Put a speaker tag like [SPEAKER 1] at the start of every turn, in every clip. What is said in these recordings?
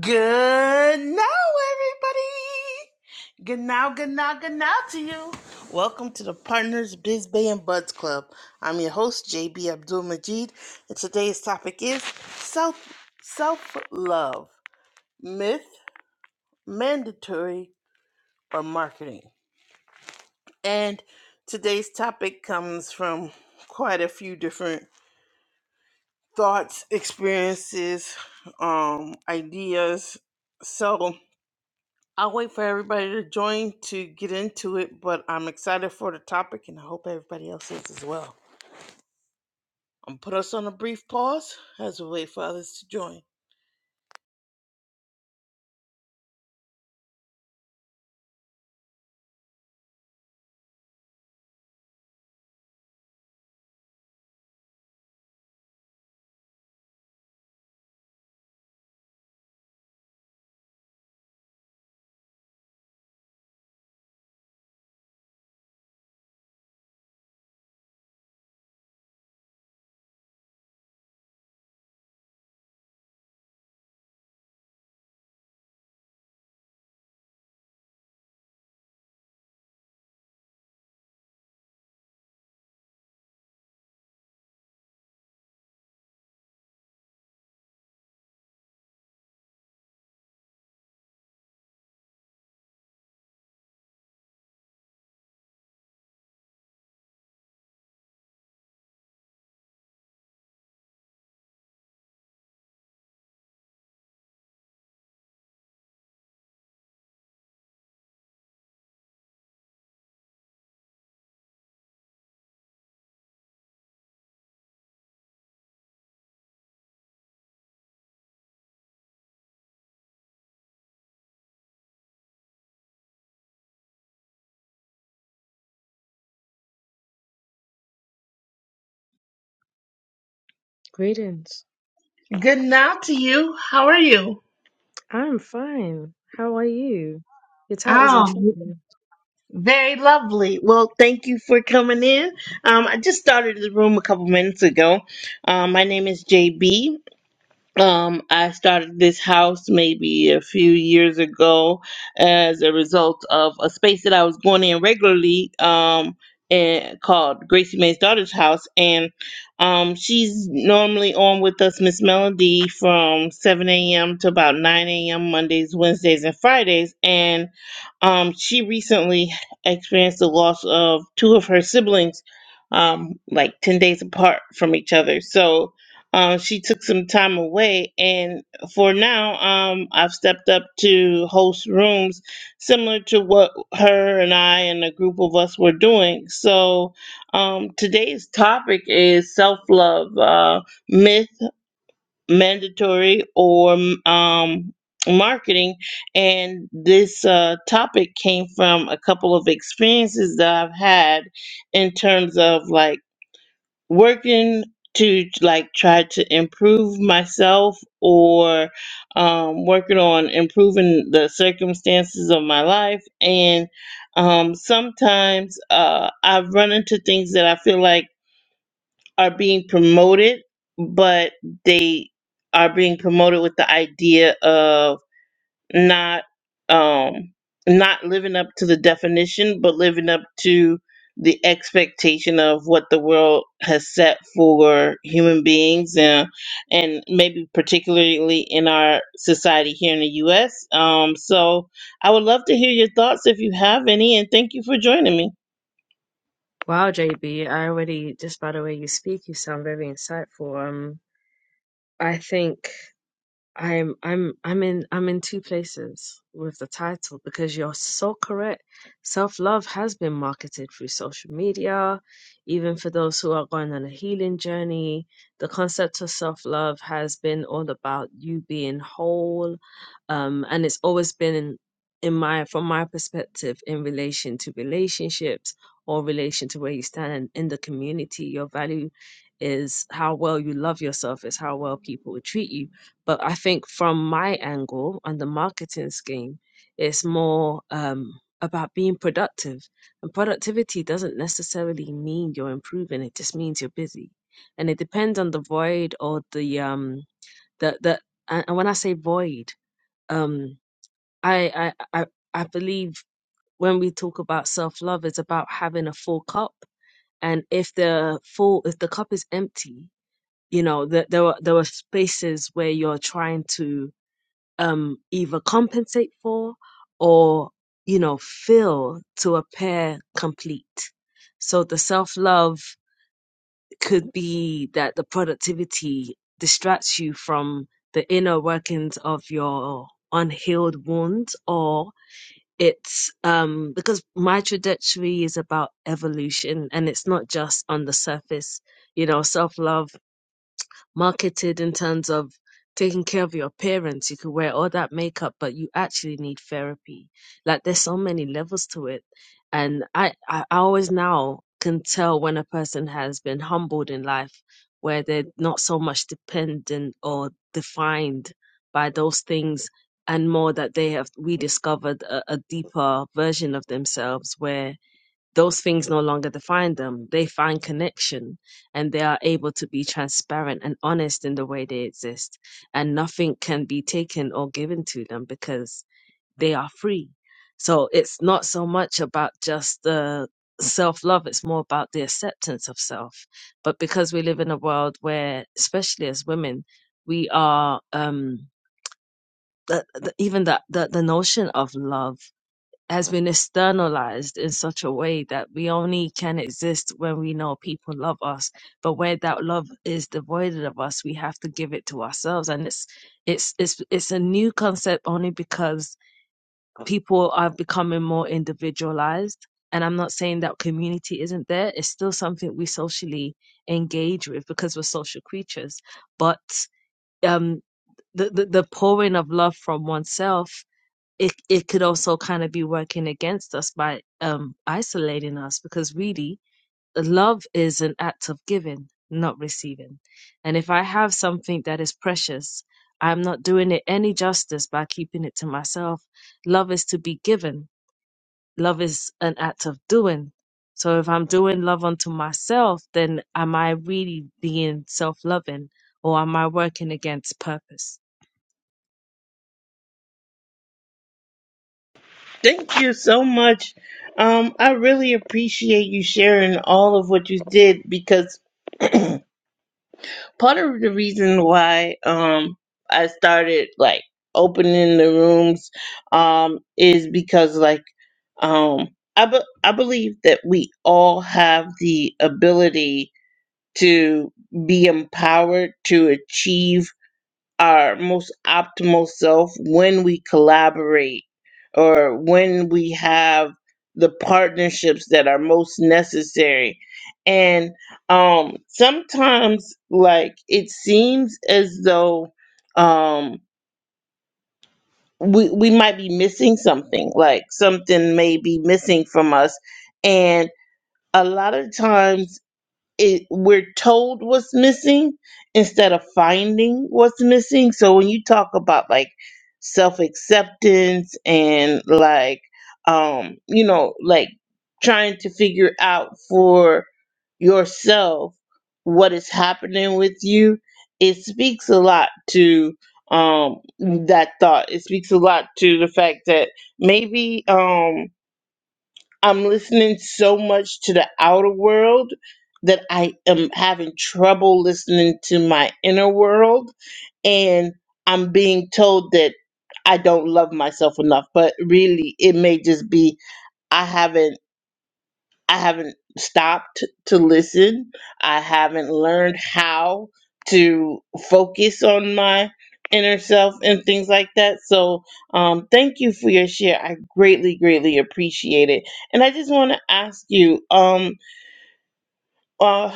[SPEAKER 1] Good now, everybody. Good now, good now, good now to you. Welcome to the Partners Biz Bay and Buds Club. I'm your host, JB Abdul Majid, and today's topic is self self love myth, mandatory, or marketing. And today's topic comes from quite a few different thoughts, experiences, um, ideas. So I'll wait for everybody to join to get into it, but I'm excited for the topic and I hope everybody else is as well. I'm put us on a brief pause as we wait for others to join.
[SPEAKER 2] Greetings.
[SPEAKER 1] Good now to you. How are you?
[SPEAKER 2] I'm fine. How are you? Your title's
[SPEAKER 1] Oh,
[SPEAKER 2] intriguing.
[SPEAKER 1] very lovely. Well, thank you for coming in. Um, I just started the room a couple minutes ago. Um, my name is JB. Um, I started this house maybe a few years ago as a result of a space that I was going in regularly um, and called Gracie Mae's Daughter's House. And um, she's normally on with us, Miss Melody, from 7 a.m. to about 9 a.m. Mondays, Wednesdays, and Fridays. And um, she recently experienced the loss of two of her siblings, um, like 10 days apart from each other. So, uh, she took some time away, and for now, um, I've stepped up to host rooms similar to what her and I and a group of us were doing. So um, today's topic is self love uh, myth, mandatory, or um, marketing. And this uh, topic came from a couple of experiences that I've had in terms of like working to like try to improve myself or um, working on improving the circumstances of my life and um, sometimes uh, i've run into things that i feel like are being promoted but they are being promoted with the idea of not um not living up to the definition but living up to the expectation of what the world has set for human beings and and maybe particularly in our society here in the US um so I would love to hear your thoughts if you have any and thank you for joining me
[SPEAKER 2] Wow, JB, I already just by the way you speak, you sound very insightful. Um, I think. I'm I'm I'm in I'm in two places with the title because you're so correct. Self-love has been marketed through social media, even for those who are going on a healing journey. The concept of self-love has been all about you being whole, um, and it's always been in, in my from my perspective in relation to relationships or relation to where you stand in, in the community. Your value is how well you love yourself, is how well people will treat you but I think from my angle on the marketing scheme, it's more um, about being productive. And productivity doesn't necessarily mean you're improving, it just means you're busy. And it depends on the void or the um the the and and when I say void, um I I I, I believe when we talk about self love, it's about having a full cup. And if the full if the cup is empty, you know, that there were there were spaces where you're trying to um, either compensate for or, you know, fill to appear complete. So the self love could be that the productivity distracts you from the inner workings of your unhealed wounds or it's um because my trajectory is about evolution and it's not just on the surface you know self love marketed in terms of taking care of your appearance. You could wear all that makeup, but you actually need therapy. Like there's so many levels to it. And I, I I always now can tell when a person has been humbled in life, where they're not so much dependent or defined by those things and more that they have rediscovered a, a deeper version of themselves where those things no longer define them. They find connection and they are able to be transparent and honest in the way they exist. And nothing can be taken or given to them because they are free. So it's not so much about just the self love, it's more about the acceptance of self. But because we live in a world where, especially as women, we are, um, the, the, even the, the, the notion of love has been externalized in such a way that we only can exist when we know people love us but where that love is devoided of us we have to give it to ourselves and it's it's it's it's a new concept only because people are becoming more individualized and i'm not saying that community isn't there it's still something we socially engage with because we're social creatures but um the the, the pouring of love from oneself it it could also kind of be working against us by um isolating us because really love is an act of giving not receiving and if i have something that is precious i'm not doing it any justice by keeping it to myself love is to be given love is an act of doing so if i'm doing love unto myself then am i really being self-loving or am i working against purpose
[SPEAKER 1] thank you so much um I really appreciate you sharing all of what you did because part of the reason why um I started like opening the rooms um is because like um I be- I believe that we all have the ability to be empowered to achieve our most optimal self when we collaborate or when we have the partnerships that are most necessary and um sometimes like it seems as though um we we might be missing something like something may be missing from us and a lot of times it we're told what's missing instead of finding what's missing so when you talk about like self-acceptance and like um you know like trying to figure out for yourself what is happening with you it speaks a lot to um that thought it speaks a lot to the fact that maybe um. I'm listening so much to the outer world that I am having trouble listening to my inner world. And I'm being told that I don't love myself enough, but really, it may just be I haven't. I haven't stopped to listen. I haven't learned how to focus on my inner self and things like that. So, um, thank you for your share. I greatly, greatly appreciate it. And I just want to ask you, um, uh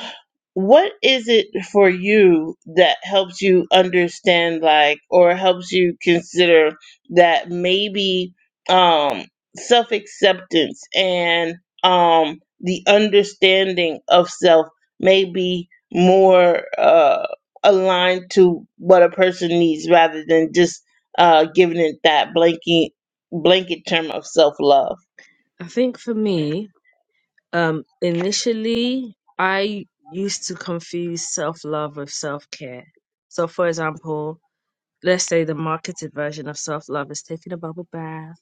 [SPEAKER 1] what is it for you that helps you understand like or helps you consider that maybe um self-acceptance and um the understanding of self may be more uh aligned to what a person needs rather than just uh giving it that blanket blanket term of self-love
[SPEAKER 2] i think for me Um, initially, I used to confuse self love with self care. So, for example, let's say the marketed version of self love is taking a bubble bath,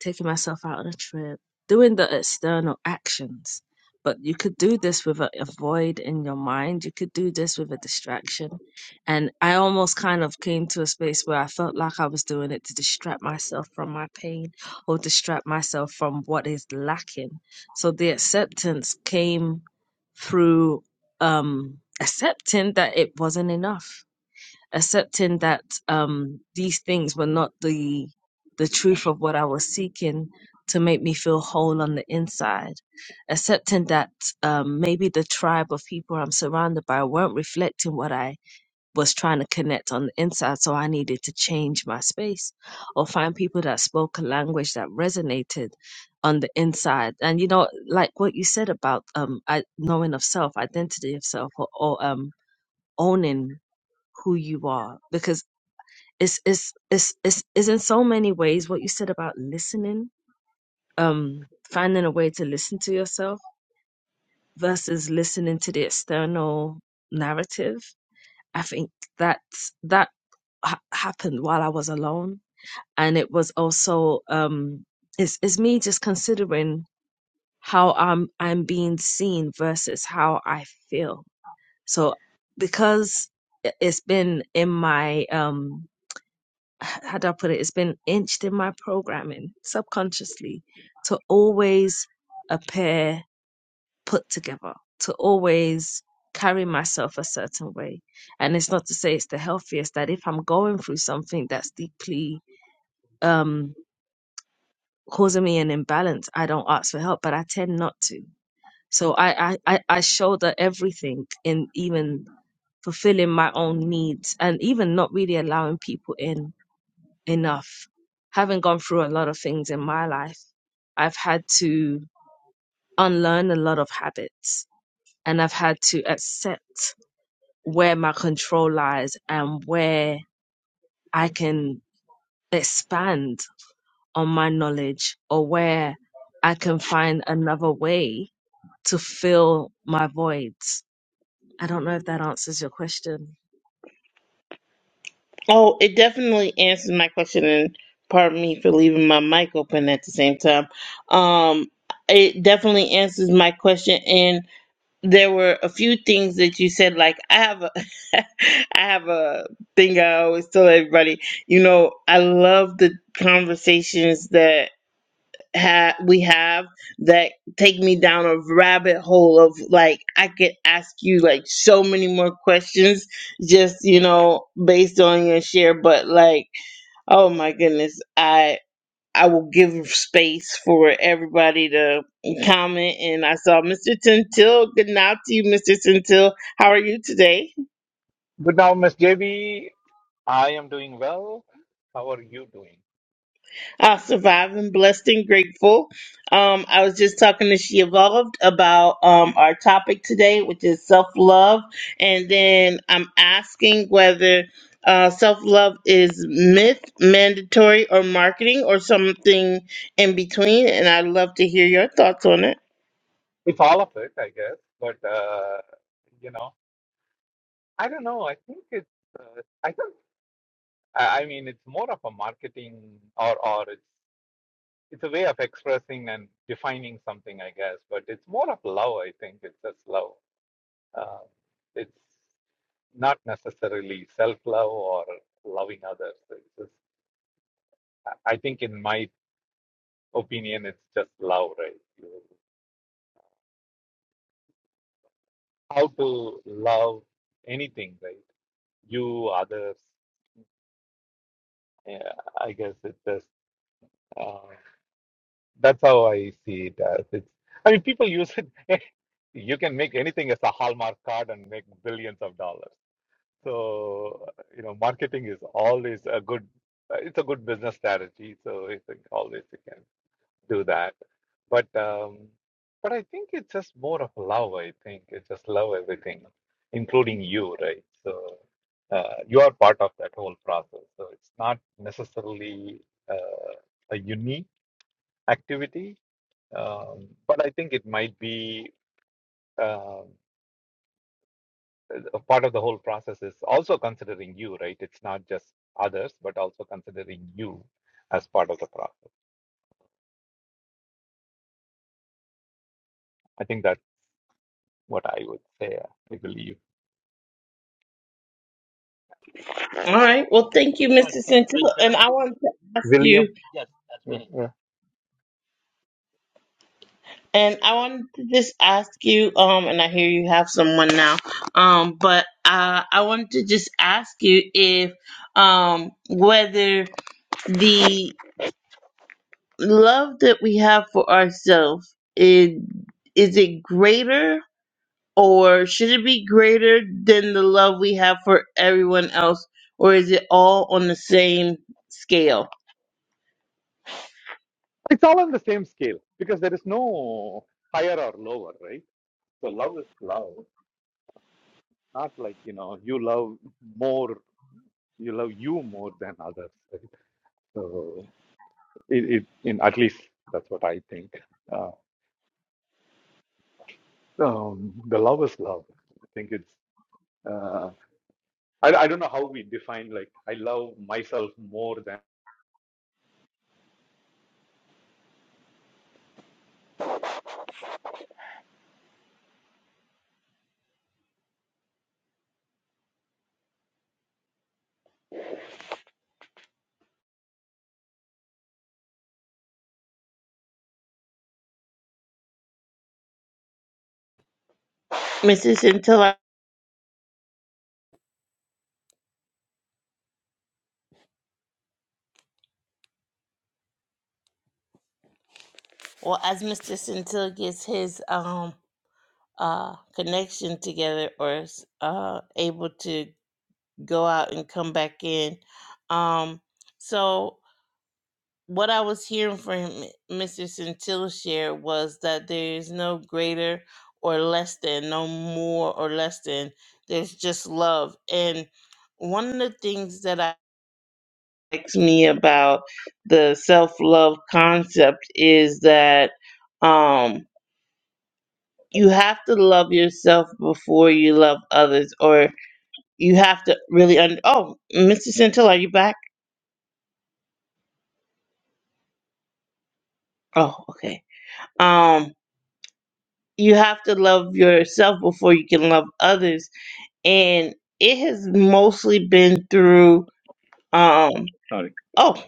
[SPEAKER 2] taking myself out on a trip, doing the external actions. But you could do this with a, a void in your mind. You could do this with a distraction. And I almost kind of came to a space where I felt like I was doing it to distract myself from my pain or distract myself from what is lacking. So the acceptance came through um, accepting that it wasn't enough accepting that um, these things were not the the truth of what I was seeking to make me feel whole on the inside, accepting that um, maybe the tribe of people I'm surrounded by weren't reflecting what I was trying to connect on the inside, so I needed to change my space or find people that spoke a language that resonated on the inside. And you know, like what you said about um, I, knowing of self, identity of self, or, or um, owning who you are, because it's it's it's it's, it's in so many ways what you said about listening um finding a way to listen to yourself versus listening to the external narrative i think that that ha- happened while i was alone and it was also um it's, it's me just considering how i'm i'm being seen versus how i feel so because it- it's been in my um how do I put it? It's been inched in my programming subconsciously to always appear put together, to always carry myself a certain way. And it's not to say it's the healthiest that if I'm going through something that's deeply um, causing me an imbalance, I don't ask for help, but I tend not to. So I, I, I I shoulder everything in even fulfilling my own needs and even not really allowing people in enough. Having gone through a lot of things in my life, I've had to unlearn a lot of habits and I've had to accept where my control lies and where I can expand on my knowledge or where I can find another way to fill my voids. I don't know if that answers your question.
[SPEAKER 1] Oh, it definitely answers my question, and pardon me for leaving my mic open at the same time. Um, it definitely answers my question, and there were a few things that you said. Like I have a, I have a thing I always tell everybody. You know, I love the conversations that ha- we have that take me down a rabbit hole of like I could ask you like so many more questions just you know based on your share but like oh my goodness I I will give space for everybody to comment and I saw Mr. Centil good night to you Mr. Centil how are you today
[SPEAKER 3] Good now, Miss JB. I am doing well. How are you doing?
[SPEAKER 1] I'll survive. I'm blessed and grateful. Um, I was just talking to She Evolved about um, our topic today, which is self love. And then I'm asking whether uh, self love is myth, mandatory, or marketing, or something in between. And I'd love to hear your thoughts on it.
[SPEAKER 3] It's all of it, I guess. But uh, you know, I don't know. I think it's. Uh, I think. I I mean, it's more of a marketing, or or it's it's a way of expressing and defining something, I guess. But it's more of love. I think it's just love. Uh, it's not necessarily self-love or loving others. It's just, I I think, in my opinion, it's just love, right? how to love anything, right? You, others. Yeah, I guess it's just uh, that's how I see it as. It's. I mean, people use it. You can make anything as a Hallmark card and make billions of dollars. So you know, marketing is always a good. uh, It's a good business strategy. So I think always you can. do that. But um, but I think it's just more of love. I think it's just love everything, including you, right? So uh, you are part of that whole process. So it's not necessarily uh, a unique activity, um, but I think it might be um, a part of the whole process is also considering you, right? It's not just others, but also considering you as part of the process. I think that's what I would say. I believe.
[SPEAKER 1] All right. Well, thank you, Mr. Centilla. And I want to ask you.
[SPEAKER 3] William. Mm, mm.
[SPEAKER 1] And I wanted to just ask you, um, and I hear you have someone now, um, but uh, I wanted to just ask you if, um, whether the love that we have for ourselves is is it greater or should it be greater than the love we have for everyone else, or is it all on the same scale,
[SPEAKER 3] It's all on the same scale because there is no higher or lower, right? So love is love, not like you know you love more, you love you more than others. Right? So it, it in at least that's what I think. Uh, um, the love is love. I think it's. Uh, I I don't know how we define like I love myself more than
[SPEAKER 1] Mrs. Centilla? Well, as Mr. Centilla gets his um uh, connection together or s- uh, able to go out and come back in. Um, so, what I was hearing from Mr. Centilla share was that there is no greater or less than, no more or less than. There's just love. And one of the things that I likes me about the self love concept is that um, you have to love yourself before you love others, or you have to really un- oh mr centil are you back oh okay um you have to love yourself before you can love others and it has mostly been through um
[SPEAKER 3] sorry.
[SPEAKER 1] oh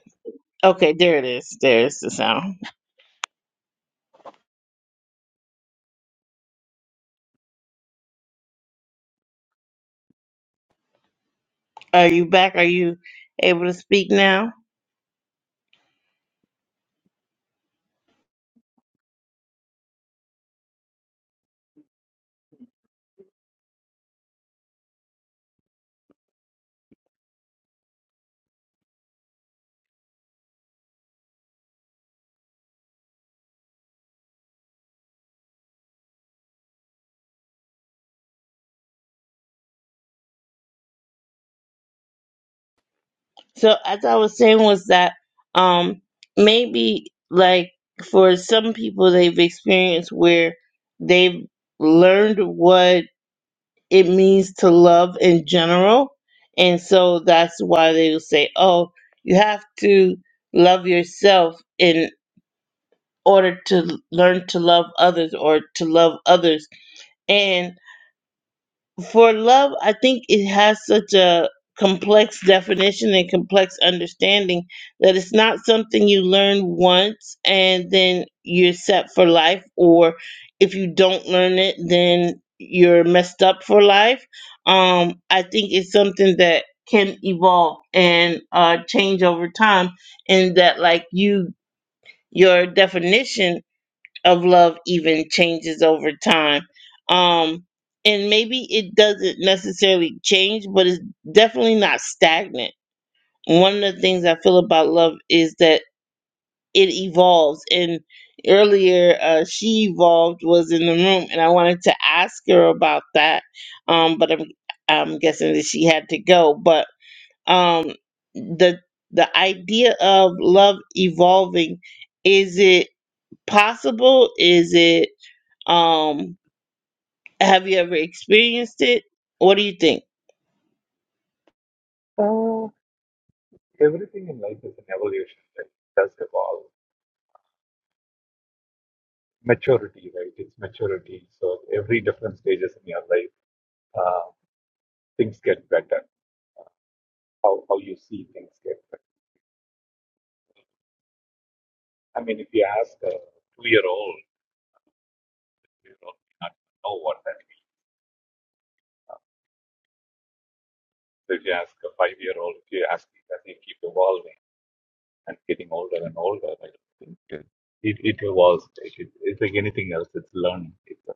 [SPEAKER 1] okay there it is there's the sound are you back are you able to speak now so as i was saying was that um maybe like for some people they've experienced where they've learned what it means to love in general. And so that's why they will say, oh, you have to love yourself in order to learn to love others or to love others. and for love, I think it has such a complex definition and complex understanding that it's not something you learn once and then you're set for life, or if you don't learn it, then you're messed up for life. Um, I think it's something that can evolve and uh, change over time, and that like you, your definition of love even changes over time. Um, and maybe it doesn't necessarily change, but it's definitely not stagnant. One of the things I feel about love is that it evolves. And earlier, uh, she evolved was in the room, and I wanted to ask her about that. Um, but I'm I'm guessing that she had to go. But um, the the idea of love evolving is it possible? Is it um, have you ever experienced it? What do you think?
[SPEAKER 3] Oh, everything in life is an evolution. Right? It does evolve maturity, right? It's maturity. So every different stages in your life, uh, things get better. How how you see things get better. I mean, if you ask a two year old, you know, not know what that means. So if you ask a five year old, if you ask, I think keep evolving and getting older and older. I don't think it it, it evolves. It, it, it's like anything else. It's learning. It's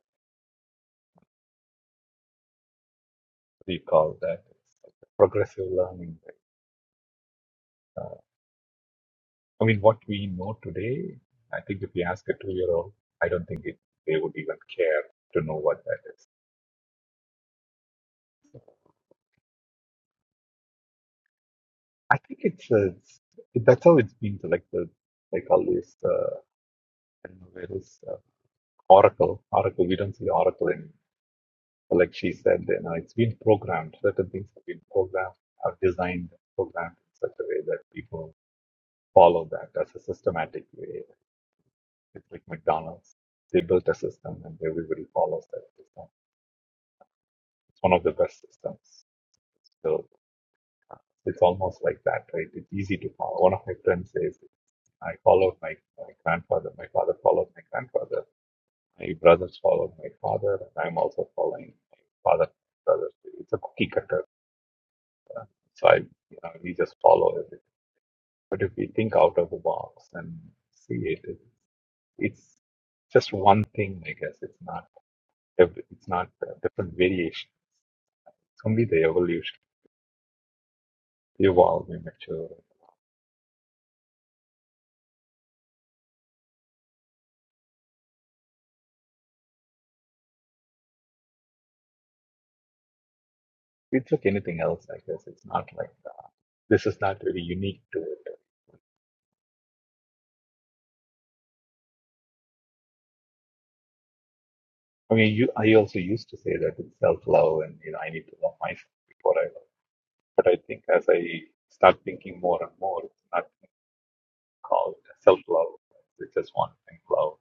[SPEAKER 3] what do you call that? It's like a progressive learning. Right? Uh, I mean, what we know today, I think if you ask a two-year-old, I don't think it, they would even care to know what that is. I think it's, uh, it's that's how it's been selected. Like the like all these, uh, I don't know where is uh, Oracle. Oracle, we don't see Oracle in. Like she said, you know, it's been programmed. Certain things have been programmed, are designed, programmed in such a way that people follow that as a systematic way. It's like McDonald's. They built a system and everybody follows that system. It's one of the best systems So it's almost like that, right? It's easy to follow. One of my friends says, I followed my, my grandfather, my father followed my grandfather, my brothers followed my father, and I'm also following my father, brothers. It's a cookie cutter. uh, So I, you know, we just follow everything. But if we think out of the box and see it, it it's just one thing, I guess. It's not, every- it's not a different variation. It's only the evolution, We evolve, we mature. If it's like anything else, I guess it's not like uh, this is not really unique to it. I mean, you, I also used to say that it's self-love and, you know, I need to love myself before I love. But I think as I start thinking more and more, it's not called self-love. It's just one thing, love.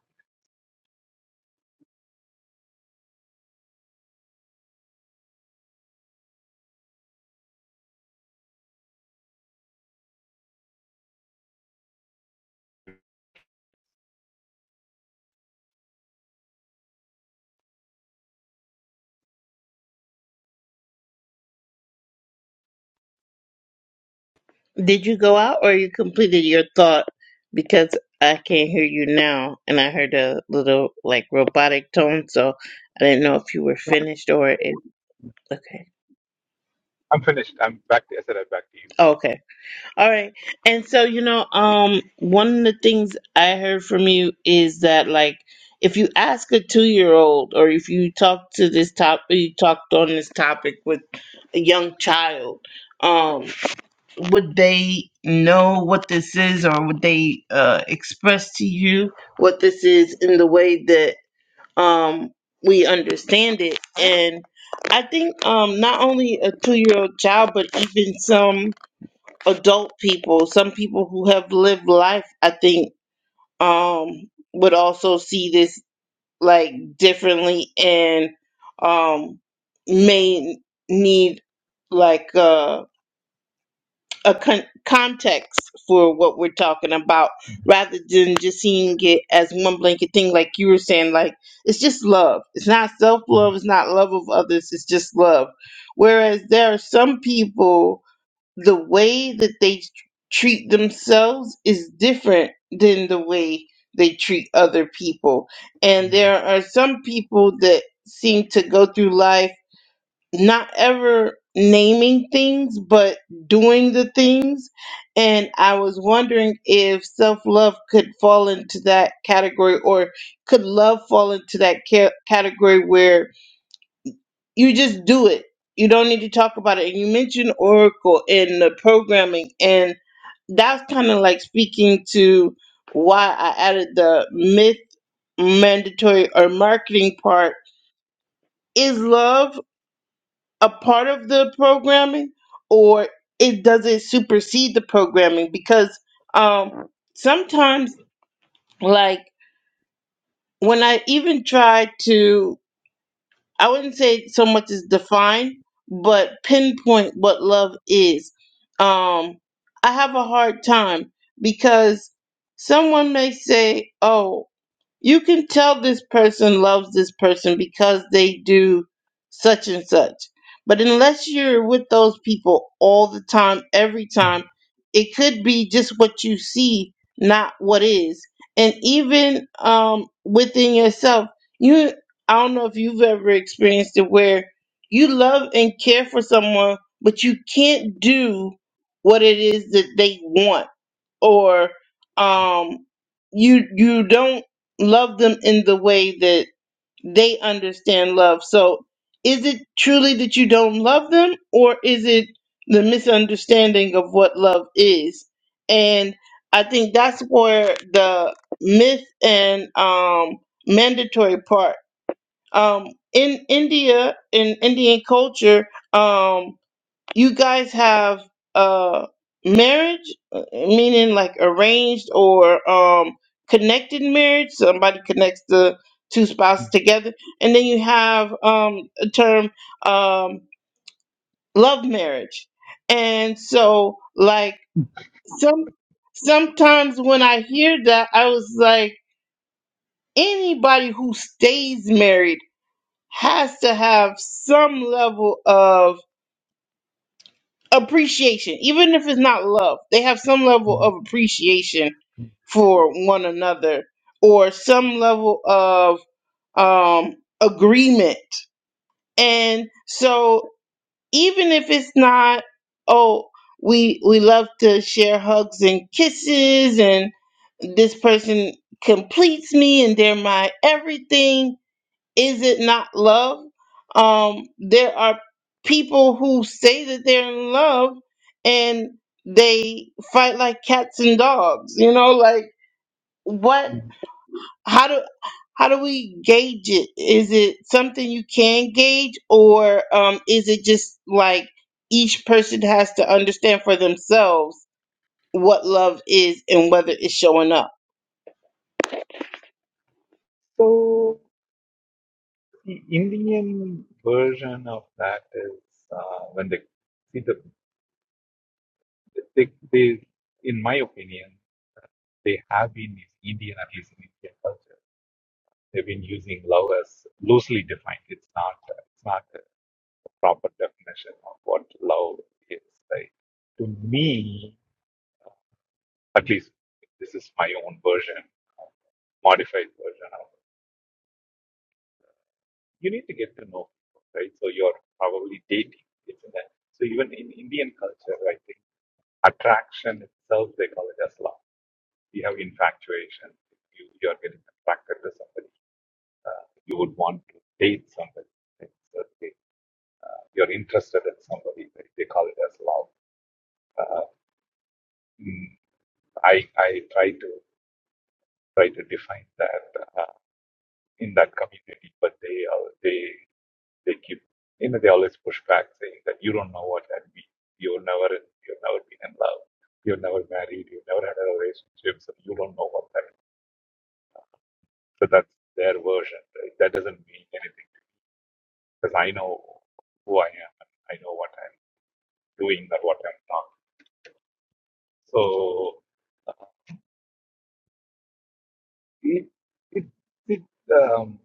[SPEAKER 1] Did you go out or you completed your thought because I can't hear you now and I heard a little like robotic tone, so I didn't know if you were
[SPEAKER 3] No,
[SPEAKER 1] finished or if okay.
[SPEAKER 3] I'm finished. I'm back to, I said I'm back to you.
[SPEAKER 1] Okay. All right. And so, you know, um one of the things I heard from you is that like if you ask a 2-year-old or if you talk to this top you talked on this topic with a young child, um would they know what this is or would they uh, express to you what this is in the way that um, we understand it and i think um, not only a two-year-old child but even some adult people some people who have lived life i think um, would also see this like differently and um, may need like uh a con- context for what we're talking about rather than just seeing it as one blanket thing like you were saying like it's just love it's not self-love it's not love of others it's just love whereas there are some people the way that they tr- treat themselves is different than the way they treat other people and there are some people that seem to go through life not ever naming things, but doing the things. And I was wondering if self love could fall into that category, or could love fall into that ca- category where you just do it? You don't need to talk about it. And you mentioned Oracle in the programming, and that's kind of like speaking to why I added the myth mandatory or marketing part. Is love a part of the programming or it does not supersede the programming because um sometimes like when i even try to i wouldn't say so much as define but pinpoint what love is um i have a hard time because someone may say oh you can tell this person loves this person because they do such and such. But unless you're with those people all the time, every time, it could be just what you see, not what is. And even um, within yourself, you I don't know if you've ever experienced it where you love and care for someone, but you can't do what it is that they want or um, you you don't love them in the way that they understand love. So is it truly that you don't love them, or is it the misunderstanding of what love is? And I think that's where the myth and um, mandatory part. Um, in India, in Indian culture, um, you guys have uh marriage Uh, meaning like arranged or um connected marriage somebody connects the two spouses together and then you have um a term um love marriage and so like some sometimes when i hear that i was like anybody who stays married has to have some level of appreciation, even if it's not love, they have some level of appreciation for one another or some level of um, agreement. And so, even if it's not, oh, we we love to share hugs and kisses, and this person completes me, and they're my everything is it not love? Um, there are people who say that they're in love and they fight like cats and dogs. You know, like what? How do how do we gauge it? Is it something you can gauge, or um, is it just like each person has to understand for themselves what love is and whether it's showing up?
[SPEAKER 3] So the Indian version of that is uh, when they see the they, they, in my opinion, they have been is Indian, at least in Indian culture. They've been using love as loosely defined. It's not it's not a proper definition of what love is. Right? To me, at least this is my own version, modified version of it. You need to get to know people, right? So you're probably dating. It's in that. So even in Indian culture, I think attraction itself they call it as love you have infatuation. You, you are getting attracted to somebody. Uh, you would want to date somebody. right? So they, uh, you're interested in somebody. They, they call it as love. Uh, mm, I I try to try to define that uh, in that community, but they al- they they keep you know they always push back saying that you don't know what that means. You've never you've never been in love. You've never married. You've never had a relationship, so you don't know what that. Is. So that's their version. Right? That doesn't mean anything because I know who I am and I know what I'm doing or what I'm talking. So it it, it um,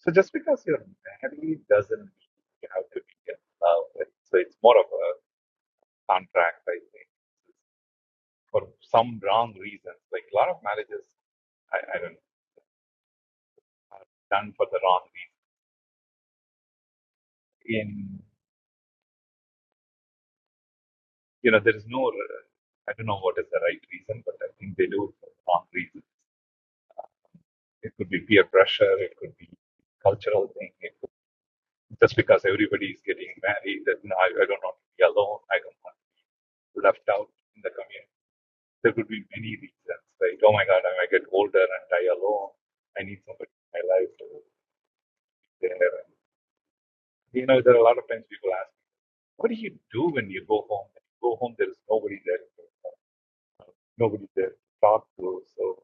[SPEAKER 3] so just because you're married doesn't mean you have to be in love. Right? So it's more of a contract, I think, for some wrong reasons. Like a lot of marriages, I, I don't know, are done for the wrong reason. In you know, there is no. uh, I don't know what is the right reason, but I think they do it for the wrong reason. It could be peer pressure. It could be cultural thing just because everybody is getting married that no, I, I don't want to be alone, I don't want to be left out in the community. There could be many reasons, right? Oh my God, I might get older and die alone. I need somebody in my life to be there. And, you know, there are a lot of times people ask, what do you do when you go home? When you go home, there is nobody there, nobody there to talk to. So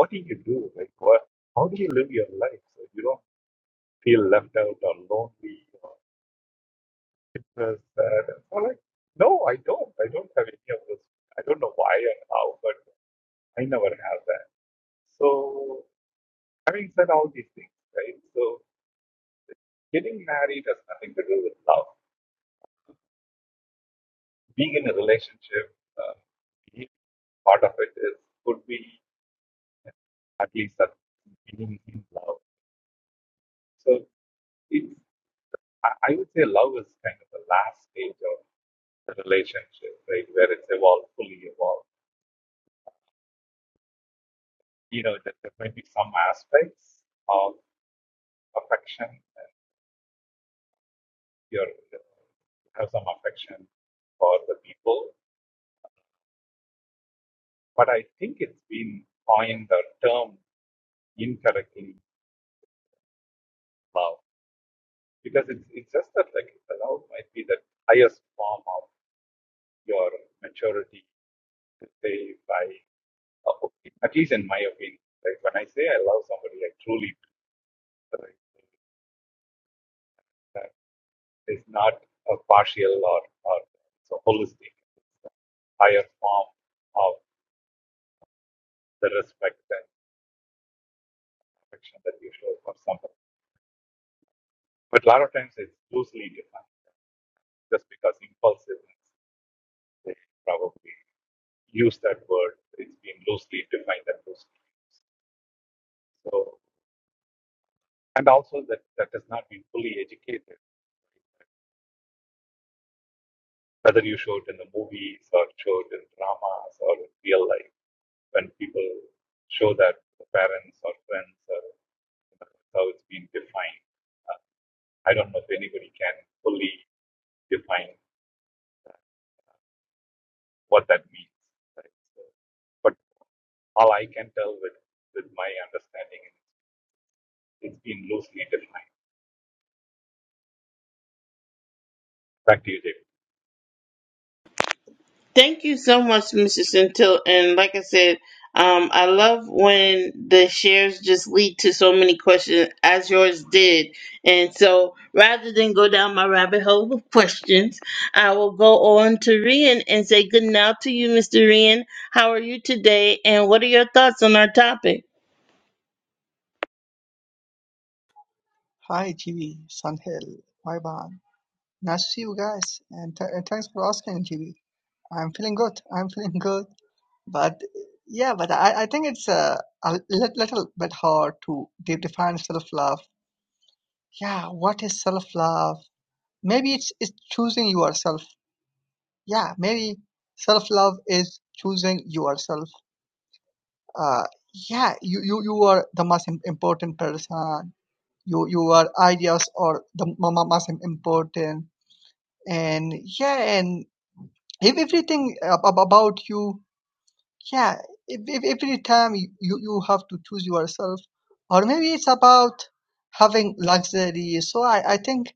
[SPEAKER 3] what do you do? Like, what, how do you live your life so you don't feel left out or lonely? this, that. And so I'm like, no, I don't. I don't have any of those. I don't know why and how, but I never have that. So having said all these things, right? So getting married has nothing to do with love. Being in a relationship, uh, being part of it is could be at least that being in love. So it's I, I would say love is kind of the last stage of the relationship, right? Where it's evolved, fully evolved. You know, that there might be some aspects of affection and your have some affection for the people. But I think it's been coined or termed incorrectly love because it's it's just that like the love might be the highest form of your maturity. Say by at least in my opinion, like when I say I love somebody, I truly do. Right? That is not a partial or or so holistic. It's a higher form of the respect and section that you show for someone. But a lot of times it's loosely defined just because impulsiveness, they probably use that word. It's been loosely defined and loosely used. So, and also that, that has not been fully educated, whether you show it in the movies or show it in dramas or in real life, when people show that to parents or friends or you know, how it's been defined. Uh, I don't know if anybody can fully define what that means. Right? So, but all I can tell with, with my understanding, it's been loosely defined. Back to you, JP.
[SPEAKER 1] Thank you so much, Mrs. Centil. And like I said, um, I love when the shares just lead to so many questions, as yours did. And so, rather than go down my rabbit hole of questions, I will go on to Rian and say good night to you, Mr. Rian. How are you today? And what are your thoughts on our topic?
[SPEAKER 4] Hi, GB, Sunhill, Vibhan. Nice to see you guys, and th- and thanks for asking, GB. I'm feeling good. I'm feeling good, but yeah, but I, I think it's uh, a li- little bit hard to de- define self-love. Yeah, what is self-love? Maybe it's it's choosing yourself. Yeah, maybe self-love is choosing yourself. Uh, yeah, you, you, you are the most im- important person. You, your ideas are the m- m- most important and yeah and if everything ab- ab- about you yeah if, if every time you, you you have to choose yourself or maybe it's about having luxury so i, I think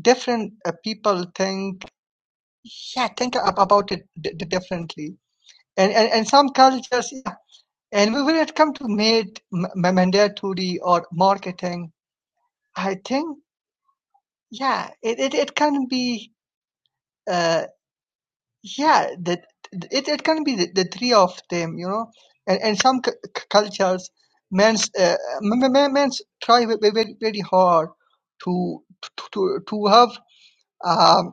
[SPEAKER 4] different uh, people think yeah think ab- about it d- d- differently and, and and some cultures yeah and when it comes to made m- mandatory or marketing i think yeah it, it, it can be uh, yeah that it, it can be the, the three of them you know and, and some c- c- cultures men's uh, men, men men's try ve- ve- very very hard to to to, to have a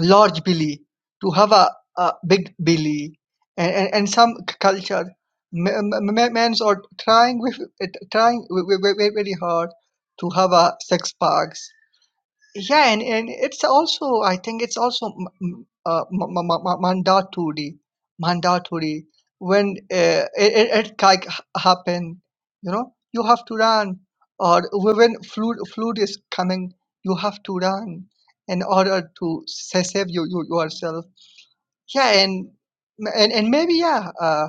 [SPEAKER 4] large belly to have a, a big belly and, and, and some c- culture men, men's are trying with trying ve- ve- ve- very hard to have a six packs yeah, and, and it's also, I think it's also m- m- uh, m- m- m- mandatory, mandatory when uh, it, it, it like h- happen, you know, you have to run, or when flood flood is coming, you have to run in order to sa- save you, you yourself. Yeah, and and, and maybe yeah, uh,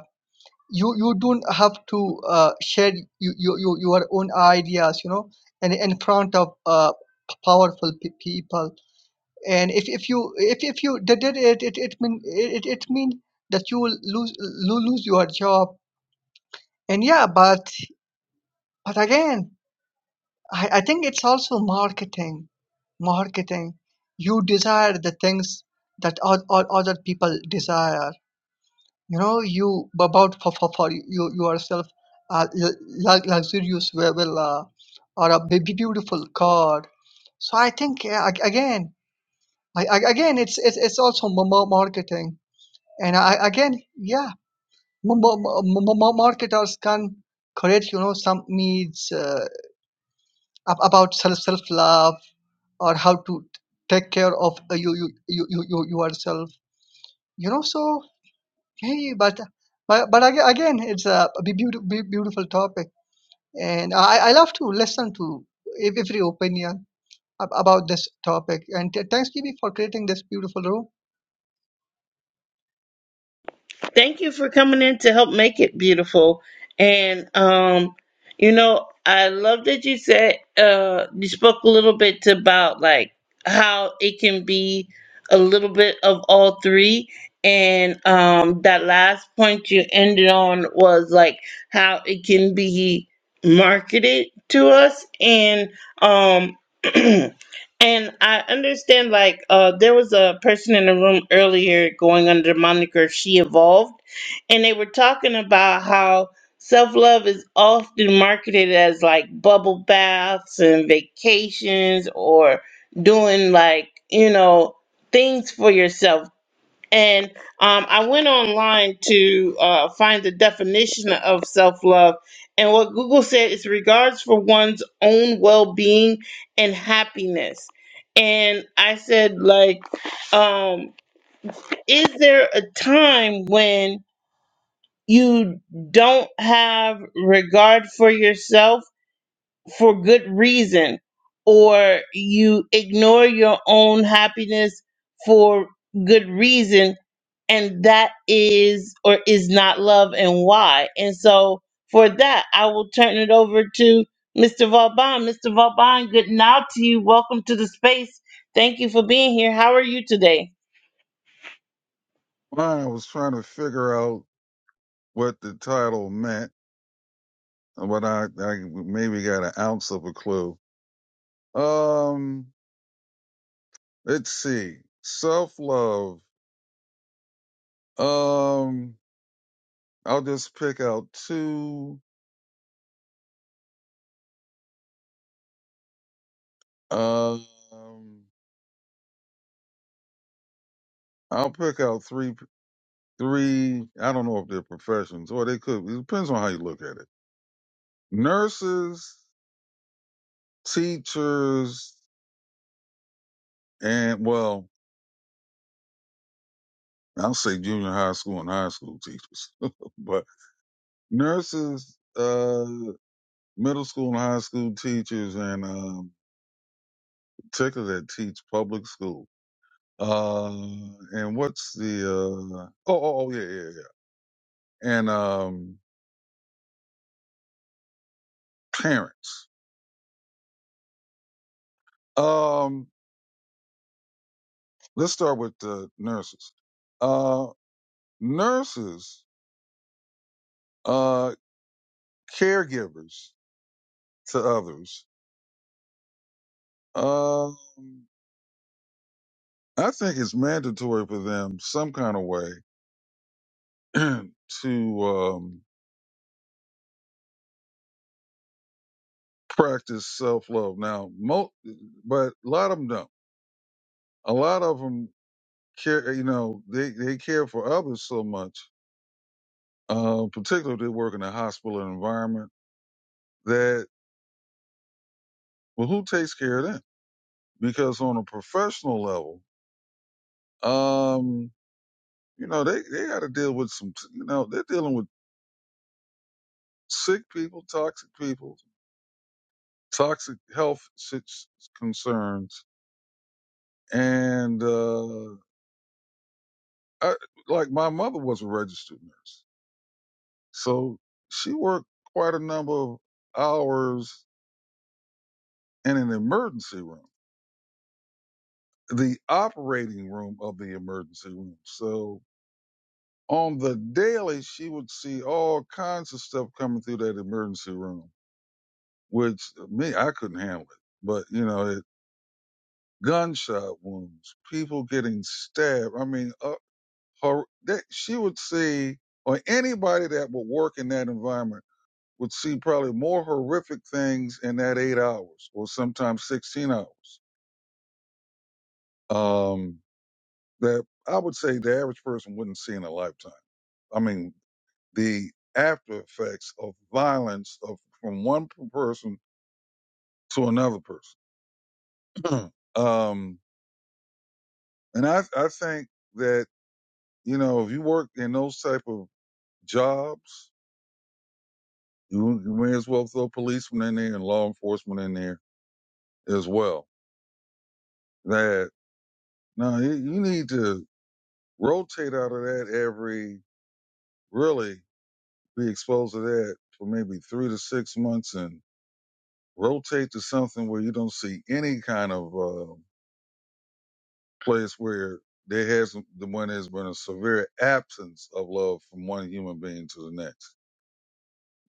[SPEAKER 4] you you don't have to uh, share you, you, you, your own ideas, you know, and in in front of uh, powerful pe- people and if, if you if, if you did it it it, it mean it, it mean that you will lose lo- lose your job and yeah but but again I, I think it's also marketing marketing you desire the things that all, all other people desire you know you about for, for, for you yourself a lu- lu- luxurious villa or a b- beautiful car so i think yeah, ag- again I, I- again it's, it's it's also ma- ma- marketing And I again, yeah, m- m- m- m- marketers can create, you know, some needs uh, ab- about self self love or how to take care of uh, you, you you you you yourself. You know, so hey, but but but aga- again, it's a be- beautiful beautiful topic, and I I love to listen to ev- every opinion ab- about this topic. And th- thanks, GB, for creating this beautiful room.
[SPEAKER 1] Thank you for coming in to help make it beautiful. And um, you know, I love that you said uh you spoke a little bit about like how it can be a little bit of all three. And um that last point you ended on was like how it can be marketed to us and um And I understand, like, uh, there was a person in the room earlier going under the moniker She Evolved, and they were talking about how self love is often marketed as like bubble baths and vacations or doing like, you know, things for yourself and um, I went online to uh, find the definition of self love. And what Google said is regards for one's own well being and happiness. And I said, like, um, is there a time when you don't have regard for yourself? for good reason or you ignore your own happiness for good reason and that is or is not love and why and so for that i will turn it over to mr vauban mr vauban good night to you welcome to the space thank you for being here how are you today
[SPEAKER 5] Well, I was trying to figure out what the title meant, but I, I maybe got an ounce of a clue. Um, let's see. Self love. Um, I'll just pick out two. Um, I'll pick out three. Three. I don't know if they're professions or they could. It depends on how you look at it. Nurses, teachers, and well, I'll say junior high school and high school teachers, but nurses, uh, middle school and high school teachers, and um, particularly that teach public school. Uh, and what's the uh, oh, oh oh yeah yeah yeah and um, parents. Um, let's start with uh, nurses. Uh, nurses, uh, caregivers to others. Um, I think it's mandatory for them some kind of way to um, practice self love. Now, mo- but a lot of them don't. A lot of them care. You know, they they care for others so much, uh, particularly if they work in a hospital environment. That well, who takes care of them? Because on a professional level, um, you know, they they got to deal with some. You know, they're dealing with sick people, toxic people, toxic health sit- concerns, and uh, I, like my mother was a registered nurse So she worked quite a number of hours in an emergency room, the operating room of the emergency room. So on the daily, she would see all kinds of stuff coming through that emergency room, which me, I couldn't handle it. But, you know, it, gunshot wounds, people getting stabbed. I mean, uh, her, that, she would see, or anybody that would work in that environment would see probably more horrific things in that eight hours or sometimes 16 hours um, that I would say the average person wouldn't see in a lifetime. I mean, the after effects of violence of from one person to another person. um, and I, I think that, you know, if you work in those type of jobs, you, you may as well throw policemen in there and law enforcement in there as well. That no, you, you need to. rotate out of that every really be exposed to that for maybe three to six months and rotate to something where you don't see any kind of uh, place where there has the one has been a severe absence of love from one human being to the next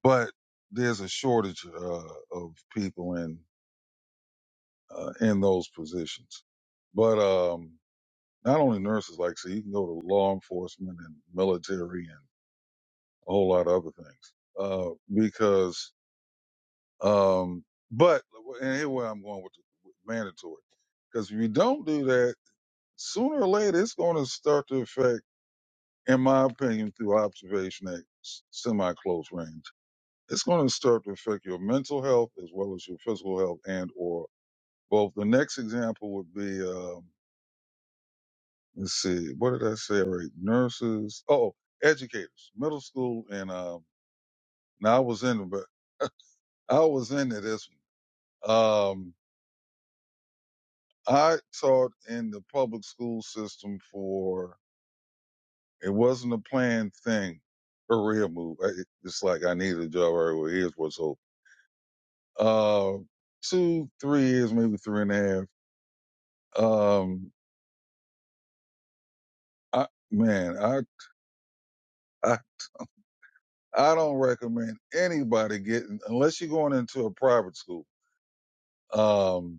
[SPEAKER 5] but there's a shortage uh, of people in uh, in those positions but um not only nurses like so you can go to law enforcement and military and a whole lot of other things uh because Um, but and here where I'm going with, the, with mandatory, because if you don't do that, sooner or later it's going to start to affect, in my opinion, through observation at s- semi-close range. It's going to start to affect your mental health as well as your physical health and or both. The next example would be, um, let's see, what did I say? Right, nurses. Oh, educators, middle school, and um, now I was in, but I was into this. one. I taught in the public school system for it wasn't a planned thing, career move. I- It's like I need a job right away. Here's what's open. Uh, two, three years, maybe three and a half. Um, I man, I I I don't recommend anybody getting unless you're going into a private school, um,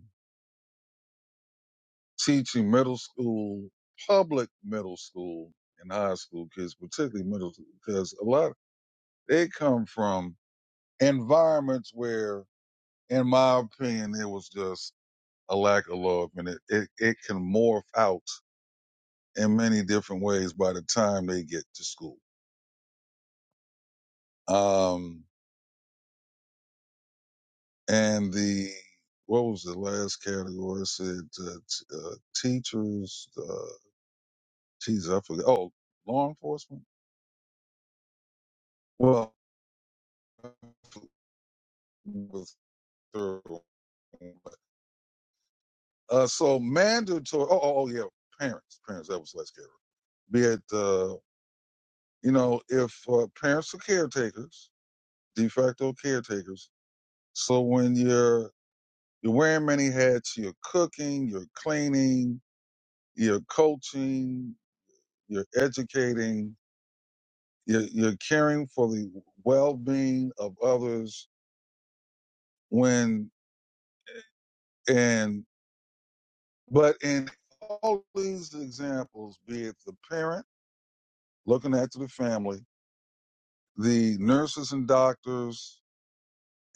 [SPEAKER 5] teaching middle school, public middle school, and high school kids, particularly middle, because a lot they come from. environments where, in my opinion, it was just a lack of love, and it, it, it can morph out in many different ways by the time they get to school. Um, and the what was the last category? I said uh, t- uh, teachers. Uh, geez, I forgot. Oh, law enforcement. Well, with third one. uh, so mandatory. Oh, oh, oh, yeah, parents. Parents. That was the last category. Be it. uh, you know, if uh, parents are caretakers, de facto caretakers, so when you're you're wearing many hats, you're cooking, you're cleaning, you're coaching, you're educating, you're, you're caring for the well-being of others. When and but in all these examples, be it the parent looking after the family, the nurses and doctors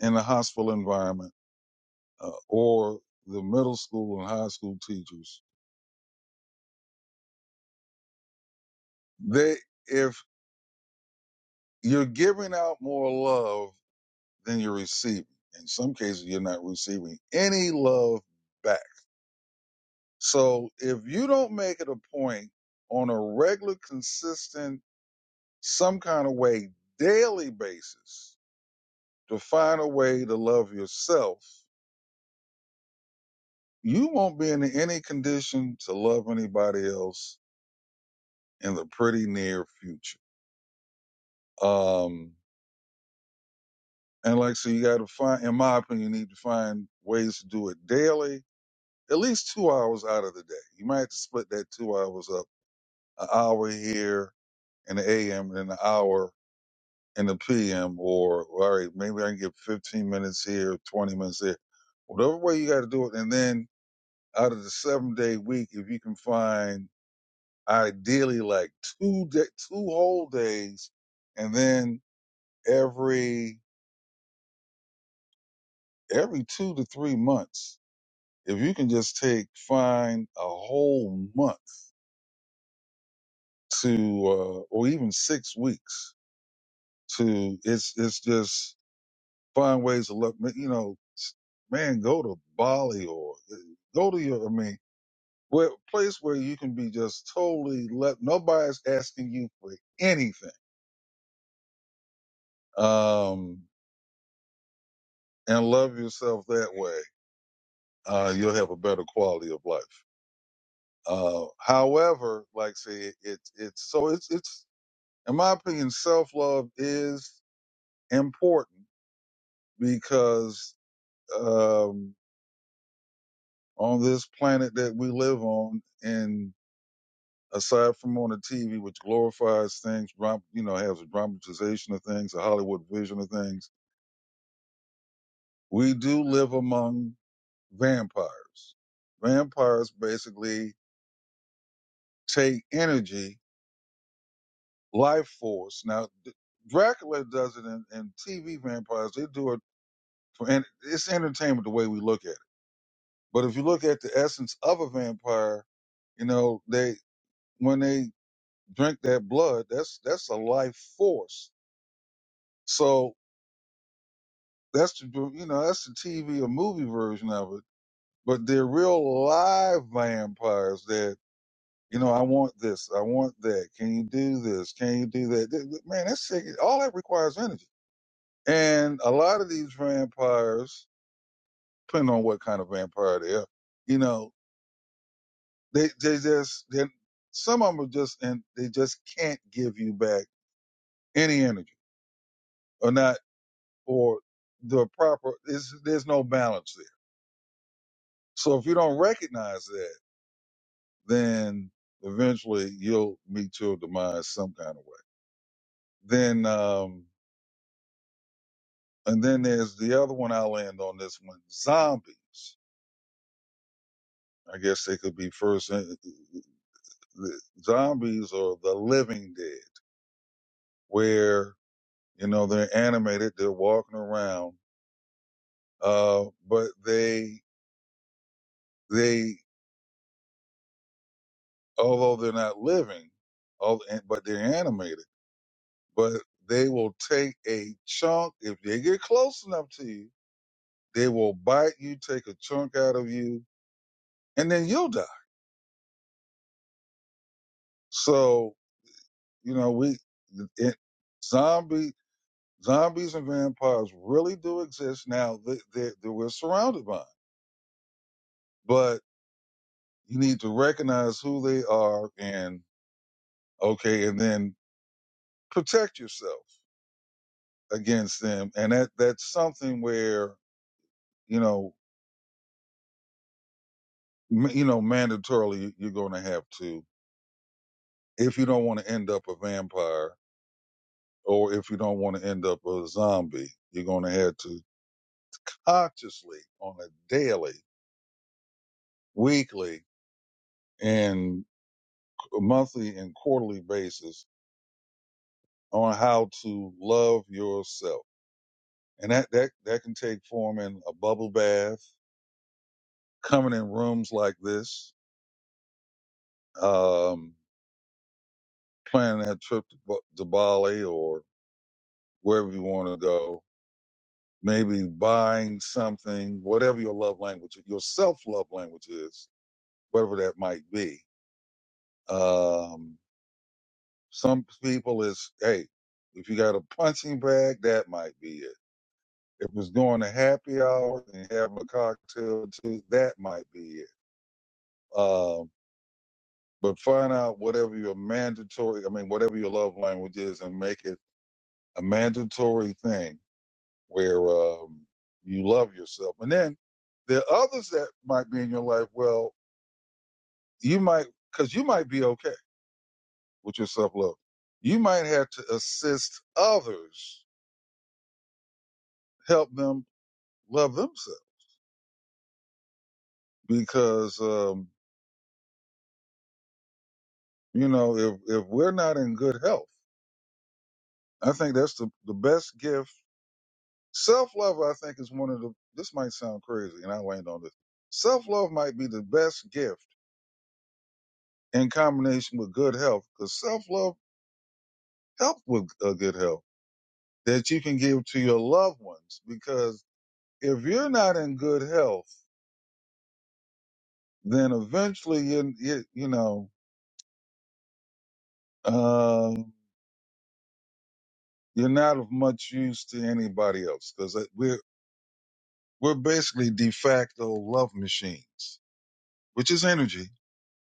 [SPEAKER 5] in the hospital environment uh, or the middle school and high school teachers, they, if you're giving out more love than you're receiving, in some cases, you're not receiving any love back. So if you don't make it a point on a regular, consistent, some kind of way, daily basis to find a way to love yourself, you won't be in any condition to love anybody else in the pretty near future. Um, And like so you gotta find in my opinion, you need to find ways to do it daily, at least two hours out of the day. You might have to split that two hours up, an hour here in the AM and an hour in the PM or all right, maybe I can get fifteen minutes here, twenty minutes there. Whatever way you gotta do it. And then out of the seven day week, if you can find ideally like two day, two whole days and then every every two to three months If you can just take, find a whole month to, uh, or even six weeks to, it's, it's just find ways to look, you know, s- man, go to Bali or uh, go to your, I mean, where, place where you can be just totally let, nobody's asking you for anything. Um, and love yourself that way. Uh, you'll have a better quality of life. Uh, however, like I say, it, it's so it's it's in my opinion, self love is important because um, on this planet that we live on, and aside from on the TV, which glorifies things, dram- you know, has a dramatization of things, a Hollywood vision of things, we do live among vampires. Vampires basically take energy, life force. Now, D- Dracula does it in, in TV vampires. They do it for, and it's entertainment the way we look at it But if you look at the essence of a vampire, you know, they when they drink that blood, that's that's a life force. So that's the you know that's the TV or movie version of it. But they're real live vampires that you know I want this, I want that. Can you do this? Can you do that? Th- th- Man, that's sick. all that requires energy. And a lot of these vampires, depending on what kind of vampire they are, you know. They they just they, some of them are just and they just can't give you back any energy or not or the proper. There's there's no balance there. So if you don't recognize that, then eventually you'll meet your demise some kind of way. Then um and then there's the other one. I'll end on this one. Zombies. I guess they could be first. in- the Zombies are the living dead, where you know they're animated, they're walking around Uh, but they they although they're not living, all, but they're animated. But they will take a chunk if they get close enough to you. They will bite you, take a chunk out of you, and then you'll die. So you know we it, zombie zombies and vampires really do exist now. They, they, they we're surrounded by, 'em. but you need to recognize who they are and okay, and then protect yourself against them, and that that's something where you know m- you know mandatorily you're going to have to if you don't want to end up a vampire or if you don't want to end up a zombie, you're going to have to consciously on a daily, weekly, and monthly and quarterly basis on how to love yourself, and that that that can take form in a bubble bath, coming in rooms like this. Um, planning that trip to, Ba- to Bali or wherever you want to go, maybe buying something, whatever your love language, your self love language is, whatever that might be. Um, some people is, hey, if you got a punching bag, that might be it. If it's going to happy hour and having a cocktail too, that might be it. Um, but find out whatever your mandatory, I mean, whatever your love language is and make it a mandatory thing where um, you love yourself. And then there are others that might be in your life. Well, you might, because you might be okay with your self love. You might have to assist others, help them love themselves. Because, um, you know, if, if we're not in good health, I think that's the, the best gift. Self love, I think, is one of the, this might sound crazy, and I land on this. Self love might be the best gift in combination with good health, because self love helps with uh, good health that you can give to your loved ones because if you're not in good health then eventually you you, you know um you're not of much use to anybody else because we're we're basically de facto love machines which is energy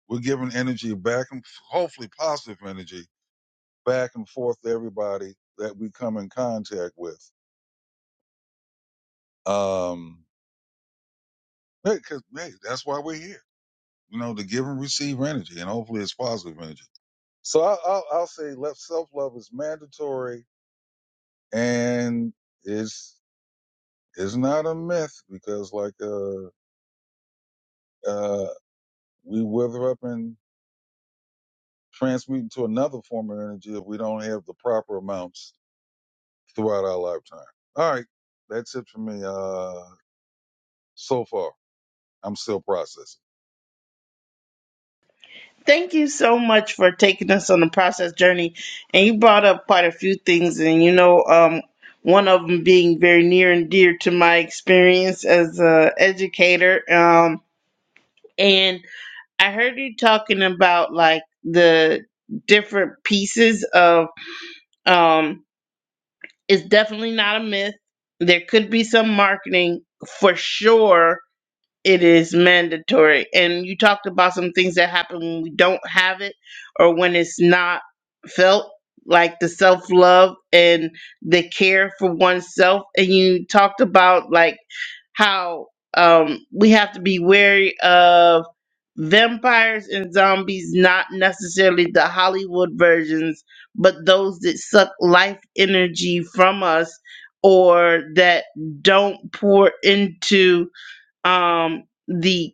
[SPEAKER 5] we're giving energy back and hopefully positive energy back and forth to everybody that we come in contact with um because hey, hey, that's why we're here you know to give and receive energy and hopefully it's positive energy So I, I'll, I'll say self love is mandatory and it's it's not a myth because like uh uh we wither up and transmute into another form of energy if we don't have the proper amounts throughout our lifetime. All right, that's it for me. Uh, so far, I'm still processing.
[SPEAKER 1] Thank you so much for taking us on the process journey. And you brought up quite a few things, and you know, um, one of them being very near and dear to my experience as a educator. Um, and I heard you talking about like the different pieces of um, it's definitely not a myth. There could be some marketing for sure it is mandatory. And you talked about some things that happen when we don't have it or when it's not felt, like the self love and the care for oneself. And you talked about like how um, we have to be wary of vampires and zombies, not necessarily the Hollywood versions, but those that suck life energy from us or that don't pour into um the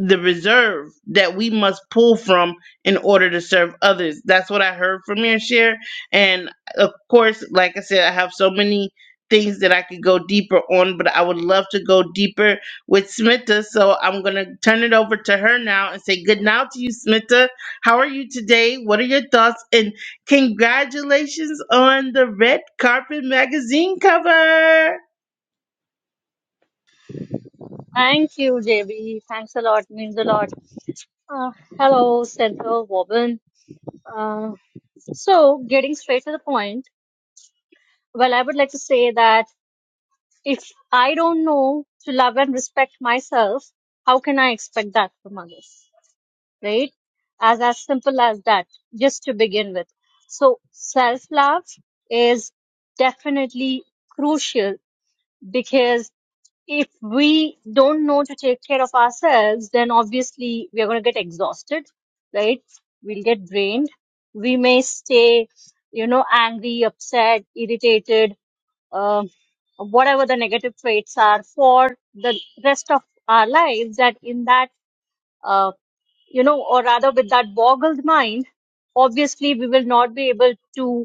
[SPEAKER 1] the reserve that we must pull from in order to serve others that's what i heard from your share and of course like i said i have so many things that i could go deeper on but i would love to go deeper with smita so i'm going to turn it over to her now and say good night to you smita how are you today what are your thoughts and congratulations on the red carpet magazine cover
[SPEAKER 6] Thank you, JB. Thanks a lot. Means a lot. Uh, hello, Center Wobbin. Uh, so, getting straight to the point, well, I would like to say that if I don't know to love and respect myself, how can I expect that from others? Right? As as simple as that, just to begin with. So, self love is definitely crucial because if we don't know to take care of ourselves, then obviously we are going to get exhausted, right? We'll get drained. We may stay, you know, angry, upset, irritated, um, whatever the negative traits are for the rest of our lives. That in that, uh, you know, or rather with that boggled mind, obviously we will not be able to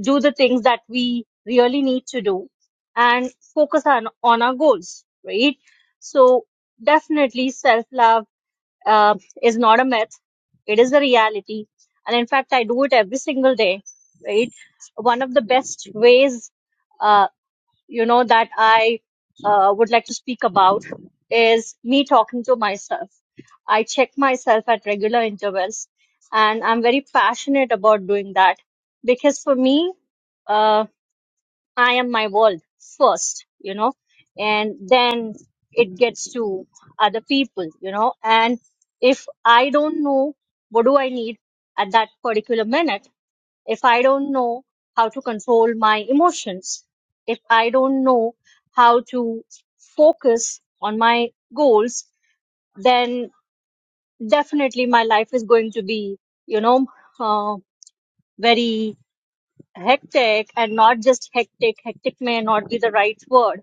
[SPEAKER 6] do the things that we really need to do and focus on on our goals right so definitely self love uh, is not a myth it is a reality and in fact i do it every single day right one of the best ways uh, you know that i uh, would like to speak about is me talking to myself i check myself at regular intervals and i'm very passionate about doing that because for me uh, I am my world first, you know, and then it gets to other people, you know. And if I don't know what do I need at that particular minute, if I don't know how to control my emotions, if I don't know how to focus on my goals, then definitely my life is going to be, you know, uh, very hectic and not just hectic hectic may not be the right word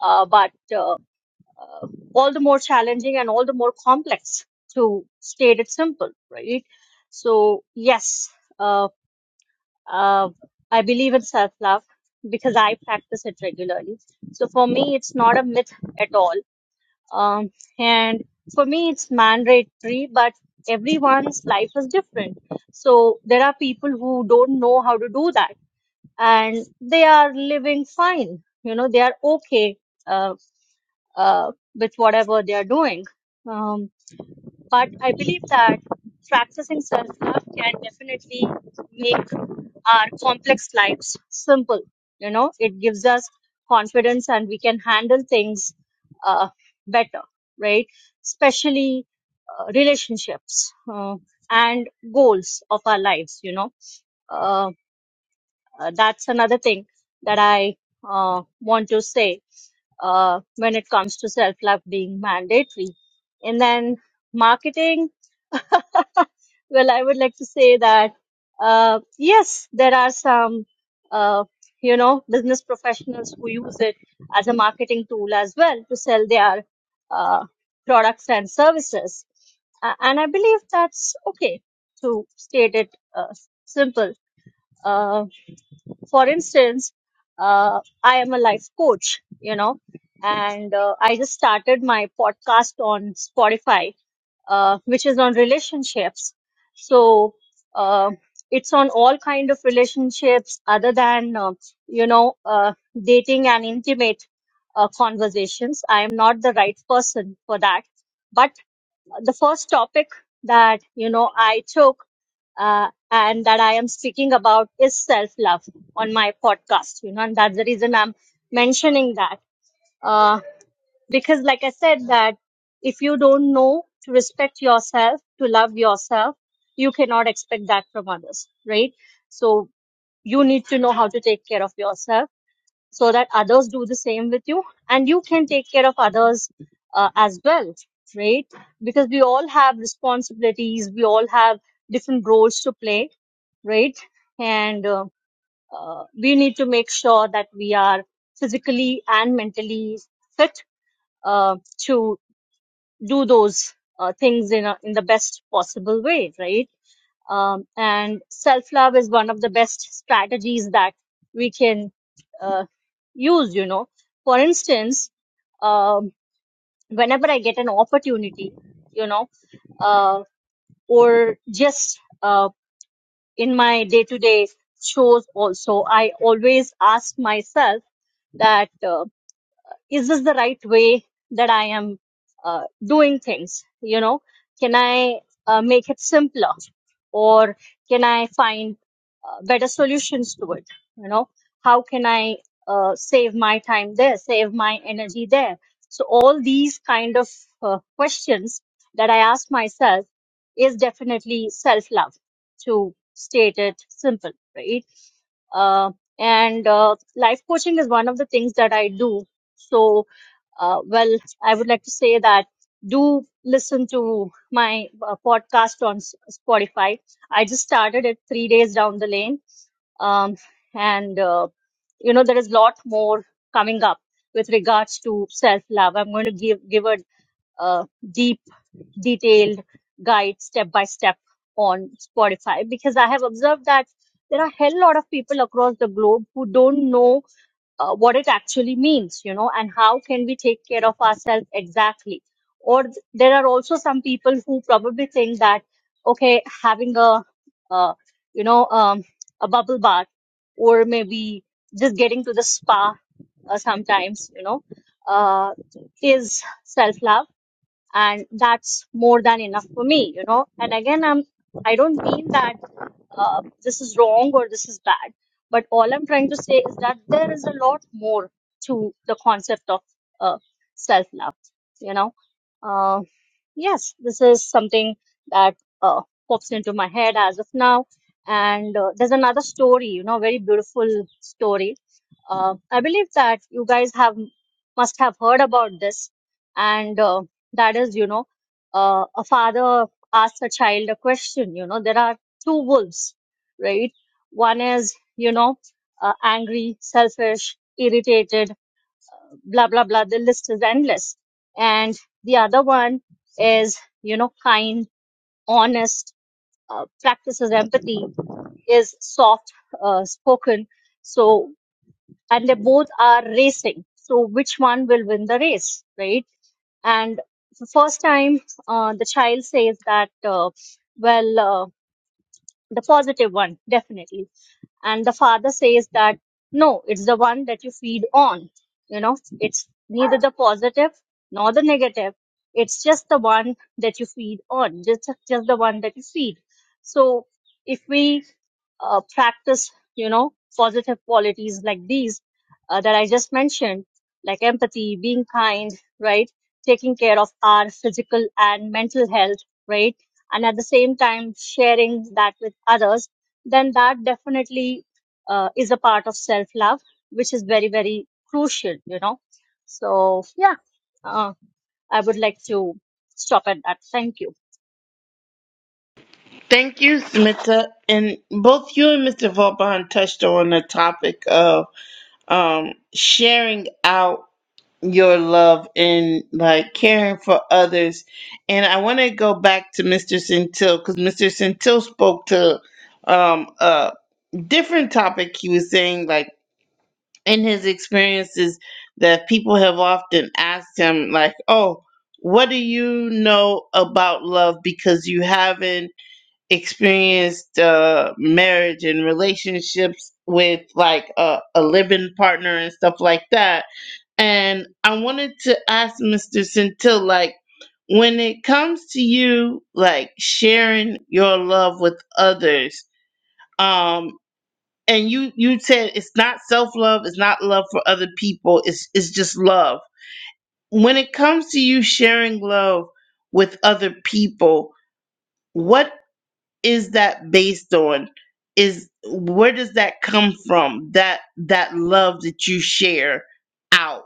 [SPEAKER 6] uh, but uh, uh, all the more challenging and all the more complex to state it simple right so yes uh, uh, i believe in self love because i practice it regularly so for me it's not a myth at all um, and for me it's mandatory but everyone's life is different so there are people who don't know how to do that and they are living fine. You know, they are okay uh, uh, with whatever they are doing. Um, but I believe that practicing self love can definitely make our complex lives simple. You know, it gives us confidence and we can handle things uh, better, right? Especially uh, relationships uh, and goals of our lives, you know Uh, uh, that's another thing that I uh, want to say uh, when it comes to self love being mandatory. And then marketing, well, I would like to say that uh, yes, there are some, uh, you know, business professionals who use it as a marketing tool as well to sell their uh, products and services. A- And I believe that's okay to state it uh, simple. Uh, for instance uh, i am a life coach you know and uh, i just started my podcast on spotify uh, which is on relationships so uh, it's on all kind of relationships other than uh, you know uh, dating and intimate uh, conversations i am not the right person for that the first topic that you know I took uh, and that I am speaking about is self love on my podcast. You know, and that's the reason I'm mentioning that uh, because, like I said, that if you don't know to respect yourself, to love yourself, you cannot expect that from others, right? So you need to know how to take care of yourself so that others do the same with you and you can take care of others uh, as well right because we all have responsibilities we all have different roles to play right and uh, uh, we need to make sure that we are physically and mentally fit uh, to do those uh, things in a, in the best possible way right um, and self love is one of the best strategies that we can uh, use, you know. For instance, um, whenever I get an opportunity, you know, uh, or just uh, in my day to day shows also, I always ask myself that. Uh, is this the right way that I am uh, doing things? You know, can I uh, make it simpler or can I find uh, better solutions to it? You know, how can I uh, save my time there, save my energy there? So, all these kind of uh, questions that I ask myself is definitely self love to state it simple, right? uh, and uh, life coaching is one of the things that I do. So, uh, well, I would like to say that do listen to my uh, podcast on S- Spotify. I just started it three days down the lane, um, and uh, you know there is a lot more coming up with regards to self love. I'm going to give give a uh, deep detailed guide step by step on Spotify because I have observed that there are a hell lot of people across the globe who don't know uh, what it actually means, you know, and how can we take care of ourselves exactly. Or th- there are also some people who probably think that, okay, having a, uh, you know, um, a bubble bath or maybe just getting to the spa uh, sometimes, you know, uh, is self love and that's more than enough for me you know and again i'm i don't mean that uh, this is wrong or this is bad but all i'm trying to say is that there is a lot more to the concept of uh, self love you know uh, yes this is something that uh, pops into my head as of now and uh, there's another story you know very beautiful story uh, I believe that you guys have must have heard about this, and uh, that is, you know, uh, a father asks a child a question. You know, there are two wolves, right? One is, you know, uh, angry, selfish, irritated, blah blah blah. The list is endless, and the other one is, you know, kind, honest, uh, practices empathy, is soft uh, spoken. So and they both are racing. So which one will win the race, right? And the first time, uh, the child says that, uh, well, uh, the positive one, definitely and the father says that no it's the one that you feed on you know it's neither the positive nor the negative it's just the one that you feed on just just the one that you feed so if we uh, practice you know positive qualities like these uh, that i just mentioned like empathy being kind right taking care of our physical and mental health right and at the same time sharing that with others then that definitely uh, is a part of self love, which is very, very crucial, you know. So, yeah, uh, I would like to stop at that. Thank you.
[SPEAKER 1] Thank you, Smita. And both you and Mr. Vauban touched on the topic of um, sharing out your love and like caring for others. And I want to go back to Mr. Centil because Mr. Centil spoke to um, a different topic. He was saying, like, in his experiences, that people have often asked him, like, oh, what do you know about love because you haven't? experienced uh, marriage and relationships with like a, a living partner and stuff like that. And I wanted to ask Mr. Centil, like, when it comes to you, like sharing your love with others, um, and you you said it's not self love, it's not love for other people, it's it's just love. When it comes to you sharing love with other people, what is that based on is where does that come from that that love that you share out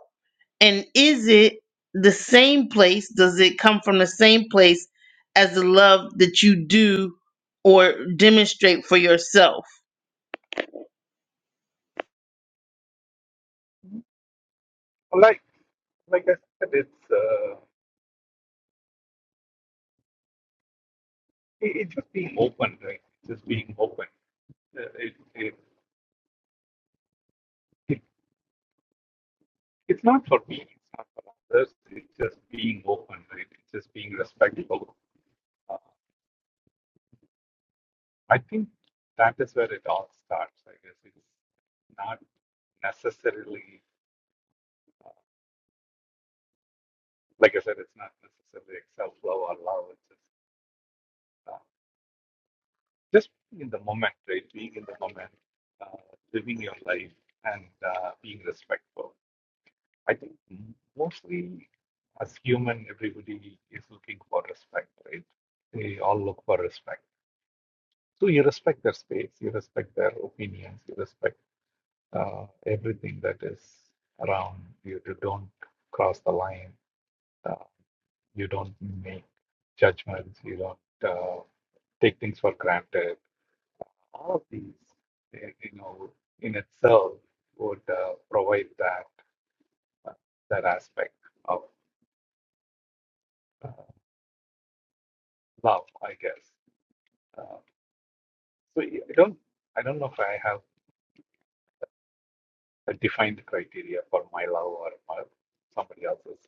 [SPEAKER 1] and is it the same place does it come from the same place as the love that you do or demonstrate for yourself
[SPEAKER 3] Like, like I said, it's uh, it, it's just being open, right? It's just being open. Uh, It, it, it, it's not for me, it's not for others. It's just being open, right? It's just being respectful. Uh, I think that is where it all starts. I guess it's not necessarily, like I said, it's not necessarily self love or love. It's just uh, just being in the moment, right? Being in the moment, uh, living your life, and uh, being respectful. I think mostly as human, everybody is looking for respect, right? They all look for respect. So you respect their space, you respect their opinions, you respect uh, everything that is around you. You don't cross the line. Uh, you don't make judgments. You don't uh, take things for granted all of these, eh, you know, in itself would uh, provide that uh, that aspect of uh, love, I guess. Uh, so y- I don't, I don't know if I have a defined criteria for my love or my, somebody else's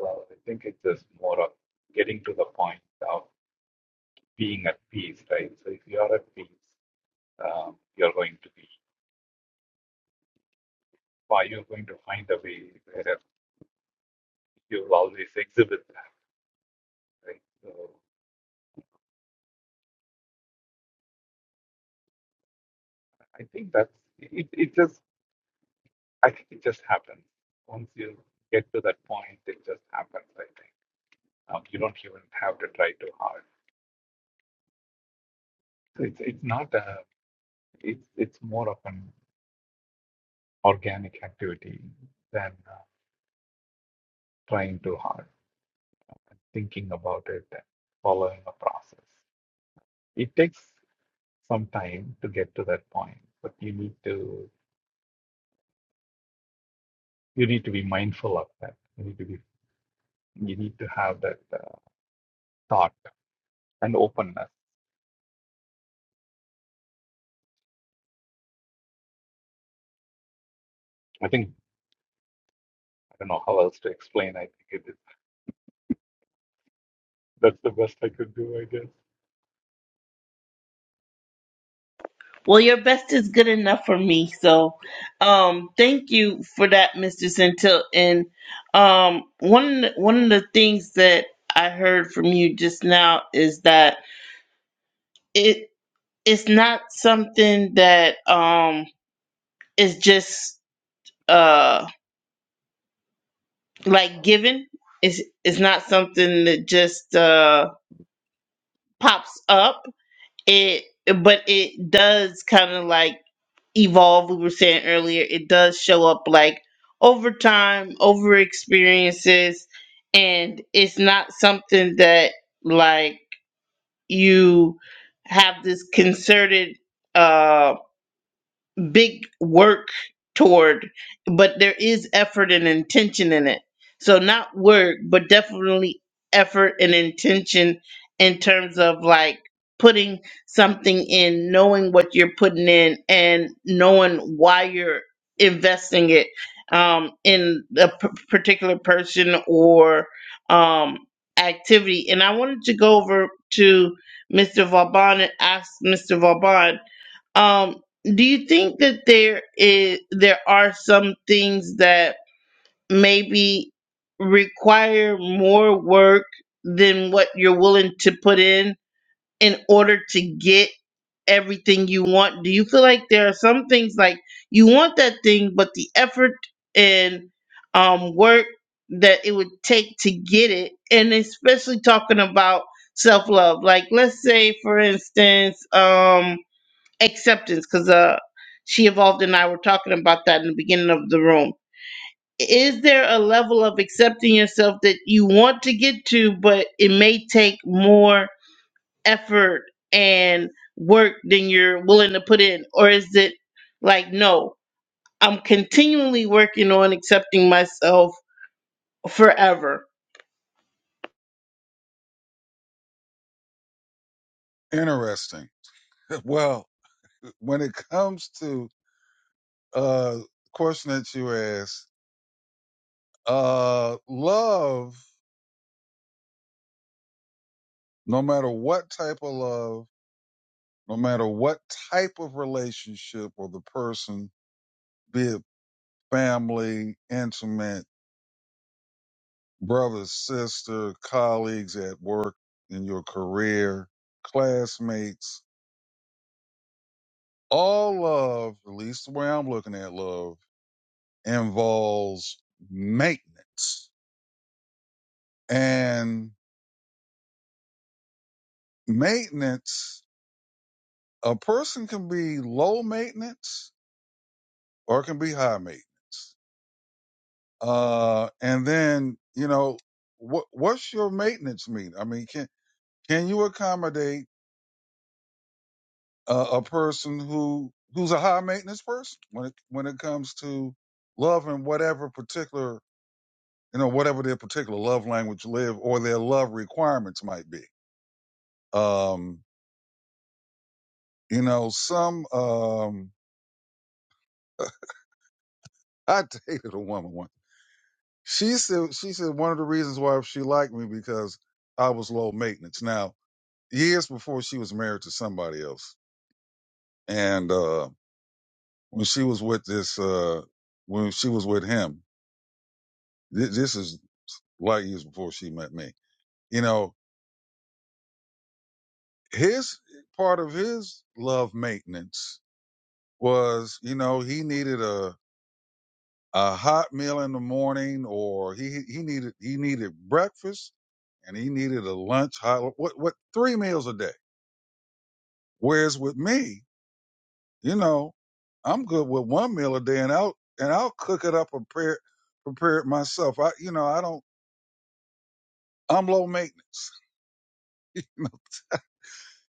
[SPEAKER 3] love. I think it's just more of getting to the point of being at peace, right? So if you are at peace, um, you're going to be, or you're going to find a way where you will always exhibit that, right? So, I think that's it, it just I think it just happens. Once you get to that point, it just happens, I think. Um, you don't even have to try too hard. So it's it's not a it's it's more of an organic activity than uh, trying too hard, thinking about it and following a process. It takes some time to get to that point, but you need to you need to be mindful of that. You need to be you need to have that uh, thought and openness. I think I don't know how else to explain. I think it is. That's the best I could do, I guess.
[SPEAKER 1] Well, your best is good enough for me. So, um, thank you for that, Mr. Centil. And um, one one of the things that I heard from you just now is that it it's not something that um is just uh like given. It's it's not something that just uh pops up. It but it does kind of like evolve we were saying earlier it does show up like over time over experiences and it's not something that like you have this concerted uh big work toward, but there is effort and intention in it. So not work, but definitely effort and intention in terms of like putting something in, knowing what you're putting in, and knowing why you're investing it um, in a p- particular person or um, activity. And I wanted to go over to Mr. Vauban and ask Mr. Vauban um, do you think that there is there are some things that maybe require more work than what you're willing to put in in order to get everything you want? Do you feel like there are some things like you want that thing, but the effort and um, work that it would take to get it, and especially talking about self love. Like, let's say, for instance, um acceptance because uh she evolved and i were talking about that in the beginning of the room is there a level of accepting yourself that you want to get to but it may take more effort and work than you're willing to put in or is it like no i'm continually working on accepting myself forever
[SPEAKER 5] Interesting. Well, when it comes to uh question that you asked, uh, love, no matter what type of love no matter what type of relationship or the person, be it family, intimate, brother, sister, colleagues at work, in your career, classmates, all love, at least the way I'm looking at love, involves maintenance. And maintenance, a person can be low maintenance or it can be high maintenance. Uh, and then, you know, what, what's your maintenance mean? I mean, can, can you accommodate a, a person who, who's a high maintenance person when it, when it comes to love and whatever particular, you know, whatever their particular love language live or their love requirements might be? Um, you know, some, um, I dated a woman once. She said, she said one of the reasons why she liked me because I was low maintenance. Now, years before she was married to somebody else. And uh, when she was with this, uh, when she was with him, th- this is light years before she met me. You know, his part of his love maintenance was, you know, he needed a a hot meal in the morning, or he he needed he needed breakfast and he needed a lunch, hot, what what three meals a day. Whereas with me, You know, I'm good with one meal a day, and I'll and I'll cook it up and prepare prepare it myself. I you know I don't. I'm low maintenance. You know,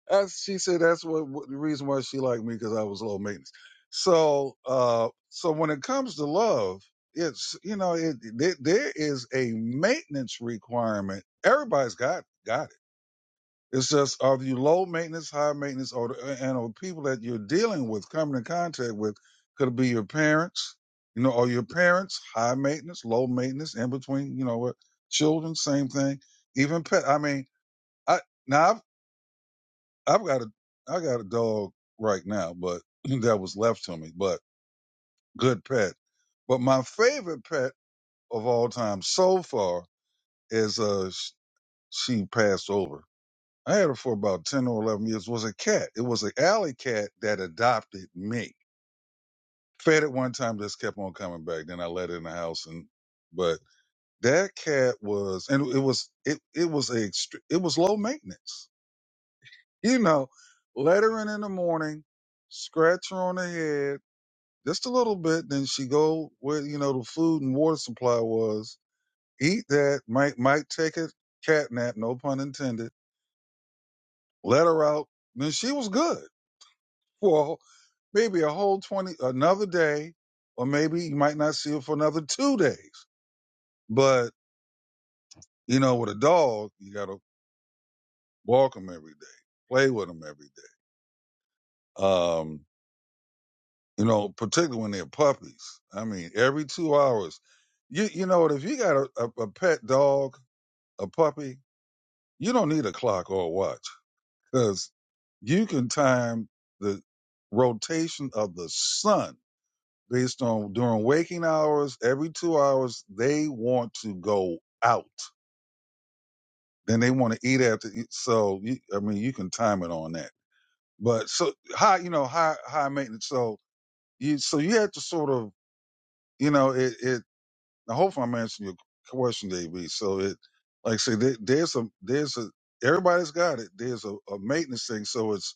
[SPEAKER 5] That's, she said that's what, what the reason why she liked me because I was low maintenance. So uh, so when it comes to love, it's you know it, there there is a maintenance requirement. Everybody's got God. It's just are you low maintenance, high maintenance, or and or people that you're dealing with, coming in contact with, could be your parents, you know, or your parents, high maintenance, low maintenance, in between, you know, what children, same thing, even pet. I mean, I now I've I've got a I got a dog right now, but that was left to me, but good pet. But my favorite pet of all time so far is uh sh- she passed over I had her for about 10 or 11 years, was a cat. It was an alley cat that adopted me. Fed it one time, just kept on coming back. Then I let it in the house. And, but that cat was, and it was, it, it was a, extre- it was low maintenance. You know, let her in in the morning, scratch her on the head just a little bit. Then she go where, you know, the food and water supply was, eat that, might, might take a cat nap, no pun intended, let her out. Then she was good for a maybe a whole 20, another day, or maybe you might not see it for another two days. But, you know, with a dog, you got to walk them every day, play with them every day. Um, you know, particularly when they're puppies. I mean, every two hours. You, you know what? If you got a, a, a pet dog, a puppy, you don't need a clock or a watch because you can time the rotation of the sun based on during waking hours, every two hours, they want to go out. Then they want to eat after. e, So you, I mean, you can time it on that. But so high, you know, high high maintenance. So you so you have to sort of, you know, it. it I hope I'm answering your question, JB. So it, like I said, there, there's a there's a everybody's got it. There's a, a maintenance thing. So it's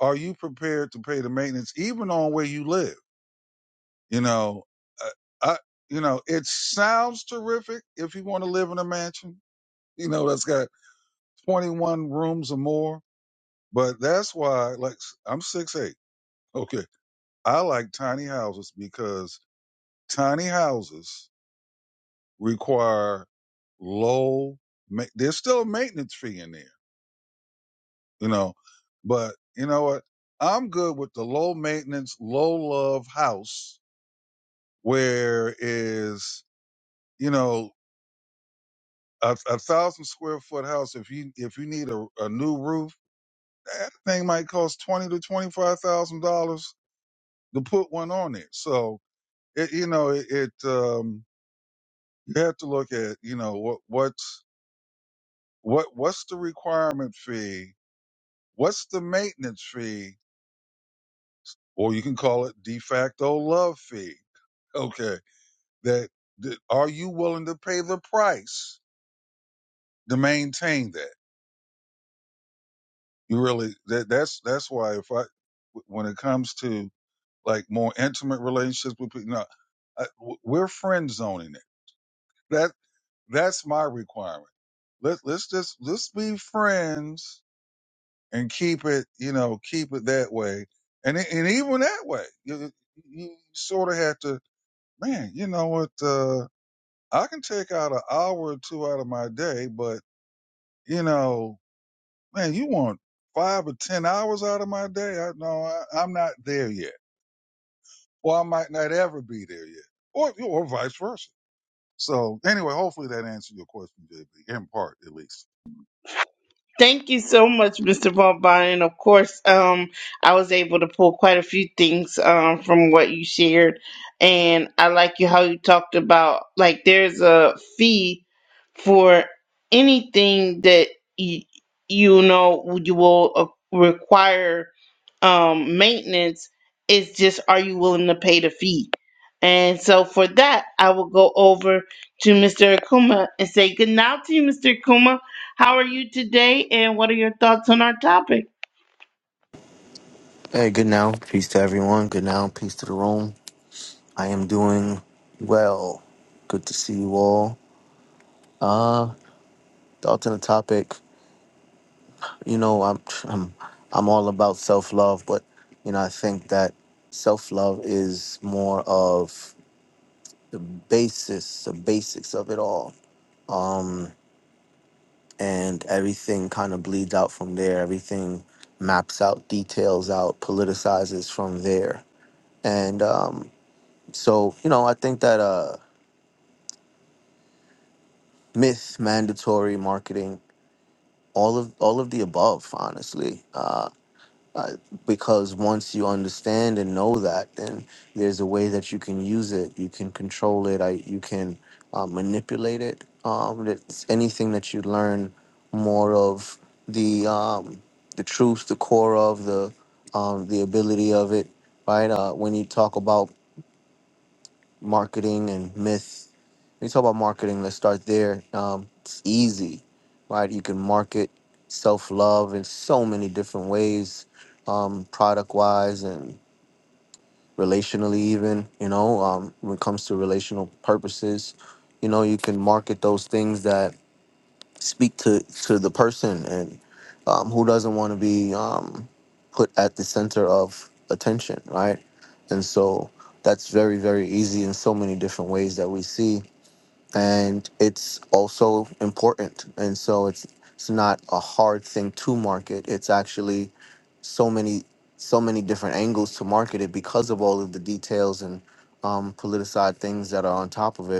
[SPEAKER 5] are you prepared to pay the maintenance even on where you live? You know, uh, I, you know, it sounds terrific if you want to live in a mansion, you know, that's got 21 rooms or more. But that's why, like, I'm six eight. Okay, I like tiny houses because tiny houses require low. Ma- There's still a maintenance fee in there, you know, but you know what? I'm good with the low maintenance, low love house where is you know a, a thousand square foot house. If you if you need a, a new roof, that thing might cost twenty to twenty five thousand dollars to put one on it. So it, you know it, it um, you have to look at you know what what's what what's the requirement fee, what's the maintenance fee, or you can call it de facto love fee. Okay, that, that are you willing to pay the price to maintain that? You really that that's that's why if I when it comes to like more intimate relationships with people. No, I, w- we're friend zoning it. That that's my requirement. Let let's just let's be friends and keep it, you know, keep it that way. And e- and even that way, you you sort of have to, man. You know what? Uh, I can take out an hour or two out of my day, but you know, man, you want five or ten hours out of my day? I no, I, I'm not there yet, or I might not ever be there yet, or or vice versa So anyway, hopefully that answered your question, JB, in part at least.
[SPEAKER 1] Thank you so much, Mr. Vaughn. And of course, um, I was able to pull quite a few things um, from what you shared. And I like you how you talked about like there's a fee for anything that y- you know you will uh, require um, maintenance it's just are you willing to pay the fee and so for that i will go over to mr akuma and say good night to you mr akuma how are you today and what are your thoughts on our topic
[SPEAKER 7] Hey, good now. Peace to everyone. Good now. Peace to the room. I am doing well. Good to see you all. Uh, thoughts on the topic. You know, I'm I'm I'm all about self love, but you know, I think that self love is more of the basis, the basics of it all. Um, and everything kind of bleeds out from there. Everything maps out, details out, politicizes from there. And um, so, you know, I think that uh myth, mandatory marketing, all of all of the above, honestly. Uh, uh, because once you understand and know that, then there's a way that you can use it, you can control it, I, you can uh, manipulate it. Um, it's anything that you learn more of the um, the truth, the core of the um, the ability of it, right? Uh, when you talk about marketing and myth. When you talk about marketing, let's start there. Um, it's easy, right? You can market self love in so many different ways, um, product wise and relationally, even, you know, um, when it comes to relational purposes. You know, you can market those things that speak to to the person and um, who doesn't want to be um, put at the center of attention right and so that's very very easy in so many different ways that we see and it's also important and so it's it's not a hard thing to market it's actually so many so many different angles to market it because of all of the details and um, politicized things that are on top of it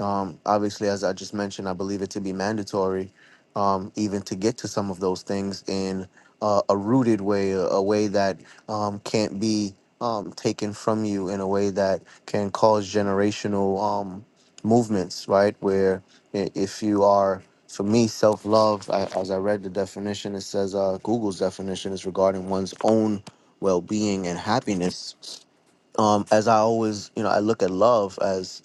[SPEAKER 7] um, obviously, as I just mentioned, I believe it to be mandatory, um, even to get to some of those things in uh, a rooted way, a a way that um, can't be um, taken from you, in a way that can cause generational um, movements, right? Where i- if you are, for me, self love, as I read the definition, it says uh, Google's definition is regarding one's own well being and happiness. Um, as I always, you know, I look at love as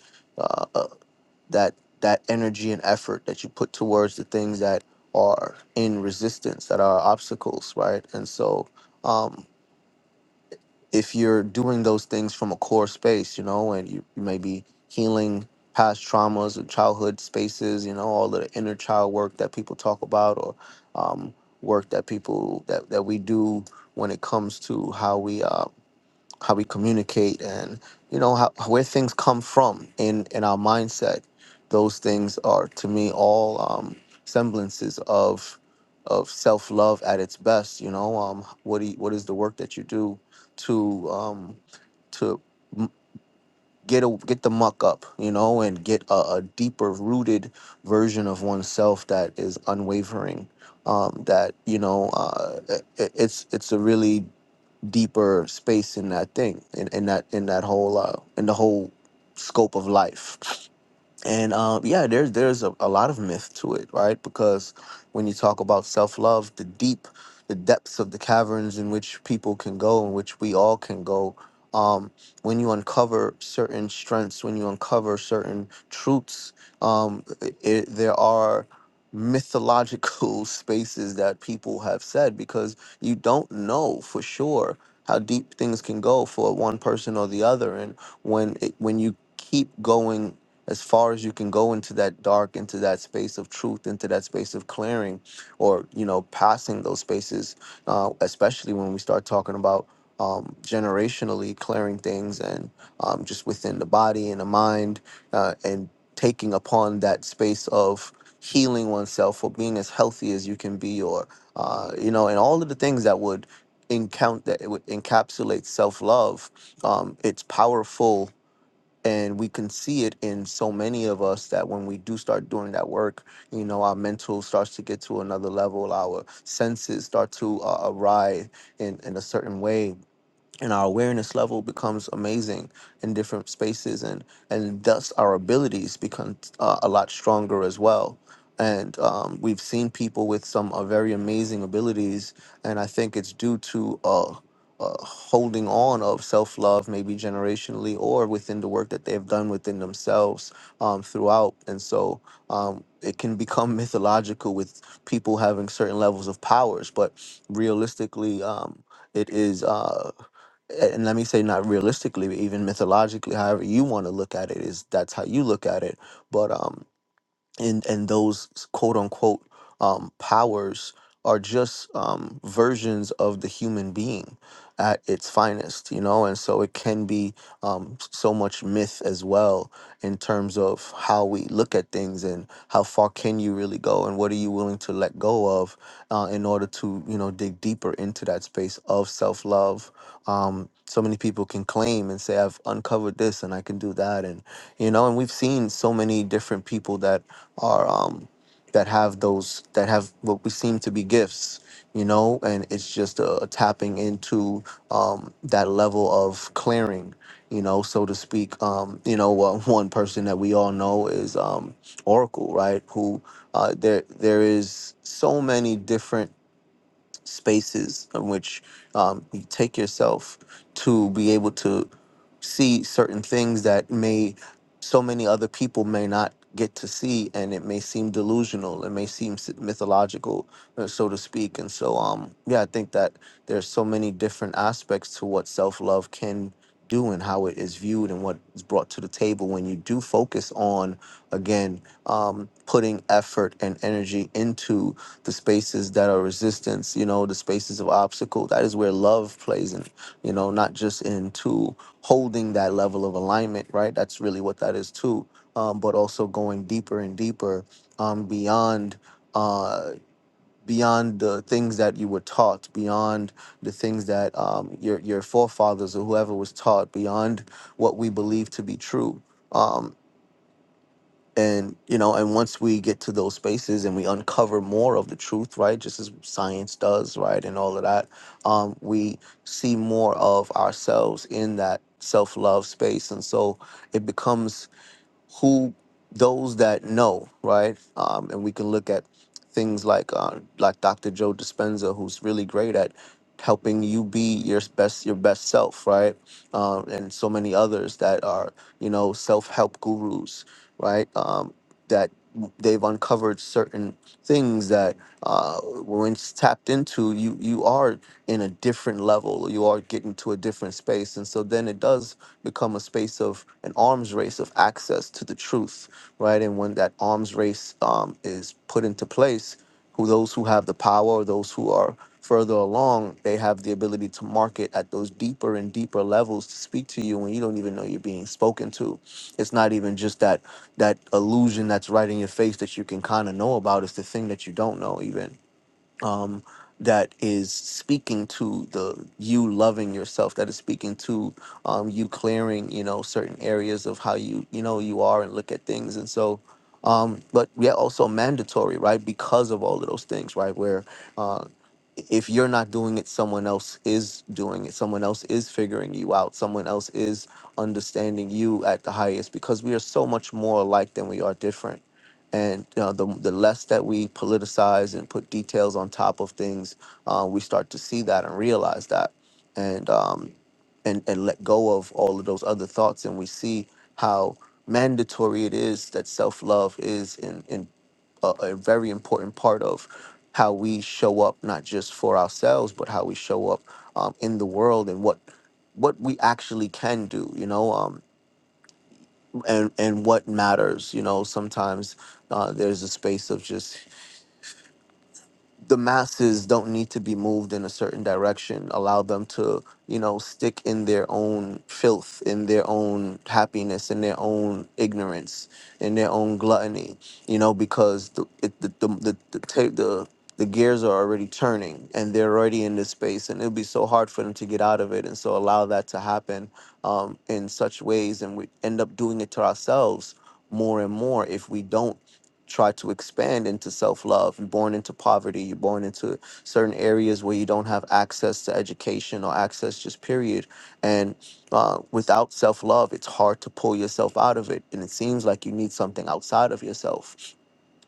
[SPEAKER 7] that that energy and effort that you put towards the things that are in resistance that are obstacles right and so um, if you're doing those things from a core space you know and you, you may be healing past traumas or childhood spaces you know all of the inner child work that people talk about or um, work that people that, that we do when it comes to how we um, how we communicate and you know how where things come from in in our mindset those things are to me all um semblances of of self-love at its best you know um what do you, what is the work that you do to um to m- get a, get the muck up you know and get a, a deeper rooted version of oneself that is unwavering um that you know uh it, it's it's a really deeper space in that thing in, in that in that whole uh, in the whole scope of life and um, yeah, there's there's a, a lot of myth to it, right? Because when you talk about self love, the deep, the depths of the caverns in which people can go, in which we all can go, um, when you uncover certain strengths, when you uncover certain truths, um, it, there are mythological spaces that people have said because you don't know for sure how deep things can go for one person or the other, and when it, when you keep going as far as you can go into that dark into that space of truth into that space of clearing or you know passing those spaces uh, especially when we start talking about um, generationally clearing things and um, just within the body and the mind uh, and taking upon that space of healing oneself or being as healthy as you can be or uh, you know and all of the things that would encount that it would encapsulate self-love um, it's powerful and we can see it in so many of us that when we do start doing that work you know our mental starts to get to another level our senses start to uh, arrive in, in a certain way and our awareness level becomes amazing in different spaces and and thus our abilities become uh, a lot stronger as well and um, we've seen people with some uh, very amazing abilities and i think it's due to uh, uh, holding on of self-love maybe generationally or within the work that they've done within themselves um, throughout and so um, it can become mythological with people having certain levels of powers but realistically um, it is. Uh, a- and let me say not realistically but even mythologically however you want to look at it is that's how you look at it but um and and those quote unquote um, powers are just um, versions of the human being at its finest, you know, and so it can be um, s- so much myth as well in terms of how we look at things and how far can you really go and what are you willing to let go of uh, in order to, you know, dig deeper into that space of self love. Um, so many people can claim and say, I've uncovered this and I can do that. And, you know, and we've seen so many different people that are um, that have those that have what we seem to be gifts, you know, and it's just uh, tapping into um, that level of clearing, you know, so to speak. Um, you know, uh, one person that we all know is um, Oracle, right? Who uh, there there is so many different spaces in which um, you take yourself to be able to see certain things that may so many other people may not get to see and it may seem delusional it may seem s- mythological uh, so to speak and so um yeah i think that there's so many different aspects to what self-love can do and how it is viewed and what is brought to the table when you do focus on again um, putting effort and energy into the spaces that are resistance, you know, the spaces of obstacle. That is where love plays in, you know, not just into holding that level of alignment, right? That's really what that is too. Um, but also going deeper and deeper um, beyond uh, beyond the things that you were taught, beyond the things that um, your your forefathers or whoever was taught, beyond what we believe to be true. Um, and you know and once we get to those spaces and we uncover more of the truth right just as science does right and all of that um, we see more of ourselves in that self-love space and so it becomes who those that know, right? Um, and we can look at things like uh, like Dr. Joe Dispenza, who's really great at helping you be your best your best self, right? Um, and so many others that are you know self help gurus, right? Um, that they've uncovered certain things that uh, when it's tapped into, you you are in a different level. You are getting to a different space, and so then it does become a space of an arms race of access to the truth, right? And when that arms race um, is put into place, who those who have the power or those who are further along, they have the ability to market at those deeper and deeper levels to speak to you when you don't even know you're being spoken to. It's not even just that that illusion that's right in your face that you can kind of know about. It's the thing that you don't know even um, that is speaking to the you loving yourself that is speaking to um, you clearing you know certain areas of how you you know you are and look at things and so um, but yet also mandatory right because of all of those things right where uh, if you're not doing it someone else is doing it someone else is figuring you out someone else is understanding you at the highest because we are so much more alike than we are different and you know, the the less that we politicize and put details on top of things, uh, we start to see that and realize that, and um, and and let go of all of those other thoughts, and we see how mandatory it is that self love is in in a, a very important part of how we show up, not just for ourselves, but how we show up um, in the world and what what we actually can do. You know, um, and and what matters you know sometimes uh, there's a space of just the masses don't need to be moved in a certain direction. Allow them to, you know, stick in their own filth, in their own happiness, in their own ignorance, in their own gluttony. You know, because the it, the the the the, ta- the the gears are already turning and they're already in this space and it'll be so hard for them to get out of it and so allow that to happen um, in such ways and we end up doing it to ourselves more and more if we don't try to expand into self-love you're born into poverty you're born into certain areas where you don't have access to education or access just period and uh, without self-love it's hard to pull yourself out of it and it seems like you need something outside of yourself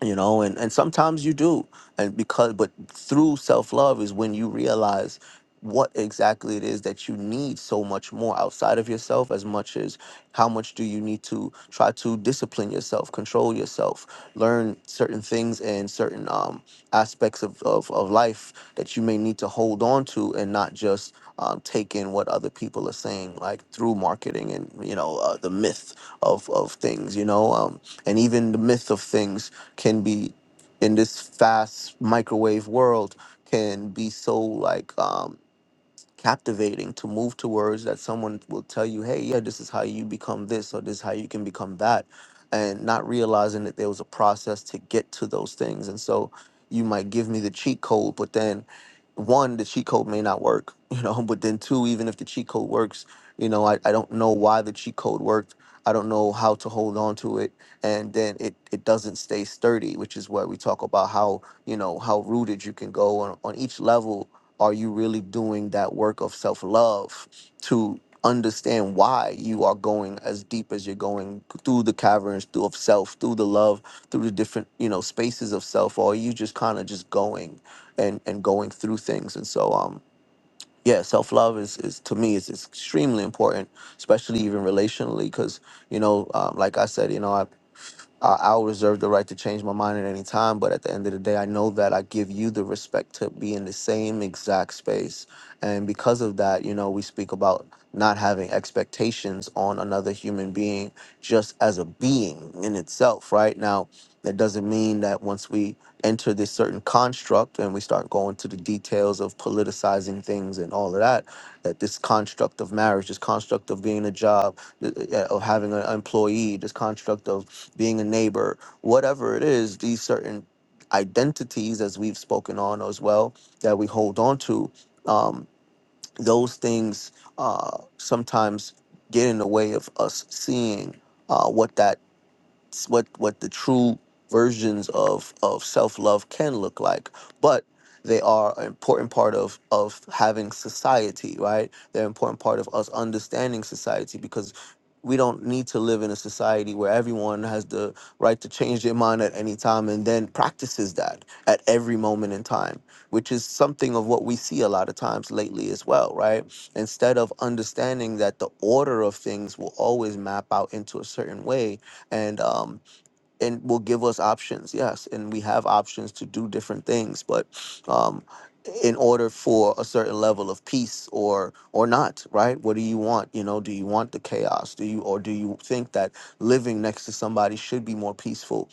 [SPEAKER 7] you know and and sometimes you do and because but through self-love is when you realize what exactly it is that you need so much more outside of yourself as much as how much do you need to try to discipline yourself control yourself learn certain things and certain um, aspects of, of, of life that you may need to hold on to and not just um, take in what other people are saying like through marketing and you know uh, the myth of, of things you know um, and even the myth of things can be in this fast microwave world can be so like um captivating to move towards that someone will tell you, hey, yeah, this is how you become this or this is how you can become that. And not realizing that there was a process to get to those things. And so you might give me the cheat code, but then one, the cheat code may not work, you know, but then two, even if the cheat code works, you know, I, I don't know why the cheat code worked. I don't know how to hold on to it. And then it, it doesn't stay sturdy, which is where we talk about how, you know, how rooted you can go on, on each level are you really doing that work of self love to understand why you are going as deep as you're going through the caverns through of self through the love through the different you know spaces of self or are you just kind of just going and and going through things and so um yeah self love is is to me is is extremely important especially even relationally because you know um, like i said you know I. Uh, I will reserve the right to change my mind at any time, but at the end of the day, I know that I give you the respect to be in the same exact space. And because of that, you know, we speak about not having expectations on another human being just as a being in itself, right? Now, that doesn't mean that once we enter this certain construct and we start going to the details of politicizing things and all of that, that this construct of marriage, this construct of being a job, th- uh, of having an employee, this construct of being a neighbor, whatever it is, these certain identities, as we've spoken on as well, that we hold on to, um, those things uh, sometimes get in the way of us seeing uh, what that what what the true versions of of self-love can look like but they are an important part of of having society right they're an important part of us understanding society because we don't need to live in a society where everyone has the right to change their mind at any time and then practices that at every moment in time which is something of what we see a lot of times lately as well right instead of understanding that the order of things will always map out into a certain way and um and will give us options yes and we have options to do different things but um in order for a certain level of peace or or not right what do you want you know do you want the chaos do you or do you think that living next to somebody should be more peaceful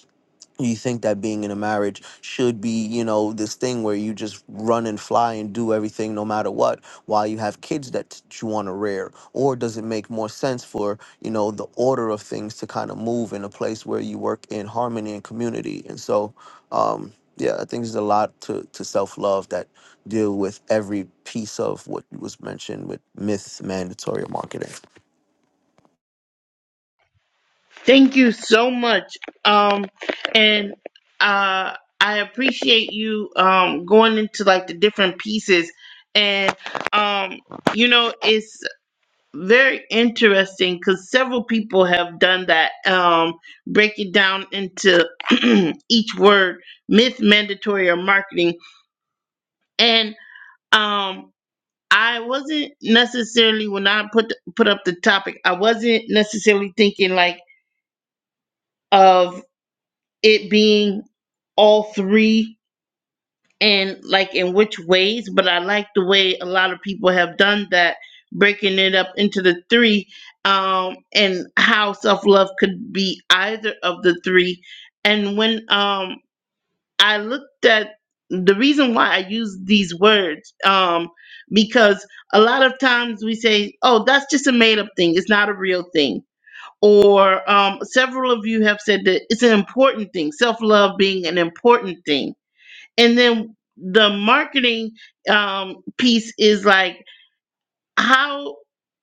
[SPEAKER 7] you think that being in a marriage should be, you know, this thing where you just run and fly and do everything no matter what while you have kids that you want to rear? Or does it make more sense for, you know, the order of things to kind of move in a place where you work in harmony and community? And so, um, yeah, I think there's a lot to, to self love that deal with every piece of what was mentioned with myth, mandatory, or marketing.
[SPEAKER 1] Thank you so much. Um, and uh, I appreciate you um going into like the different pieces, and um, you know, it's very interesting because several people have done that. Um, break it down into each word, myth, mandatory, or marketing, and um. I wasn't necessarily when I put put up the topic. I wasn't necessarily thinking like of it being all three and like in which ways, but I like the way a lot of people have done that, breaking it up into the three, um, and how self love could be either of the three. And when um, I looked at the reason why I use these words, um, because a lot of times we say, oh, that's just a made up thing, it's not a real thing or um, several of you have said that it's an important thing, self love being an important thing. And then the marketing um, piece is like, how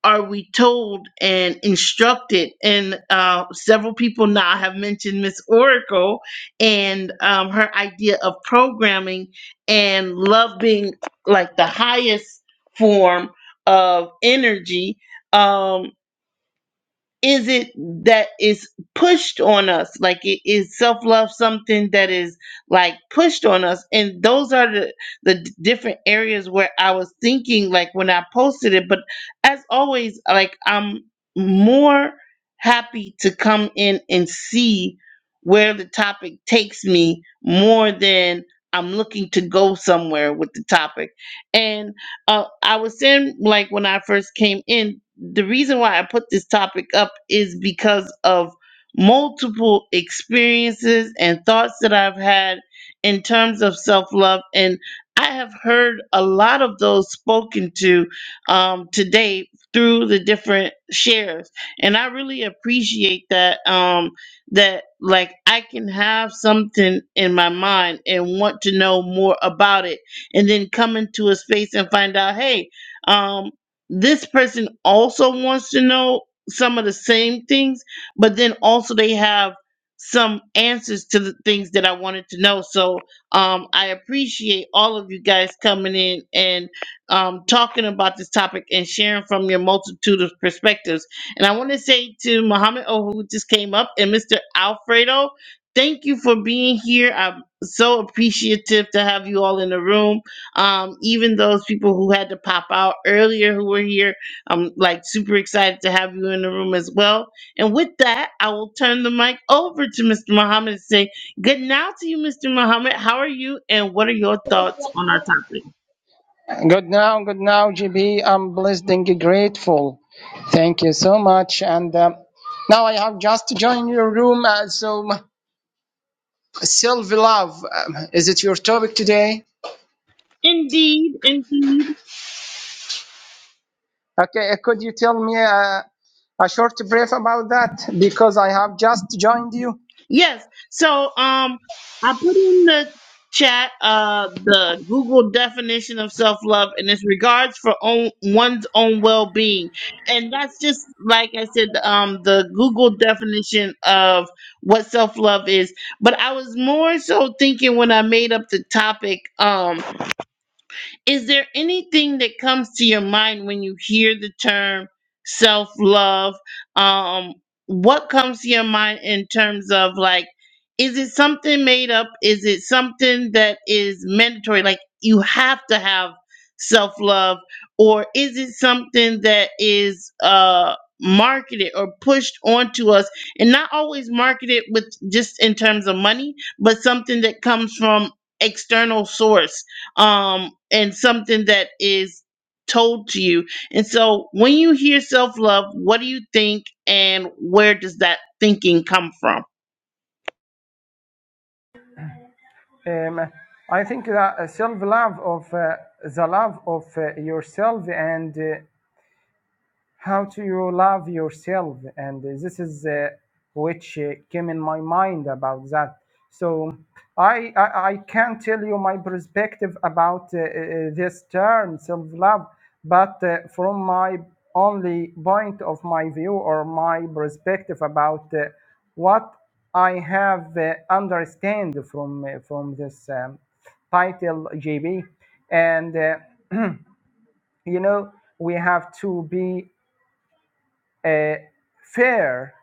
[SPEAKER 1] are we told and instructed? And uh, several people now have mentioned Miss Oracle and um, her idea of programming and love being like the highest form of energy. Um, is it that is pushed on us? Like it is self love something that is like pushed on us? And those are the the d- different areas where I was thinking like when I posted it. But as always, like I'm more happy to come in and see where the topic takes me more than I'm looking to go somewhere with the topic. And uh, I was saying like when I first came in the reason why I put this topic up is because of multiple experiences and thoughts that I've had in terms of self love. And I have heard a lot of those spoken to um, today through the different shares. And I really appreciate that, um, that like I can have something in my mind and want to know more about it, and then come into a space and find out, hey, um, this person also wants to know some of the same things, but then also they have some answers to the things that I wanted to know. So um, I appreciate all of you guys coming in and um, talking about this topic and sharing from your multitude of perspectives. And I want to say to Muhammad Oh, who just came up, and Mr. Alfredo, thank you for being here. I'm so appreciative to have you all in the room um, even those people who had to pop out earlier who were here. I'm like super excited to have you in the room as well. And with that, I will turn the mic over to Mr. Muhammad and say good now to you, Mr. Muhammad. How are you? And what are your thoughts on our topic?
[SPEAKER 8] Good now, good now, GB. I'm blessed and grateful. Thank you so much. And um, now I have just joined your room. Uh, so, self love, um, is it your topic today?
[SPEAKER 1] Indeed, indeed.
[SPEAKER 8] Okay, uh, could you tell me uh, a short brief about that? Because I have just joined you.
[SPEAKER 1] Yes. So um I put in the chat uh the Google definition of self-love and it's regards for own, one's own well-being. And that's just like I said um the Google definition of what self-love is. But I was more so thinking when I made up the topic um is there anything that comes to your mind when you hear the term self love? Um, what comes to your mind in terms of like, is it something made up? Is it something that is mandatory? Like, you have to have self love, or is it something that is, uh, marketed or pushed onto us and not always marketed with just in terms of money but something that comes from external source um, and something that is told to you. And so when you hear self love, what do you think and where does that thinking come from?
[SPEAKER 8] Um, I think that self love of uh, the love of uh, yourself and uh, how do you love yourself and this is uh, which uh, came in my mind about that so i i, I can tell you my perspective about uh, uh, this term self love but uh, from my only point of my view or my perspective about uh, what i have uh, understand from uh, from this um, title jb and uh, you know we have to be uh, fair.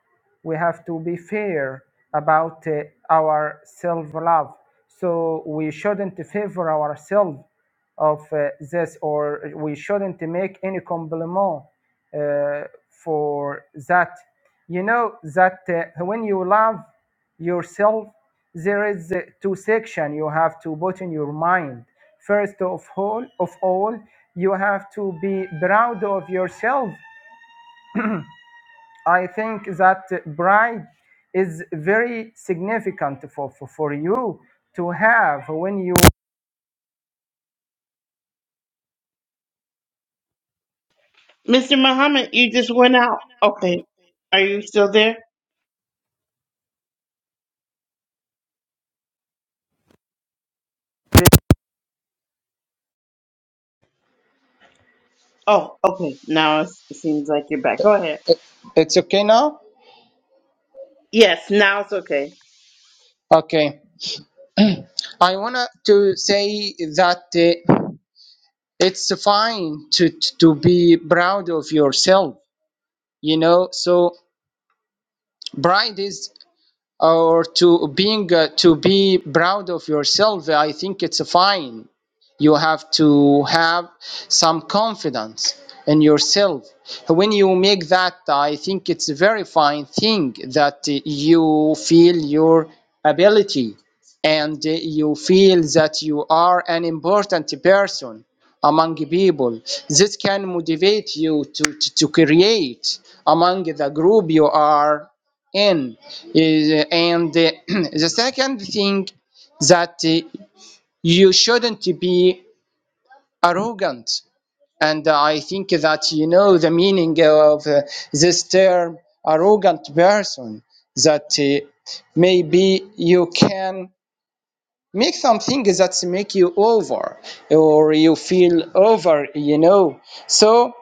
[SPEAKER 8] We have to be fair about uh, our self love. So we shouldn't favor ourselves of uh, this, or we shouldn't make any compliment uh, for that. You know that uh, when you love yourself, there is uh, two section you have to put in your mind. First of all, of all, you have to be proud of yourself I think that pride is very significant for, for, for you to have when you.
[SPEAKER 1] Mr. Muhammad, you just went out. Okay. Are you still there? Oh, okay. Now it's- it seems like you're back. Go ahead.
[SPEAKER 8] It's okay now?
[SPEAKER 1] Yes, now it's okay.
[SPEAKER 8] Okay. I want to say that uh, it's fine to, to be proud of yourself, you know? So, pride is or to being uh, to be proud of yourself i think it's fine you have to have some confidence in yourself when you make that i think it's a very fine thing that uh, you feel your ability and uh, you feel that you are an important person among people this can motivate you to, to, to create among the group you are and is and uh, the second thing that uh, you shouldn't be arrogant and i think that you know the meaning of uh, this term arrogant person that uh, maybe you can make something that make you over or you feel over you know so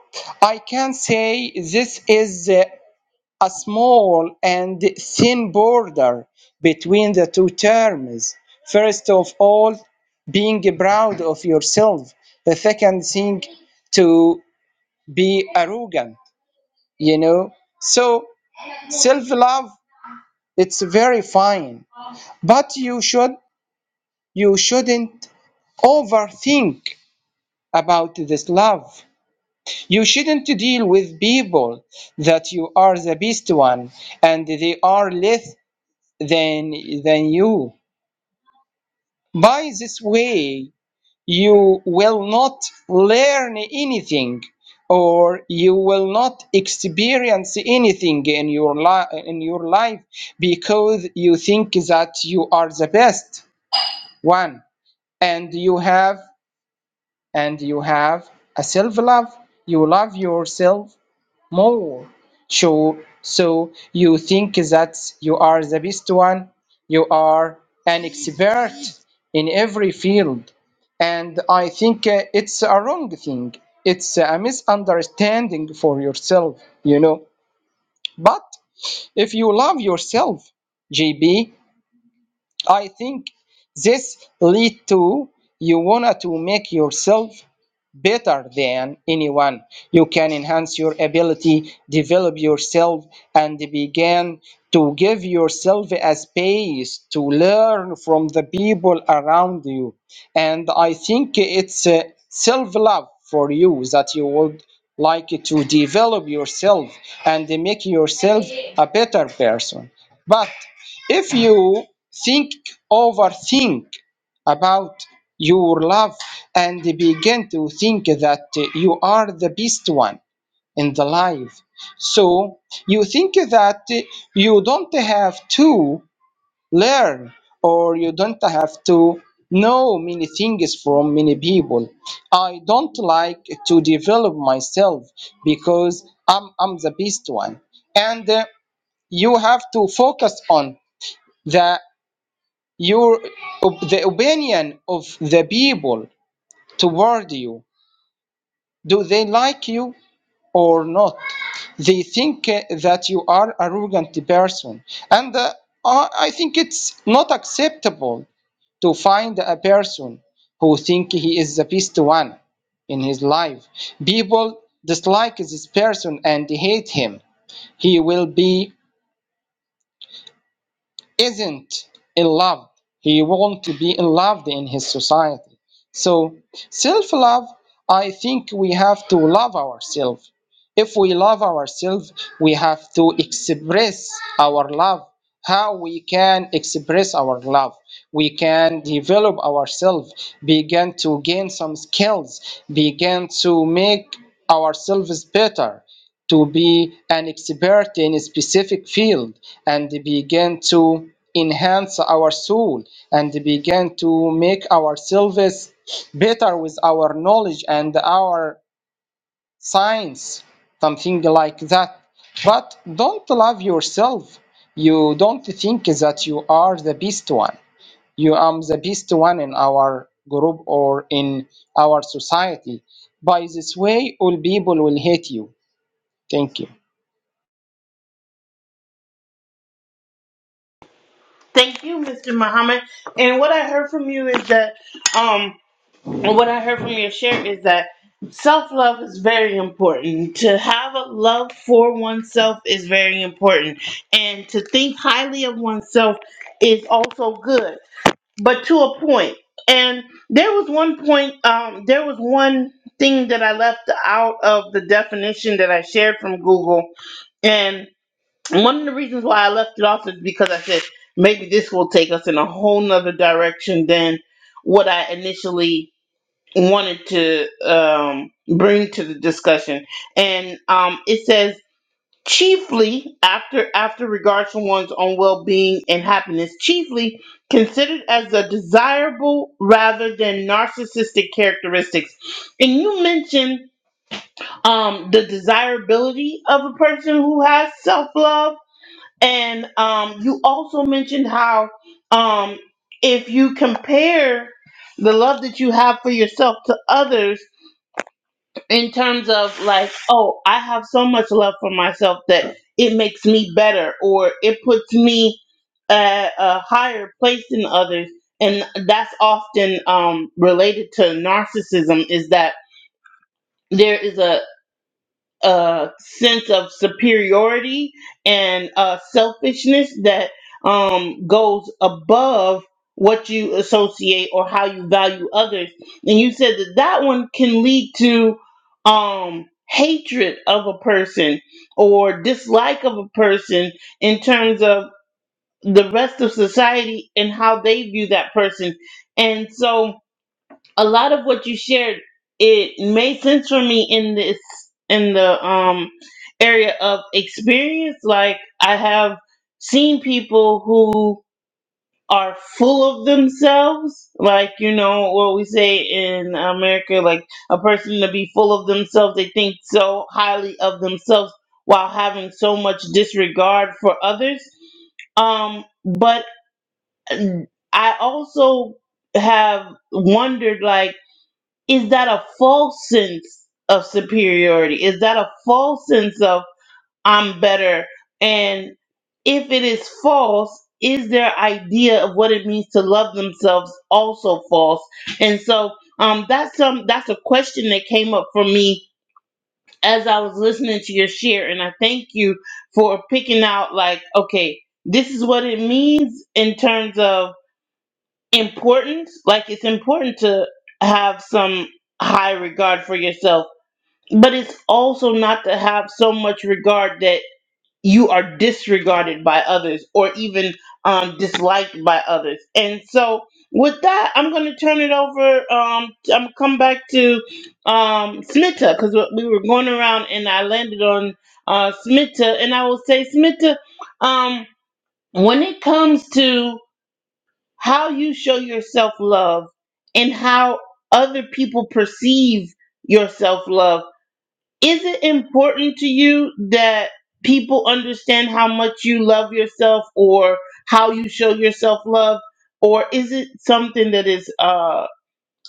[SPEAKER 8] i can say this is the a small and thin border between the two terms. First of all, being proud of yourself. The second thing, to be arrogant, you know. So self-love, it's very fine, but you should you shouldn't overthink about this love. You shouldn't deal with people that you are the best one and they are less than than you. By this way, you will not learn anything, or you will not experience anything in your life in your life because you think that you are the best one, and you have and you have a self love. You love yourself more. So, so you think that you are the best one? You are an expert in every field. And I think uh, it's a wrong thing. It's a misunderstanding for yourself, you know. But if you love yourself, JB, I think this lead to you wanna to make yourself better than anyone. You can enhance your ability, develop yourself, and begin to give yourself a space to learn from the people around you. And I think it's uh, self love for you that you would like to develop yourself and make yourself a better person. But if you think, overthink, about your love and begin to think that you are the best one in the life. So you think that you don't have to learn or you don't have to know many things from many people. I don't like to develop myself because I'm, I'm the best one. And uh, you have to focus on the your op- the opinion of the people toward you. Do they like you or not? They think uh, that you are arrogant person, and uh, I I think it's not acceptable to find a person who think he is the best one in his life. People dislike this person and hate him. He will be isn't in love. He won't be in love in his society. So self-love, I think we have to love ourselves. If we love ourselves, we have to express our love. How we can express our love? We can develop ourselves, begin to gain some skills, begin to make ourselves better, to be an expert in a specific field, and begin to enhance our soul and begin to make ourselves better with our knowledge and our science, something like that. But don't love yourself. You don't think that you are the best one. You am the best one in our group or in our society. By this way, all people will hate you. Thank you.
[SPEAKER 1] Thank you, Mr. Muhammad. And what I heard from you is that um And what I heard from your share is that self love is very important. To have a love for oneself is very important. And to think highly of oneself is also good, but to a point. And there was one point, um, there was one thing that I left out of the definition that I shared from Google. And one of the reasons why I left it off is because I said maybe this will take us in a whole nother direction than what I initially wanted to um, bring to the discussion, and um, it says chiefly after after regards to one's own well-being and happiness, chiefly considered as a desirable rather than narcissistic characteristics. And you mentioned um, the desirability of a person who has self-love, and um, you also mentioned how um, if you compare the love that you have for yourself to others in terms of like, oh, I have so much love for myself that it makes me better or it puts me at a higher place than others. And that's often um, related to narcissism is that there is a, a sense of superiority and uh, selfishness that um, goes above what you associate or how you value others. And you said that that one can lead to um, hatred of a person or dislike of a person in terms of the rest of society and how they view that person. And so, a lot of what you shared it made sense for me in this in the um area of experience like i have seen people who are full of themselves like you know what we say in america like a person to be full of themselves they think so highly of themselves while having so much disregard for others um but i also have wondered like is that a false sense of superiority? Is that a false sense of I'm better? And if it is false, is their idea of what it means to love themselves also false? And so um, that's some that's a question that came up for me as I was listening to your share, and I thank you for picking out like okay, this is what it means in terms of important like it's important to have some high regard for yourself but it's also not to have so much regard that you are disregarded by others or even um, disliked by others and so with that i'm going to turn it over um, i'm going to come back to um, smita because we we were going around and i landed on uh, smita and i will say smita um, when it comes to how you show yourself love and how other people perceive your self love. Is it important to you that people understand how much you love yourself or how you show yourself love? Or is it something that is uh,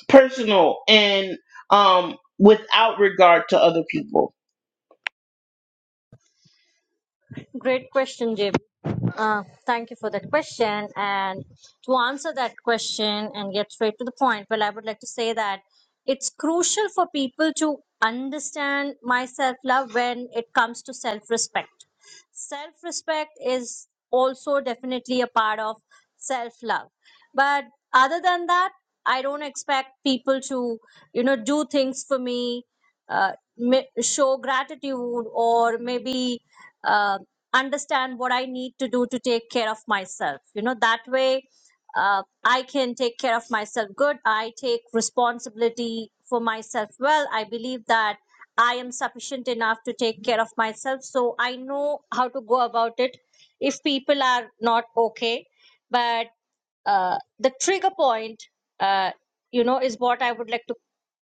[SPEAKER 1] personal and um, without regard to other people?
[SPEAKER 6] Great question, JB. Uh, thank you for that question. And to answer that question and get straight to the point, well, I would like to say that it's crucial for people to understand my self love when it comes to self respect. Self respect is also definitely a part of self love. But other than that, I don't expect people to, you know, do things for me, uh, ma- show gratitude, or maybe. Uh, understand what I need to do to take care of myself. You know, that way uh, I can take care of myself good. I take responsibility for myself well. I believe that I am sufficient enough to take care of myself. So I know how to go about it if people are not okay. But uh, the trigger point, uh, you know, is what I would like to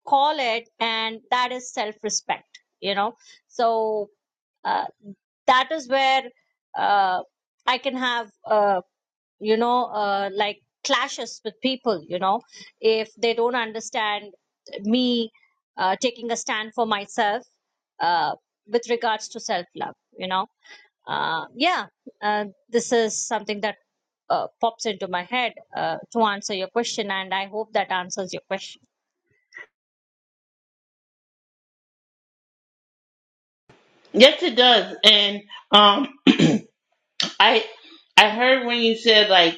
[SPEAKER 6] call it, and that is self respect, you know. So. uh, that is where uh, I can have, uh, you know, uh, like clashes with people, you know, if they don't understand me uh, taking a stand for myself uh, with regards to self love, you know. Uh, yeah, uh, this is something that uh, pops into my head uh, to answer your question, and I hope that answers your question.
[SPEAKER 1] Yes, it does. And um, I I heard when you said like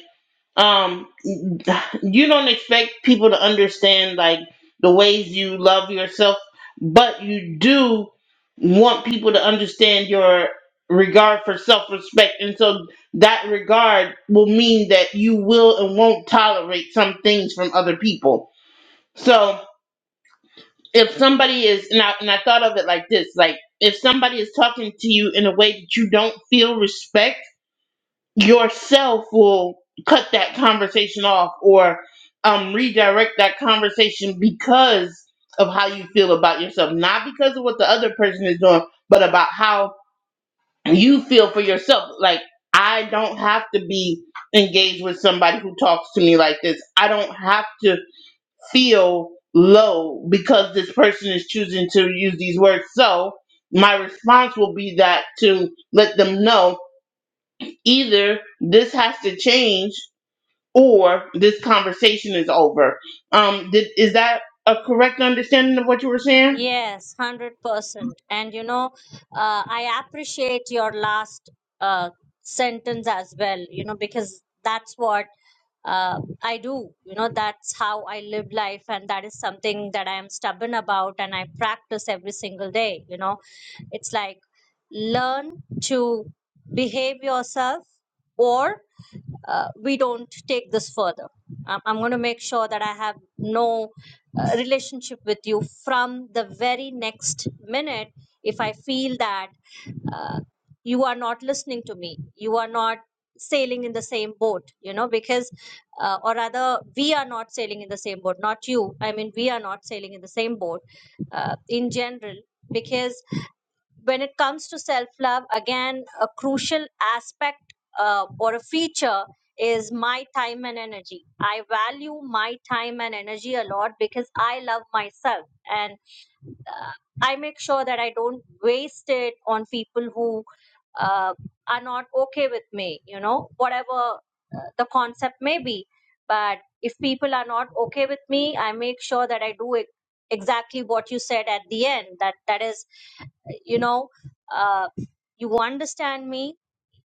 [SPEAKER 1] um you don't expect people to understand like the ways you love yourself but you do want people to understand your regard for self-respect and so that regard will mean that you will and won't tolerate some things from other people so if somebody is and I, and I thought of it like this like if somebody is talking to you in a way that you don't feel respect yourself will cut that conversation off or um, redirect that conversation because of how you feel about yourself, not because of what the other person is doing, but about how you feel for yourself. Like, I don't have to be engaged with somebody who talks to me like this. I don't have to feel low because this person is choosing to use these words. So, my response will be that to let them know either this has to change or this conversation is over. Um, did, is that a correct understanding of what you were saying?
[SPEAKER 6] Yes, 100%. And you know, uh, I appreciate your last uh, sentence as well, you know, because that's what uh, I do. You know, that's how I live life, and that is something that I am stubborn about and I practice every single day. You know, it's like learn to behave yourself or uh, we don't take this further. I'm, I'm going to make sure that I have no uh, relationship with you from the very next minute if I feel that uh, you are not listening to me, you are not sailing in the same boat, you know, because, uh, or rather, we are not sailing in the same boat, not you. I mean, we are not sailing in the same boat uh, in general because when it comes to self love, again, a crucial aspect uh, or a feature is my time and energy. I value my time and energy a lot because I love myself and uh, I make sure that I don't waste it on people who uh, are not okay with me, you know, whatever uh, the concept may be. But if people are not okay with me, I make sure that I do it exactly what you said at the end that that is you know uh, you understand me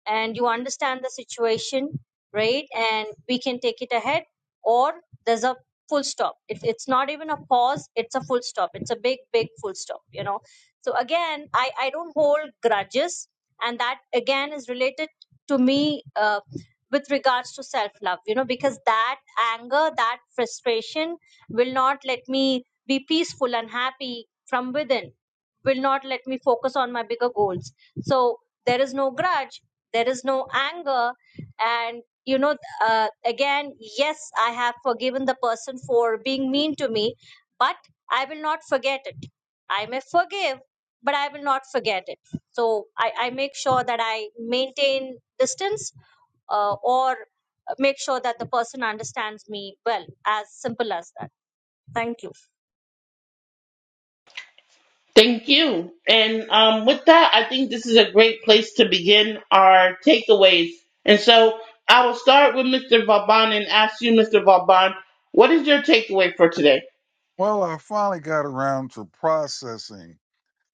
[SPEAKER 6] and you understand the situation, right? And we can take it ahead, or there's a full stop. It, it's not even a pause, it's a full stop. It's a big, big full stop, you know. So, again, I, I don't hold grudges, and that again is related to me uh, with regards to self love, you know, because that anger, that frustration will not let me be peaceful and happy from within, will not let me focus on my bigger goals. So, there is no grudge there is no anger and you know uh, again yes i have forgiven the person for being mean to me but i will not forget it i may forgive but i will not forget it so i, I make sure that i maintain distance uh, or make sure that the person understands me well as simple as that thank you
[SPEAKER 1] Thank you. And um, with that, I think this is a great place to begin our takeaways. And so I will start with Mr. Vauban and ask you, Mr. Vauban, what is your takeaway for today?
[SPEAKER 5] Well, I finally got around to processing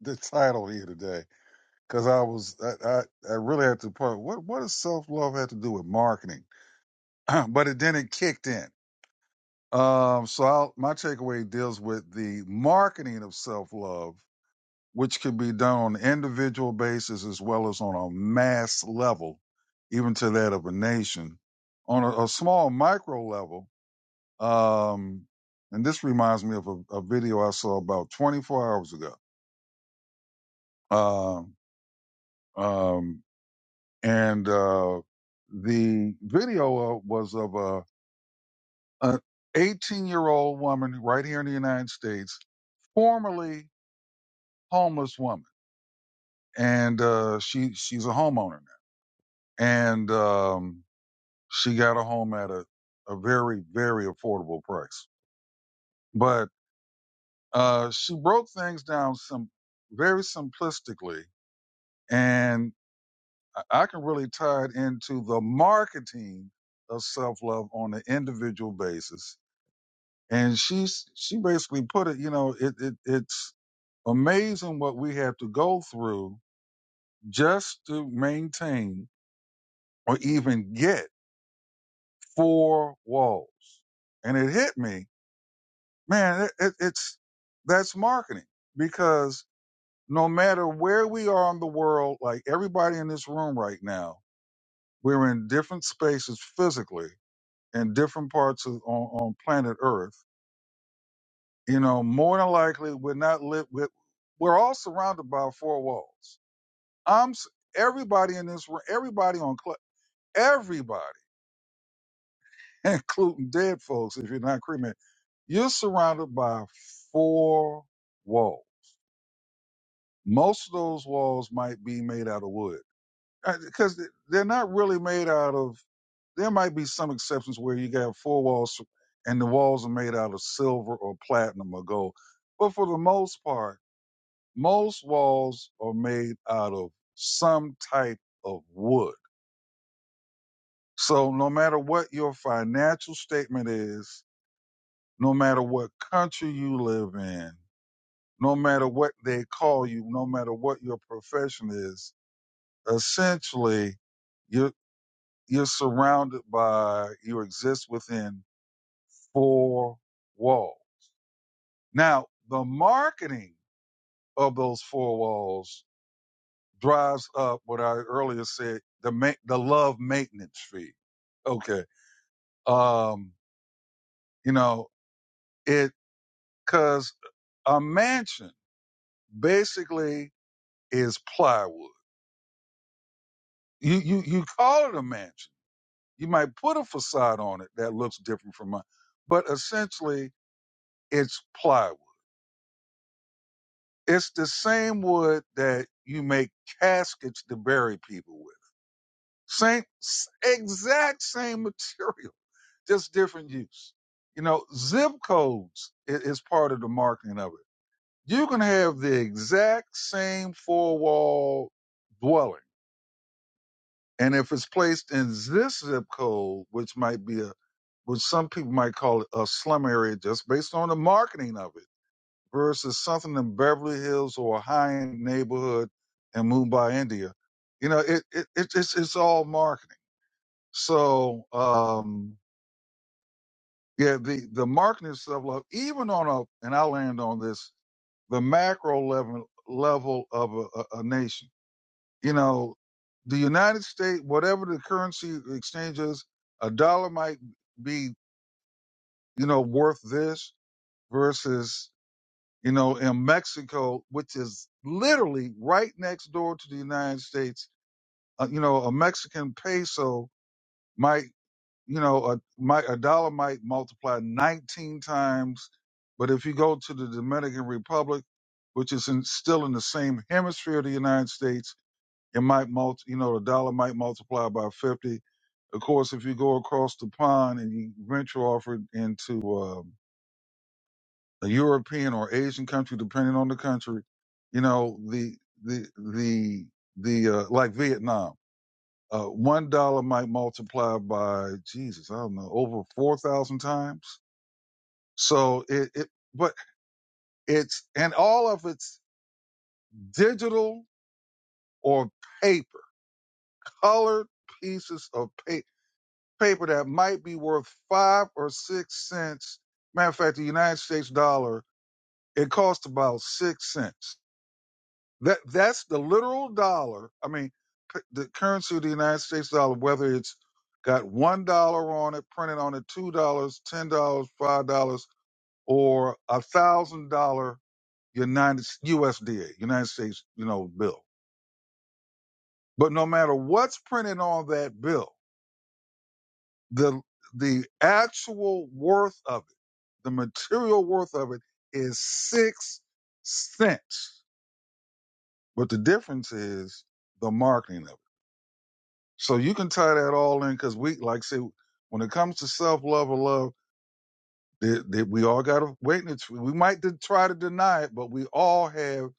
[SPEAKER 5] the title here today because I was I, I, I really had to part. What what does self love have to do with marketing? but it then it kicked in. Um, so I'll, my takeaway deals with the marketing of self love, which can be done on an individual basis as well as on a mass level, even to that of a nation. On a, a small micro level, Um, and this reminds me of a, a video I saw about 24 hours ago. Um, um, and uh, the video uh, was of a an 18 year old woman right here in the United States, formerly homeless woman, and uh, she she's a homeowner now, and um, she got a home at a a very very affordable price, but uh, she broke things down some very simplistically And I can really tie it into the marketing of self love on an individual basis. And she's she basically put it, you know, it, it it's amazing what we have to go through just to maintain or even get four walls. And it hit me, man. It, it, it's that's marketing because no matter where we are in the world, like everybody in this room right now, we're in different spaces physically in different parts of on, on planet Earth, you know, more than likely we're not lit. We're, we're all surrounded by four walls. I'm s- everybody in this room, everybody on cl- everybody, including dead folks. If you're not cremated, you're surrounded by four walls. Most of those walls might be made out of wood because they're not really made out of. There might be some exceptions where you got four walls and the walls are made out of silver or platinum or gold. But for the most part, most walls are made out of some type of wood. So no matter what your financial statement is, no matter what country you live in, no matter what they call you, no matter what your profession is, essentially you're you're surrounded by you exist within four walls. Now, the marketing of those four walls drives up what I earlier said the ma- the love maintenance fee. Okay, um, you know it because a mansion basically is plywood. You you you call it a mansion. You might put a facade on it that looks different from mine, but essentially it's plywood. It's the same wood that you make caskets to bury people with Same, s- exact same material, just different use. You know, zip codes i- is, part of the marketing of it. You can have the exact same four wall dwelling. And if it's placed in this zip code, which might be a, which some people might call it a slum area just based on the marketing of it versus something in Beverly Hills or a high end neighborhood in Mumbai, India. You know, it, it, it it's, it's all marketing. So um, yeah, the the marketing self love, even on a, and I'll land on this, the macro level level of a, a, a nation. You know, the United States, whatever the currency exchange is, a dollar might be you know worth this versus you know in Mexico, which is literally right next door to the United States. Uh, you know, a Mexican peso might you know, a, mi- a dollar might multiply 19 times, but if you go to the Dominican Republic, which is in, still in the same hemisphere of the United States, it might multi, you know, the dollar might multiply by 50. Of course, if you go across the pond and you venture off it into um a European or Asian country, depending on the country, you know, the, the, the, the, uh, like Vietnam uh, one dollar might multiply by Jesus, I don't know, over four thousand times. So it, it, but it's and all of it's digital or paper, colored pieces of pa- paper that might be worth five or six cents. Matter of fact, the United States dollar it costs about six cents. That that's the literal dollar. I mean, p- the currency of the United States dollar, whether it's got one dollar on it, printed on it, two dollars, ten dollars, five dollars, or a thousand dollar United USDA, United States, you know, bill. But no matter what's printed on that bill, the the actual worth of it, the material worth of it is six cents. But the difference is the marketing of it. So you can tie that all in because we, like, I say, when it comes to self love or love, that that we all got to witness. We might de- try to deny it, but we all have.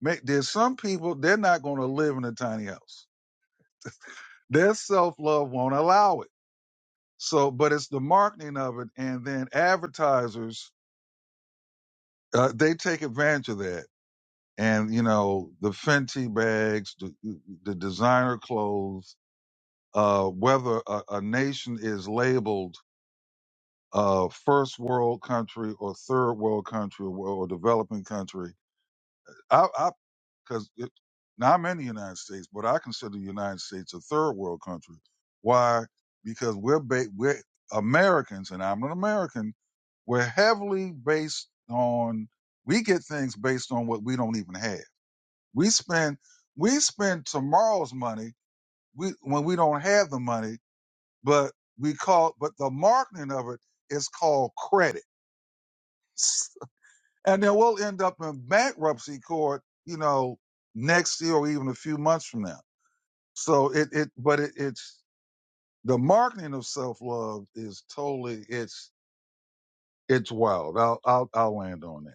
[SPEAKER 5] ma- There's some people they're not going to live in a tiny house. Their self love won't allow it. So, but it's the marketing of it, and then advertisers uh, they take advantage of that. And you know the Fenty bags, the, the designer clothes. Uh, whether a, a nation is labeled uh, first world country or third world country or, or developing country. I, I, because now I'm in the United States, but I consider the United States a third world country. Why? Because we're ba- we're Americans, and I'm an American. We're heavily based on we get things based on what we don't even have. We spend we spend tomorrow's money we, when we don't have the money, but we call but the marketing of it is called credit. and then we'll end up in bankruptcy court, you know, next year or even a few months from now. So it it but it, it's the marketing of self love is totally it's it's wild. I'll I'll I'll land on that.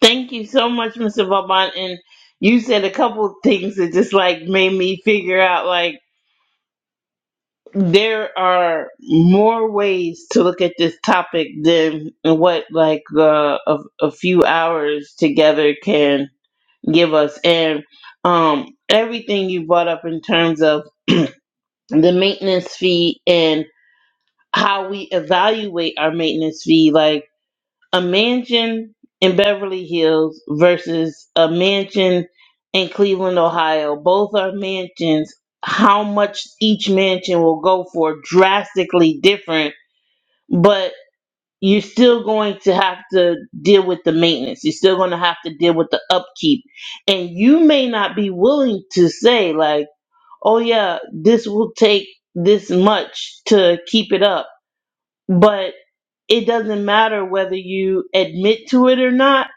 [SPEAKER 1] Thank you so much, Mr. Vauban. And you said a couple of things that just like made me figure out like there are more ways to look at this topic than what like uh, a, a few hours together can give us and um everything you brought up in terms of the maintenance fee and how we evaluate our maintenance fee like a mansion in Beverly Hills versus a mansion in Cleveland Ohio both are mansions how much each mansion will go for drastically different but you're still going to have to deal with the maintenance. You're still going to have to deal with the upkeep. And you may not be willing to say, like, oh, yeah, this will take this much to keep it up. But it doesn't matter whether you admit to it or not.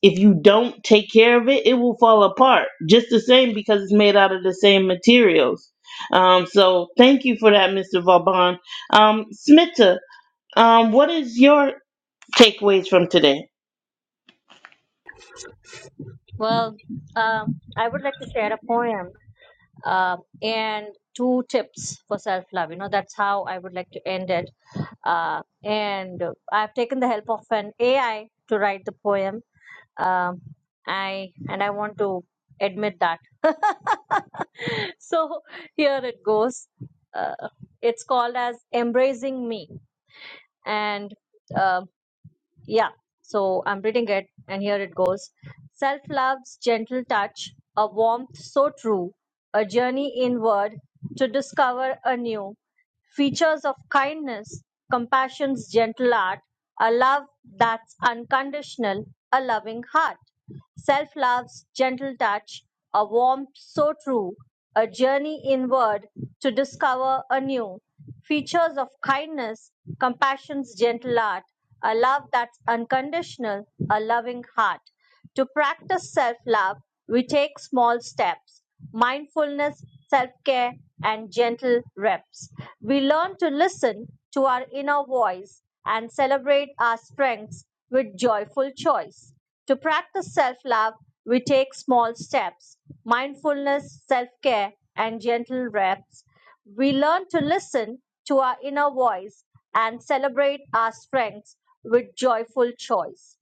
[SPEAKER 1] If you don't take care of it, it will fall apart just the same because it's made out of the same materials. Um, so thank you for that, Mr. Vauban. Um, Smita, um, what is your takeaways from today.
[SPEAKER 6] well uh, i would like to share a poem um, and two tips for self love. You know, that's how I would like to end it. Uh, and I've taken the help of an AI to write the poem. Um, I and I want to admit that. so here it goes. Uh, it's called as embracing me, and uh, yeah, so I'm reading it, and here it goes. Self love's gentle touch, a warmth so true, a journey inward to discover anew features of kindness, compassion's gentle art, a love that's unconditional, a loving heart. Self love's gentle touch, a warmth so true, a journey inward to discover anew features of kindness, compassion's gentle art, a love that's unconditional, a loving heart. To practice self love, we take small steps, mindfulness, self care, and gentle reps. We learn to listen to our inner voice and celebrate our strengths with joyful choice. To practice self love, we take small steps, mindfulness, self care, and gentle reps. We learn to listen to our inner voice and celebrate our strengths with joyful choice.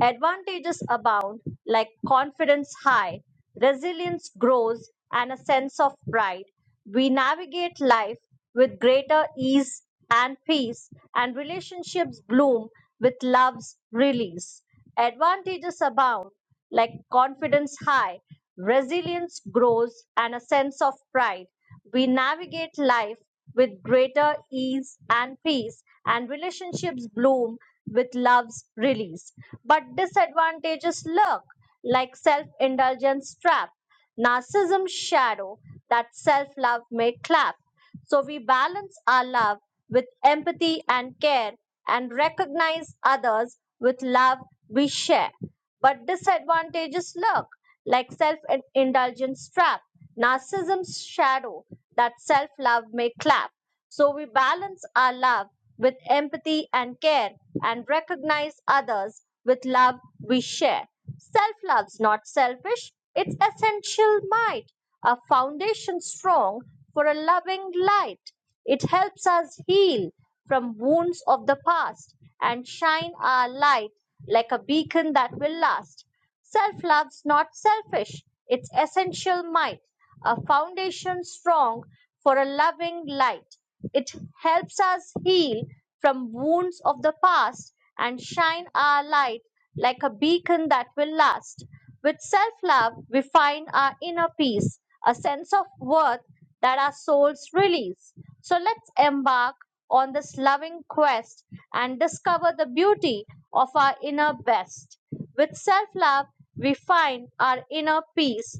[SPEAKER 6] Advantages abound, like confidence high, resilience grows, and a sense of pride. We navigate life with greater ease and peace, and relationships bloom with love's release. Advantages abound, like confidence high, resilience grows, and a sense of pride. We navigate life with greater ease and peace, and relationships bloom with love's release. But disadvantages lurk, like self indulgence trap, narcissism shadow that self love may clap. So we balance our love with empathy and care and recognize others with love we share. But disadvantages lurk, like self indulgence trap, narcissism's shadow that self love may clap. So we balance our love with empathy and care and recognize others with love we share. Self love's not selfish, it's essential might, a foundation strong for a loving light. It helps us heal from wounds of the past and shine our light like a beacon that will last. Self-love's not selfish, it's essential might, a foundation strong for a loving light. It helps us heal from wounds of the past and shine our light like a beacon that will last. With self-love, we find our inner peace, a sense of worth that our souls release. So let's embark on this loving quest and discover the beauty of our inner best. With self love, we find our inner peace,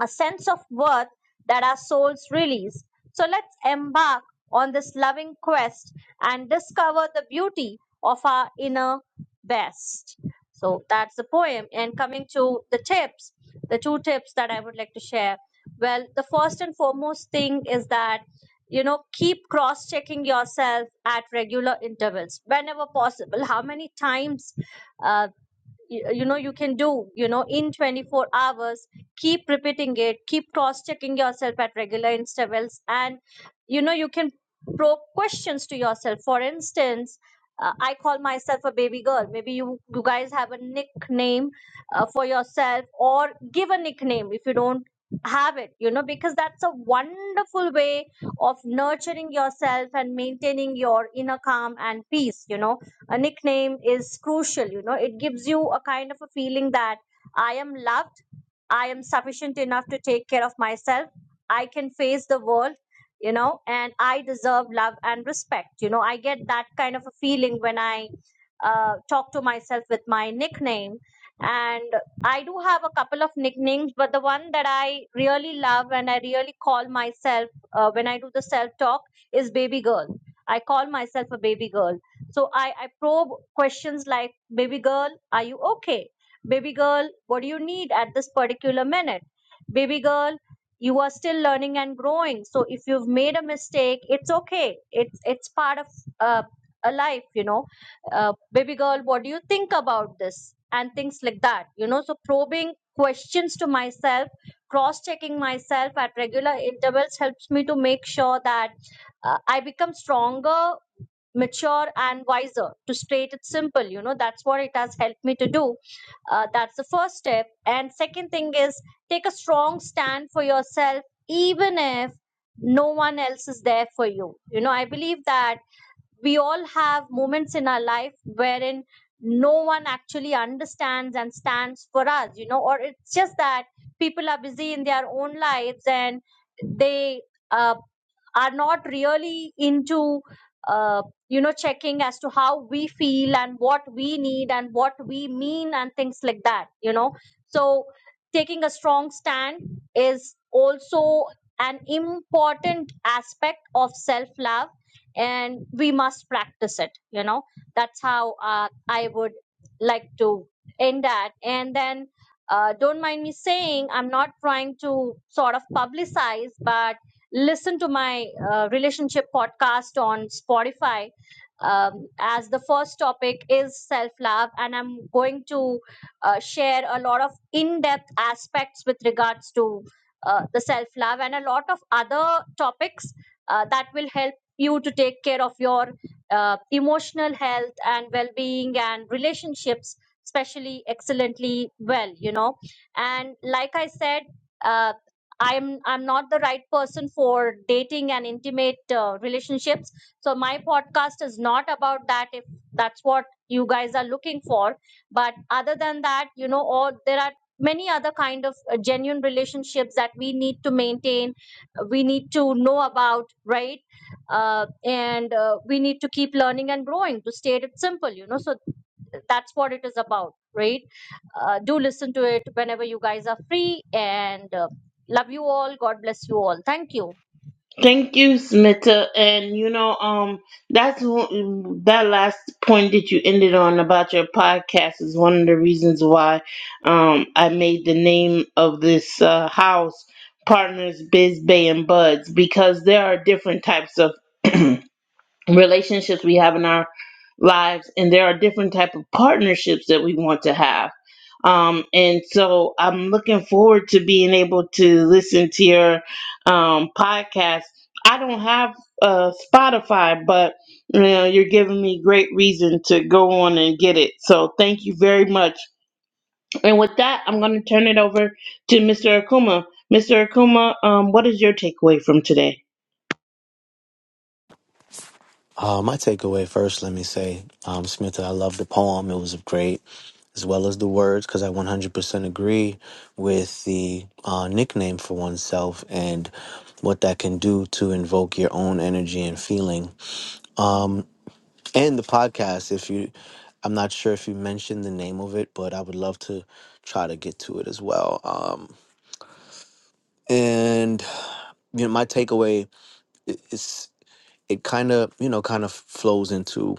[SPEAKER 6] a sense of worth that our souls release. So let's embark on this loving quest and discover the beauty of our inner best. So that's the poem. And coming to the tips, the two tips that I would like to share. Well, the first and foremost thing is that you know keep cross checking yourself at regular intervals whenever possible how many times uh, y- you know you can do you know in 24 hours keep repeating it keep cross checking yourself at regular intervals and you know you can probe questions to yourself for instance uh, i call myself a baby girl maybe you you guys have a nickname uh, for yourself or give a nickname if you don't have it you know because that's a wonderful way of nurturing yourself and maintaining your inner calm and peace you know a nickname is crucial you know it gives you a kind of a feeling that i am loved i am sufficient enough to take care of myself i can face the world you know and i deserve love and respect you know i get that kind of a feeling when i uh, talk to myself with my nickname and i do have a couple of nicknames but the one that i really love and i really call myself uh, when i do the self talk is baby girl i call myself a baby girl so I, I probe questions like, baby girl, are you okay? Baby girl, what do you need at this particular minute? Baby girl, you are still learning and growing. So if you've made a mistake, it's okay. It's it's part of uh, a life, you know. Uh, baby girl, what do you think about this? And things like that, you know. So probing questions to myself, cross checking myself at regular intervals helps me to make sure that uh, I become stronger mature and wiser to state it simple you know that's what it has helped me to do uh, that's the first step and second thing is take a strong stand for yourself even if no one else is there for you you know i believe that we all have moments in our life wherein no one actually understands and stands for us, you know, or it's just that people are busy in their own lives and they uh, are not really into, uh, you know, checking as to how we feel and what we need and what we mean and things like that, you know. So, taking a strong stand is also an important aspect of self love and we must practice it you know that's how uh, i would like to end that and then uh, don't mind me saying i'm not trying to sort of publicize but listen to my uh, relationship podcast on spotify um, as the first topic is self love and i'm going to uh, share a lot of in-depth aspects with regards to uh, the self love and a lot of other topics uh, that will help you to take care of your uh, emotional health and well-being and relationships especially excellently well you know and like i said uh, i'm i'm not the right person for dating and intimate uh, relationships so my podcast is not about that if that's what you guys are looking for but other than that you know or there are many other kind of uh, genuine relationships that we need to maintain uh, we need to know about right uh, and uh, we need to keep learning and growing to state it simple you know so that's what it is about right uh, do listen to it whenever you guys are free and uh, love you all god bless you all thank you
[SPEAKER 1] Thank you, Smita. And you know, um, that's one- that last point that you ended on about your podcast is one of the reasons why, um, I made the name of this uh, house Partners Biz Bay and Buds because there are different types of relationships we have in our lives and there are different type of partnerships that we want to have um, and so i'm looking forward to being able to listen to your um, podcast i don't have uh, spotify but you know you're giving me great reason to go on and get it so thank you very much and with that i'm going to turn it over to mr akuma mr akuma um, what is your takeaway from today
[SPEAKER 7] Uh, my takeaway first, let me say, um, Smitha, I love the poem. It was great, as well as the words, because I 100% agree with the uh, nickname for oneself and what that can do to invoke your own energy and feeling. Um, and the podcast, if you, I'm not sure if you mentioned the name of it, but I would love to try to get to it as well. Um, and you know, my takeaway i- is it kind of, you know, kind of flows into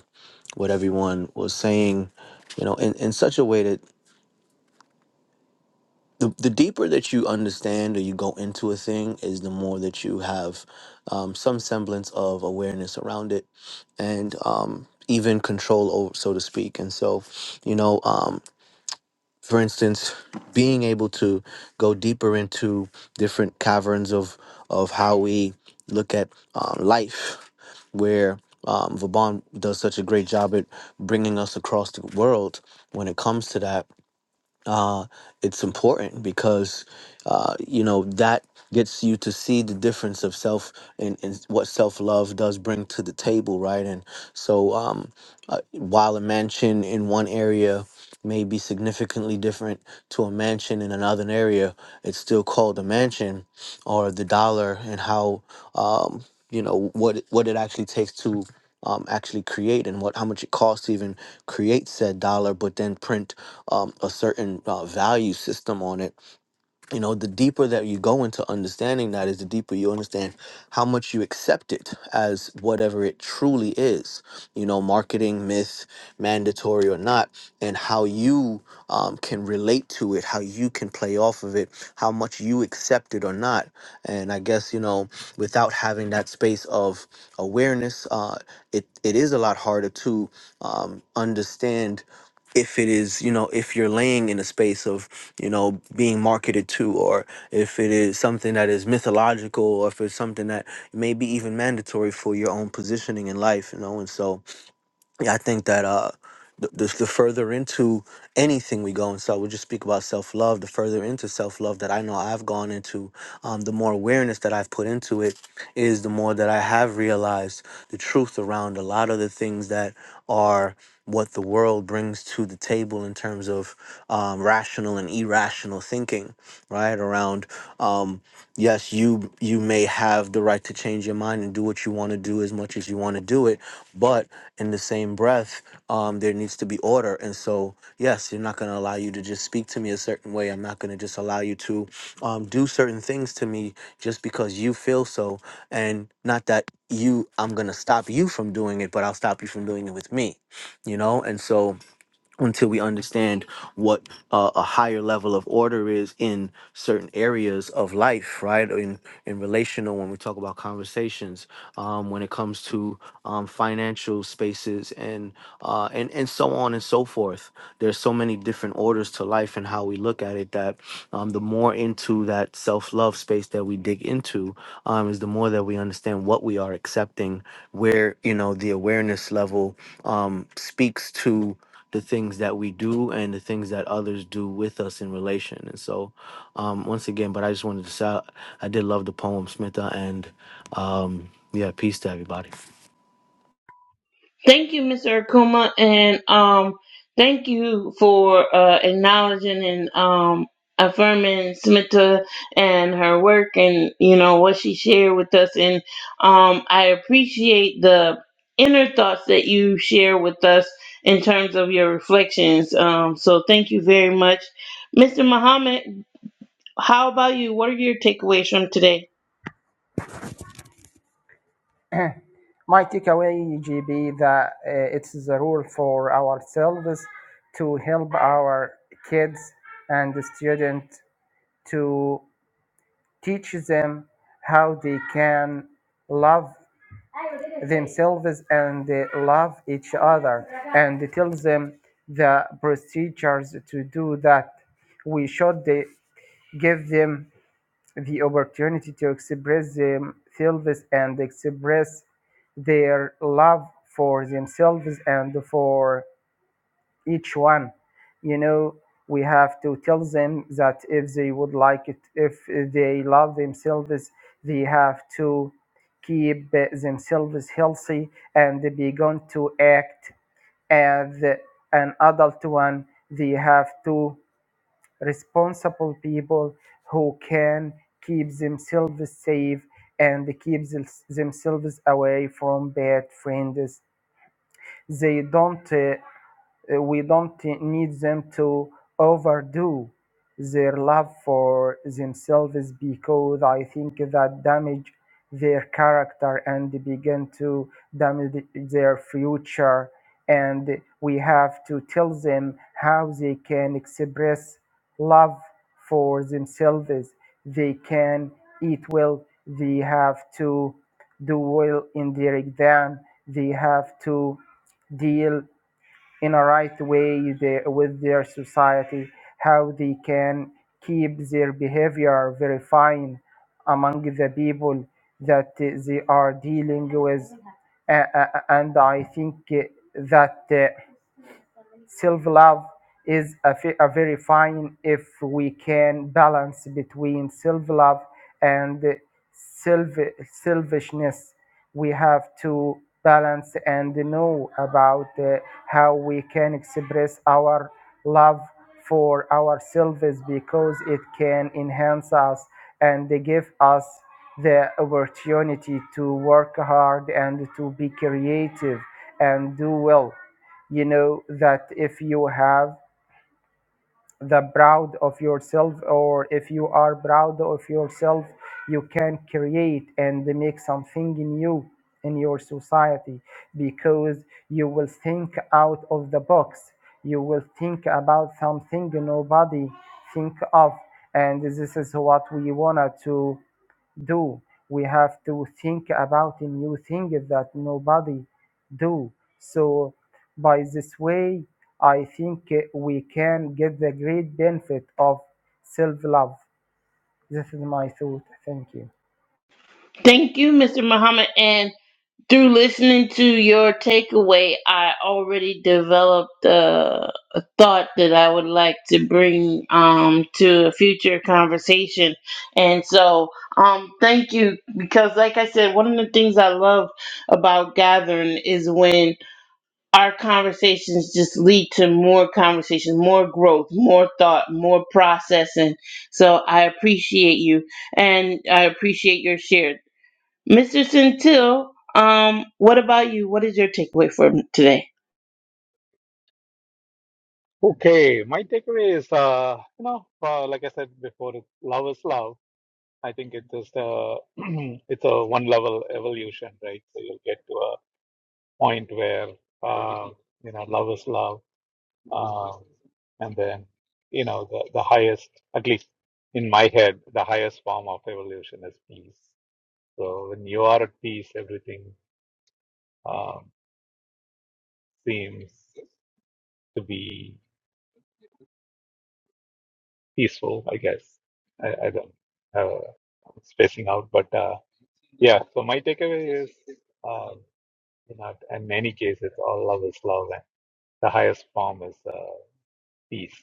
[SPEAKER 7] what everyone was saying, you know, in, in such a way that the, the deeper that you understand or you go into a thing is the more that you have um, some semblance of awareness around it and um, even control over so to speak and so you know um, for instance, being able to go deeper into different caverns of of how we look at um, life, where um, Vaban does such a great job at bringing us across the world when it comes to that uh, it's important because uh, you know that gets you to see the difference of self and, and what self-love does bring to the table right and so um, uh, while a mansion in one area may be significantly different to a mansion in another area it's still called a mansion or the dollar and how um, you know what it- what it actually takes to um, actually create and what how much it costs to even create said dollar but then print um, a certain uh, value system on it you know the deeper that you go into understanding that is the deeper you understand how much you accept it as whatever it truly is you know marketing myth mandatory or not and how you um, can relate to it how you can play off of it how much you accept it or not and i guess you know without having that space of awareness uh, it, it is a lot harder to um, understand if it is you know if you're laying in a space of you know being marketed to or if it is something that is mythological or if it's something that may be even mandatory for your own positioning in life you know and so yeah, I think that uh, the, the, the further into anything we go, and so we just speak about self love, the further into self love that I know I've gone into, um, the more awareness that I've put into it is the more that I have realized the truth around a lot of the things that are what the world brings to the table in terms of um, rational and irrational thinking, right? Around. Um, yes you you may have the right to change your mind and do what you want to do as much as you want to do it but in the same breath um, there needs to be order and so yes you're not going to allow you to just speak to me a certain way i'm not going to just allow you to um, do certain things to me just because you feel so and not that you i'm going to stop you from doing it but i'll stop you from doing it with me you know and so until we understand what uh, a higher level of order is in certain areas of life right in in relational when we talk about conversations um, when it comes to um, financial spaces and uh, and and so on and so forth there's so many different orders to life and how we look at it that um, the more into that self-love space that we dig into um, is the more that we understand what we are accepting where you know the awareness level um, speaks to the things that we do and the things that others do with us in relation. And so, um, once again, but I just wanted to say I did love the poem, Smitha, and um, yeah, peace to everybody.
[SPEAKER 1] Thank you, Mr. Akuma, and um, thank you for uh, acknowledging and um, affirming Smita and her work, and you know what she shared with us. And um, I appreciate the inner thoughts that you share with us in terms of your reflections. Um, so thank you very much, Mr. Muhammad. How about you? What are your takeaways from today?
[SPEAKER 8] My takeaway, GB, that uh, it's the rule for ourselves to help our kids and the students to. teach them how they can love themselves and uh, love each other and tell them the procedures to do that we should uh, give them the opportunity to express themselves and express their love for themselves and for each one you know we have to tell them that if they would like it if they love themselves they have to keep uh, themselves healthy and begin to act as an adult one they have to responsible people who can keep themselves safe and keep themselves away from bad friends they don't uh, uh, we don't need them to overdo their love for themselves because I think that damage their character and begin to damage their future. And we have to tell them how they can express love for themselves. They can eat well. They have to do well in their exam. They have to deal in a right way they with their society, how they can keep their behavior very fine among the people that uh, they are dealing with. Uh, uh, and I think uh, that uh, Self love is a, a very fine if we can balance between self love and self- selfishness. We have to balance and know about uh, how we can express our love for ourselves because it can enhance us and give us the opportunity to work hard and to be creative and do well you know that if you have the proud of yourself or if you are proud of yourself you can create and make something new in your society because you will think out of the box you will think about something nobody think of and this is what we wanted to do. We have to think about new things that nobody do. So by this way, I think uh, we can get the great benefit of self-love. This is my thought. Thank you.
[SPEAKER 1] Thank you, Mr. Muhammad, and Through listening to your takeaway, I already developed a, a thought that I would like to bring um, to a future conversation. And so, um, thank you because, like I said, one of the things I love about gathering is when our conversations just lead to more conversations, more growth, more thought, more processing. So, I appreciate you and I appreciate your shares. Mr. Centil, um, what about you? What is your takeaway for today?
[SPEAKER 3] Okay, my takeaway is, uh, you know, uh, like I said before, it's love is love. I think it's just uh, it's a one level evolution, right? So you'll get to a point where, uh, you know, love is love, um, and then, you know, the the highest, at least in my head, the highest form of evolution is peace. So when you are at peace, everything um, seems to be peaceful, I guess. I, I don't know. Uh, I'm spacing out, but uh, yeah. So my takeaway is, um, you know, in many cases, all love is love, and the highest form is uh, peace.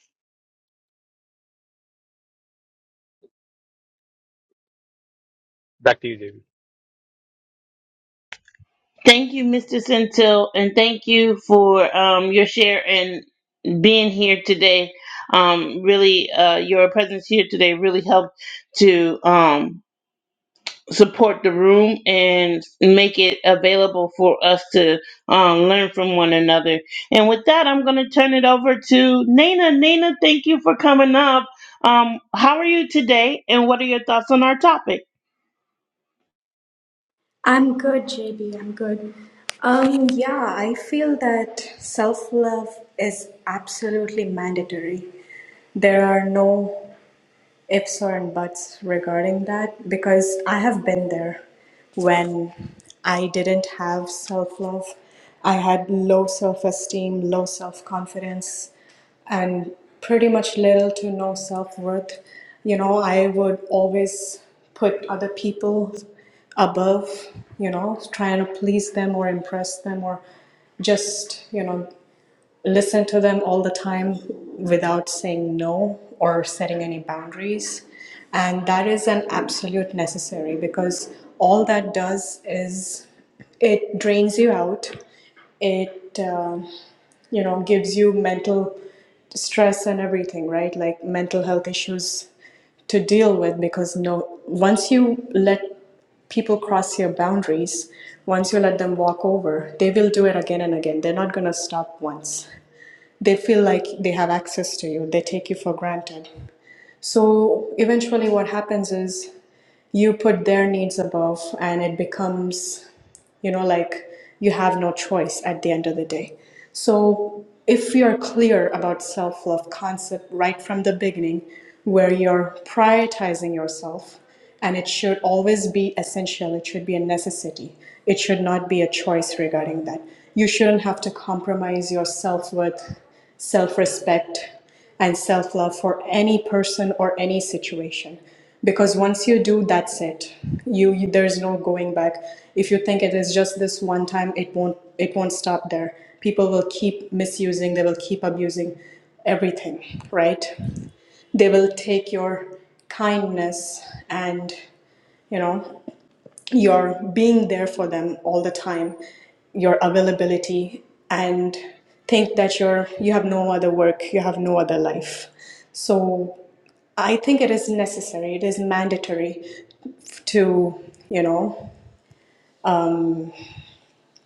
[SPEAKER 3] Back to you, JB.
[SPEAKER 1] Thank you, Mr. Centil, and thank you for um, your share and being here today. Um, really, uh, your presence here today really helped to um, support the room and make it available for us to um, learn from one another. And with that, I'm going to turn it over to Nina. Nina, thank you for coming up. Um, how are you today, and what are your thoughts on our topic?
[SPEAKER 9] I'm good, JB. I'm good. Um, yeah, I feel that self love is absolutely mandatory. There are no ifs or buts regarding that because I have been there when I didn't have self love. I had low self esteem, low self confidence, and pretty much little to no self worth. You know, I would always put other people above, you know, trying to please them or impress them or just, you know, listen to them all the time without saying no or setting any boundaries. And that is an absolute necessary because all that does is it drains you out. It, um you know gives you mental stress and everything right like mental health issues to deal with because no once you let people cross your boundaries once you let them walk over they will do it again and again they're not going to stop once they feel like they have access to you they take you for granted so eventually what happens is you put their needs above and it becomes you know like you have no choice at the end of the day so if you're clear about self-love concept right from the beginning where you're prioritizing yourself and it should always be essential it should be a necessity it should not be a choice regarding that you shouldn't have to compromise your self-worth self-respect and self love for any person or any situation because once you do that's it you, you there's no going back if you think it is just this one time it won't it won't stop there people will keep misusing they will keep abusing everything right they will take your kindness and you know your being there for them all the time your availability and think that you're you have no other work you have no other life so i think it is necessary it is mandatory to you know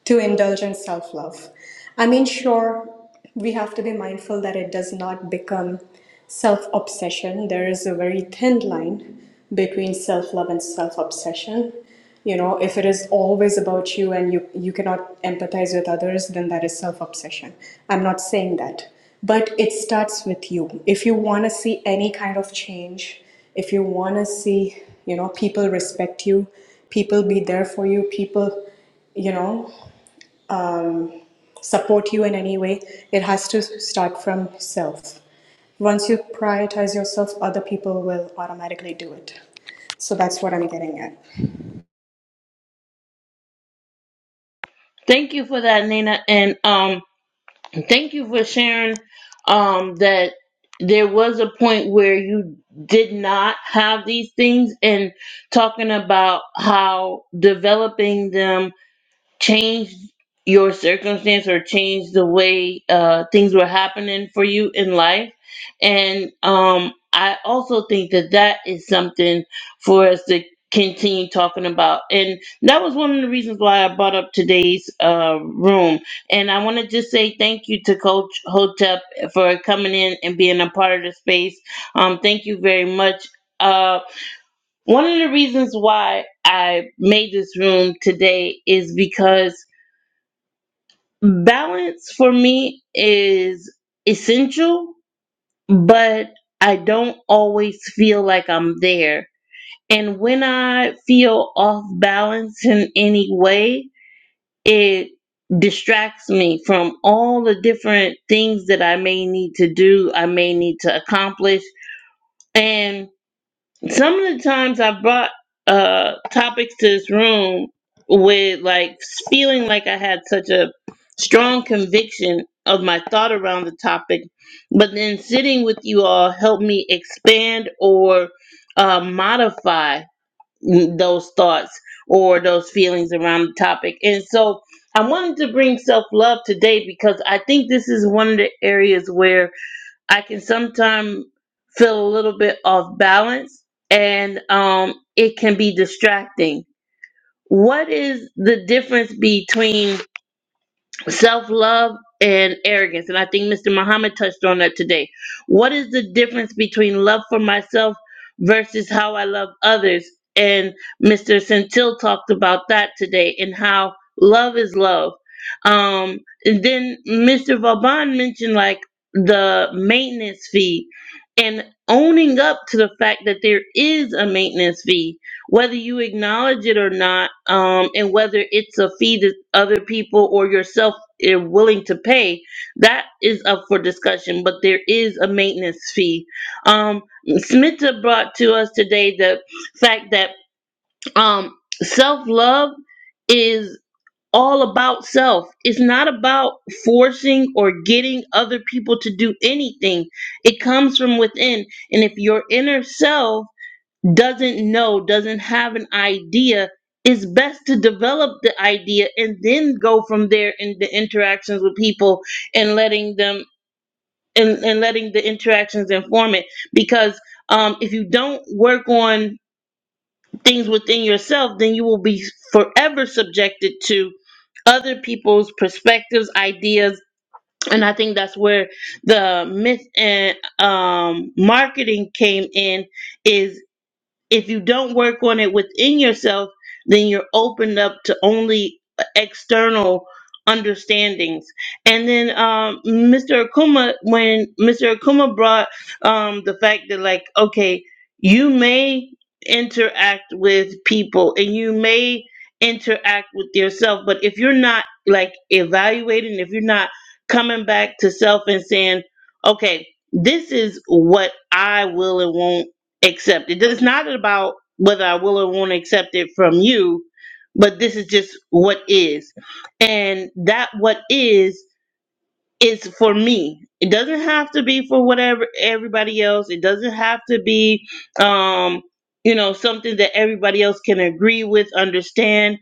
[SPEAKER 9] to indulge in self love. I mean, sure, we have to be mindful that it does not become self obsession. There is a very thin line between self love and self obsession. You know, if it is always about you and you, you cannot empathize with others, then that is self obsession. I'm not saying that. But it starts with you. If you want to see any kind of change, if you want to see, you know, people respect you, people be there for you, people you know support you in any way, it has to start from self. Once you prioritize yourself, other people will automatically do it. So that's what I'm getting at.
[SPEAKER 1] Thank you for that, Nina, and um, thank you for sharing um that there was a point where you did not have these things and talking about how developing them change your circumstance or change the way uh, things were happening for you in life. And um, I also think that that is something for us to continue talking about. And that was one of the reasons why I brought up today's uh, room. And I want to just say thank you to Coach Hotep for coming in and being a part of the space. Um, thank you very much. Uh, one of the reasons why I made this room today is because balance for me is essential, but I don't always feel like I'm there. And when I feel off balance in any way, it distracts me from all the different things that I may need to do, I may need to accomplish. And some of the times I brought uh topics to this room with like feeling like I had such a strong conviction of my thought around the topic, but then sitting with you all helped me expand or uh, modify those thoughts or those feelings around the topic. And so I wanted to bring self love today because I think this is one of the areas where I can sometimes feel a little bit off balance and um, it can be distracting. What is the difference between self love and arrogance. And I think Mr. Muhammad touched on that today. What is the difference between love for myself versus how I love others? And Mr. Centil talked about that today and how love is love. Um, and then Mr. Vaban mentioned like the maintenance fee and owning up to the fact that there is a maintenance fee, whether you acknowledge it or not, um, and whether it's a fee that other people or yourself are willing to pay, that is up for discussion. But there is a maintenance fee. Um, Smita brought to us today the fact that um, self love is all about self. It's not about forcing or getting other people to do anything. It comes from within, and if your inner self doesn't know, doesn't have an idea, it's best to develop the idea and then go from there in the interactions with people and letting them and, and letting the interactions inform it. Because um, if you don't work on things within yourself, then you will be forever subjected to other people's perspectives, ideas, and I think that's where the myth and um, marketing came in. Is if you don't work on it within yourself, then you're opened up to only external understandings. And then um, Mr. Akuma, when Mr. Akuma brought um, the fact that, like, okay, you may interact with people and you may interact with yourself, but if you're not like evaluating, if you're not coming back to self and saying, okay, this is what I will and won't accept it. It's not about whether I will or won't accept it from you, but this is just what is. And that what is is for me. It doesn't have to be for whatever everybody else. It doesn't have to be um you know something that everybody else can agree with, understand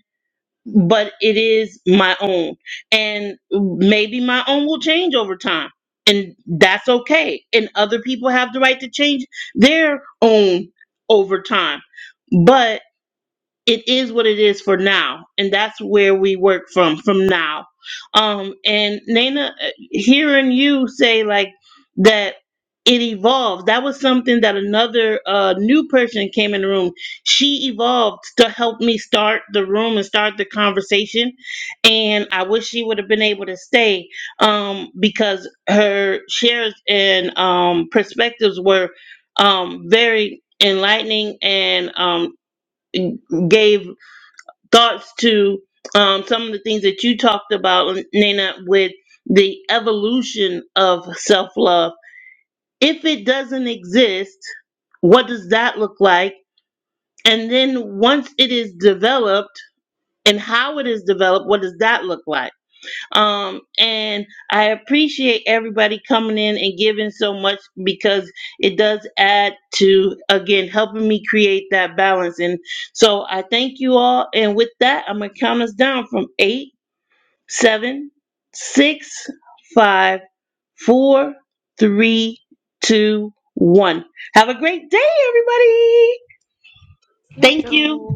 [SPEAKER 1] but it is my own. And maybe my own will change over time. And that's okay. And other people have the right to change their own over time. but it is what it is for now and that's where we work from from now um and nana uh, hearing you say like that it evolved that was something that another uh new person came in the room she evolved to help me start the room and start the conversation and i wish she would have been able to stay um because her shares and um perspectives were um very enlightening and um gave thoughts to um, some of the things that you talked about, Nina, with the evolution of self love. If it doesn't exist, what does that look like? And then once it is developed and how it is developed, what does that look like? Um, and I appreciate everybody coming in and giving so much because it does add to, again, helping me create that balance. And so I thank you all. And with that, I'm going to count us down from eight, seven, six, five, four, three, two, one. Have a great day, everybody.
[SPEAKER 6] You
[SPEAKER 1] Thank you.
[SPEAKER 6] too.